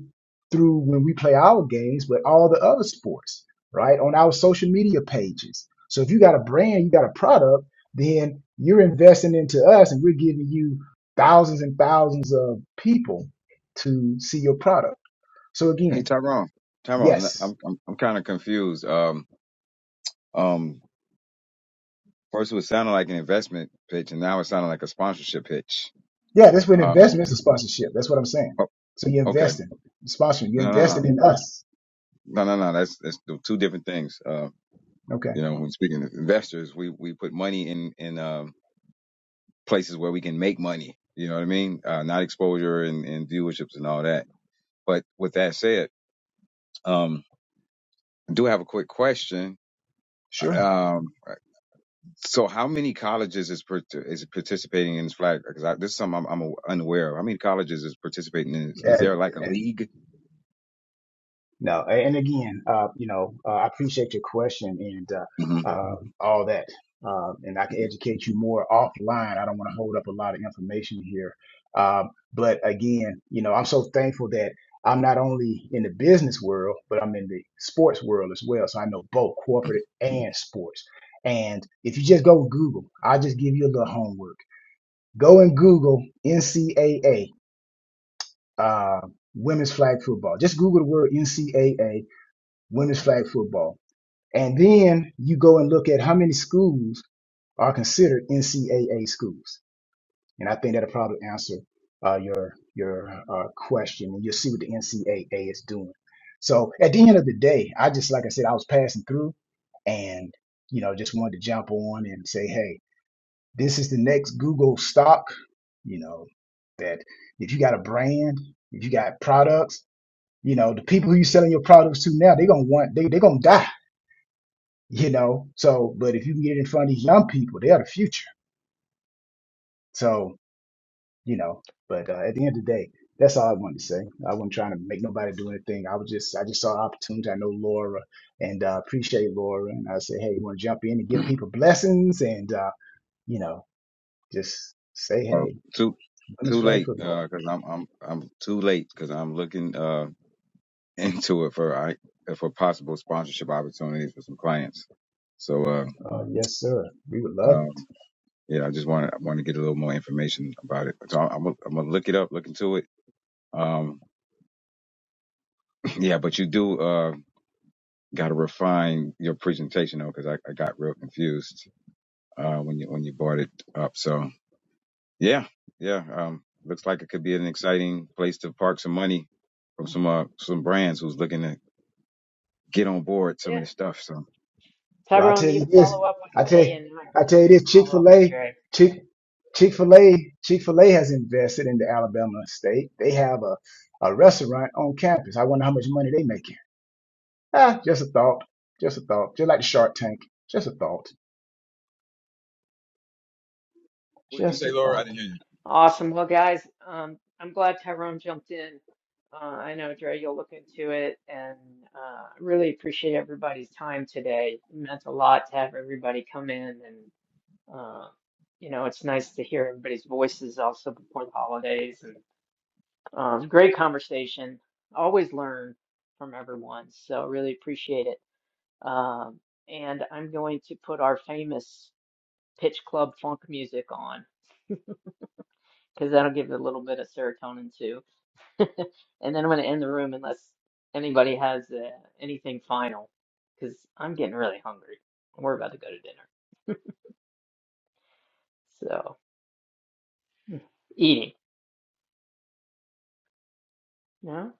through when we play our games, but all the other sports, right? On our social media pages. So if you got a brand, you got a product, then you're investing into us and we're giving you thousands and thousands of people to see your product. So Hey, again, Tyrone. Tyrone, yes. I'm I'm, I'm kind of confused. Um, um, first it was sounding like an investment pitch, and now it sounded like a sponsorship pitch. Yeah, that's what Um, investment is a sponsorship. That's what I'm saying. oh, So you're okay. investing, sponsoring, you're No, no, no. investing in us. No, no, no. That's that's the two different things. Uh, Okay, you know, when speaking to investors, we we put money in in um, places where we can make money. You know what I mean? Uh, not exposure and, and viewerships and all that. But with that said, um, I do have a quick question. sure. Um, so how many colleges is part- is participating in this flag? Because this is something I'm, I'm unaware of. How many colleges is participating in this? Is there like a league? No, a- and again, uh, you know, uh, I appreciate your question and uh, hmm uh, all that, uh, and I can educate you more offline. I don't want to hold up a lot of information here, um, but again, you know, I'm so thankful that I'm not only in the business world, but I'm in the sports world as well. So I know both corporate and sports. And if you just go with Google, I'll just give you a little homework. Go and Google NCAA uh, women's flag football. Just Google the word NCAA women's flag football. And then you go and look at how many schools are considered NCAA schools. And I think that'll probably answer uh, your your uh, question, and you'll see what the NCAA is doing. So at the end of the day, I just like I said, I was passing through, and you know, just wanted to jump on and say, hey, this is the next Google stock. You know, that if you got a brand, if you got products, you know, the people who you're selling your products to now, they're gonna want they they're gonna die you know. So, but if you can get it in front of these young people, they are the future. So, you know, but uh, at the end of the day, that's all I wanted to say. I wasn't trying to make nobody do anything. I was just, I just saw opportunity. I know Laura and uh, appreciate Laura. And I said, hey, you want to jump in and give people blessings and, uh, you know, just say, hey, Too women's too flag late, football. Uh, because I'm I'm I'm too late. because 'cause I'm looking. uh, into it for I for possible sponsorship opportunities for some clients. So uh, Uh, yes, sir. We would love it. um, yeah, I just want to want to get a little more information about it. So I'm gonna- I'm gonna look it up, look into it. Um, yeah, but you do uh, got to refine your presentation though, because I, I got real confused uh, when you when you brought it up. So yeah, yeah, um, looks like it could be an exciting place to park some money from some uh, some brands who's looking to get on board some Yeah, of the stuff. So Well, I Tyrone, tell you you can this. follow up I with tell me, and I- I tell and you we this. can Chick follow Fil up with A, Dre. Chick Chick Fil A, Chick Fil A has invested in the Alabama state. They have a, a restaurant on campus. I wonder how much money they making. Ah, just a thought. Just a thought. Just like the Shark Tank. Just a thought. what did you Just say, a Laura? I thought. didn't hear Awesome. Well, guys, um, I'm glad Tyrone jumped in. Uh, I know, Dre, you'll look into it, and uh, really appreciate everybody's time today. It meant a lot to have everybody come in, and uh, you know, it's nice to hear everybody's voices also before the holidays. And um, great conversation. Always learn from everyone, so really appreciate it. Um, and I'm going to put our famous Pitch Club funk music on because that'll give it a little bit of serotonin too. And then I'm going to end the room unless anybody has uh, anything final because I'm getting really hungry. We're about to go to dinner. So, eating. No?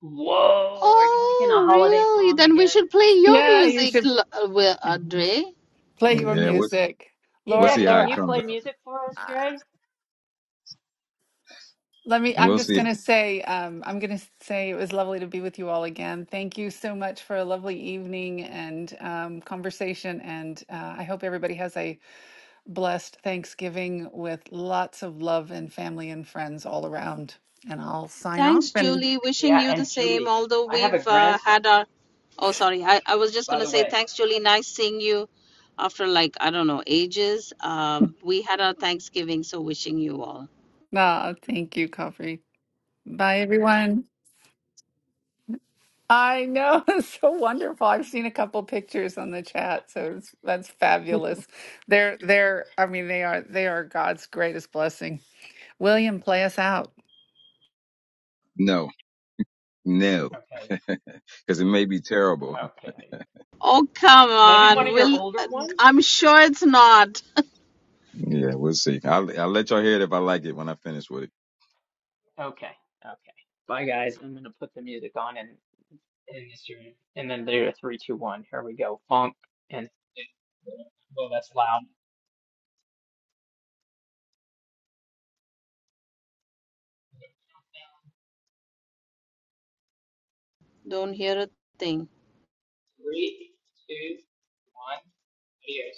Whoa, are you making a Oh, holiday really? song Then we again? should play your Yeah, you music, should L- uh, Will- Andre. play your you. Yeah, what music. We'll Laura, Yeah, see how can it you Laura, comes play out. music for us, uh, Dre? let me, I'm We'll just see. going to say, um, I'm going to say it was lovely to be with you all again. Thank you so much for a lovely evening and um, conversation. And uh, I hope everybody has a blessed Thanksgiving with lots of love and family and friends all around. And I'll sign off. Thanks, And Julie. Wishing Yeah, you the and same. Julie, Although I have a we've uh, grandson, had our. Oh, sorry. I, I was just by going to the say way. thanks, Julie. Nice seeing you after, like, I don't know, ages. Um, we had our Thanksgiving, so wishing you all. ah, thank you, Coffee. Bye, everyone. I know. It's so wonderful. I've seen a couple pictures on the chat, so it's, that's fabulous. They're they're I mean they are they are God's greatest blessing. William, play us out. No, no, Okay, because it may be terrible. okay. Oh, come Maybe on. one of your Will, older uh, ones? I'm sure it's not. Yeah, we'll see. I'll, I'll let y'all hear it if I like it when I finish with it. Okay, okay. Bye, guys. I'm going to put the music on and And then do a three, two, one. Here we go. Funk and well, that's loud. Don't hear a thing. Three, two, one. Adios.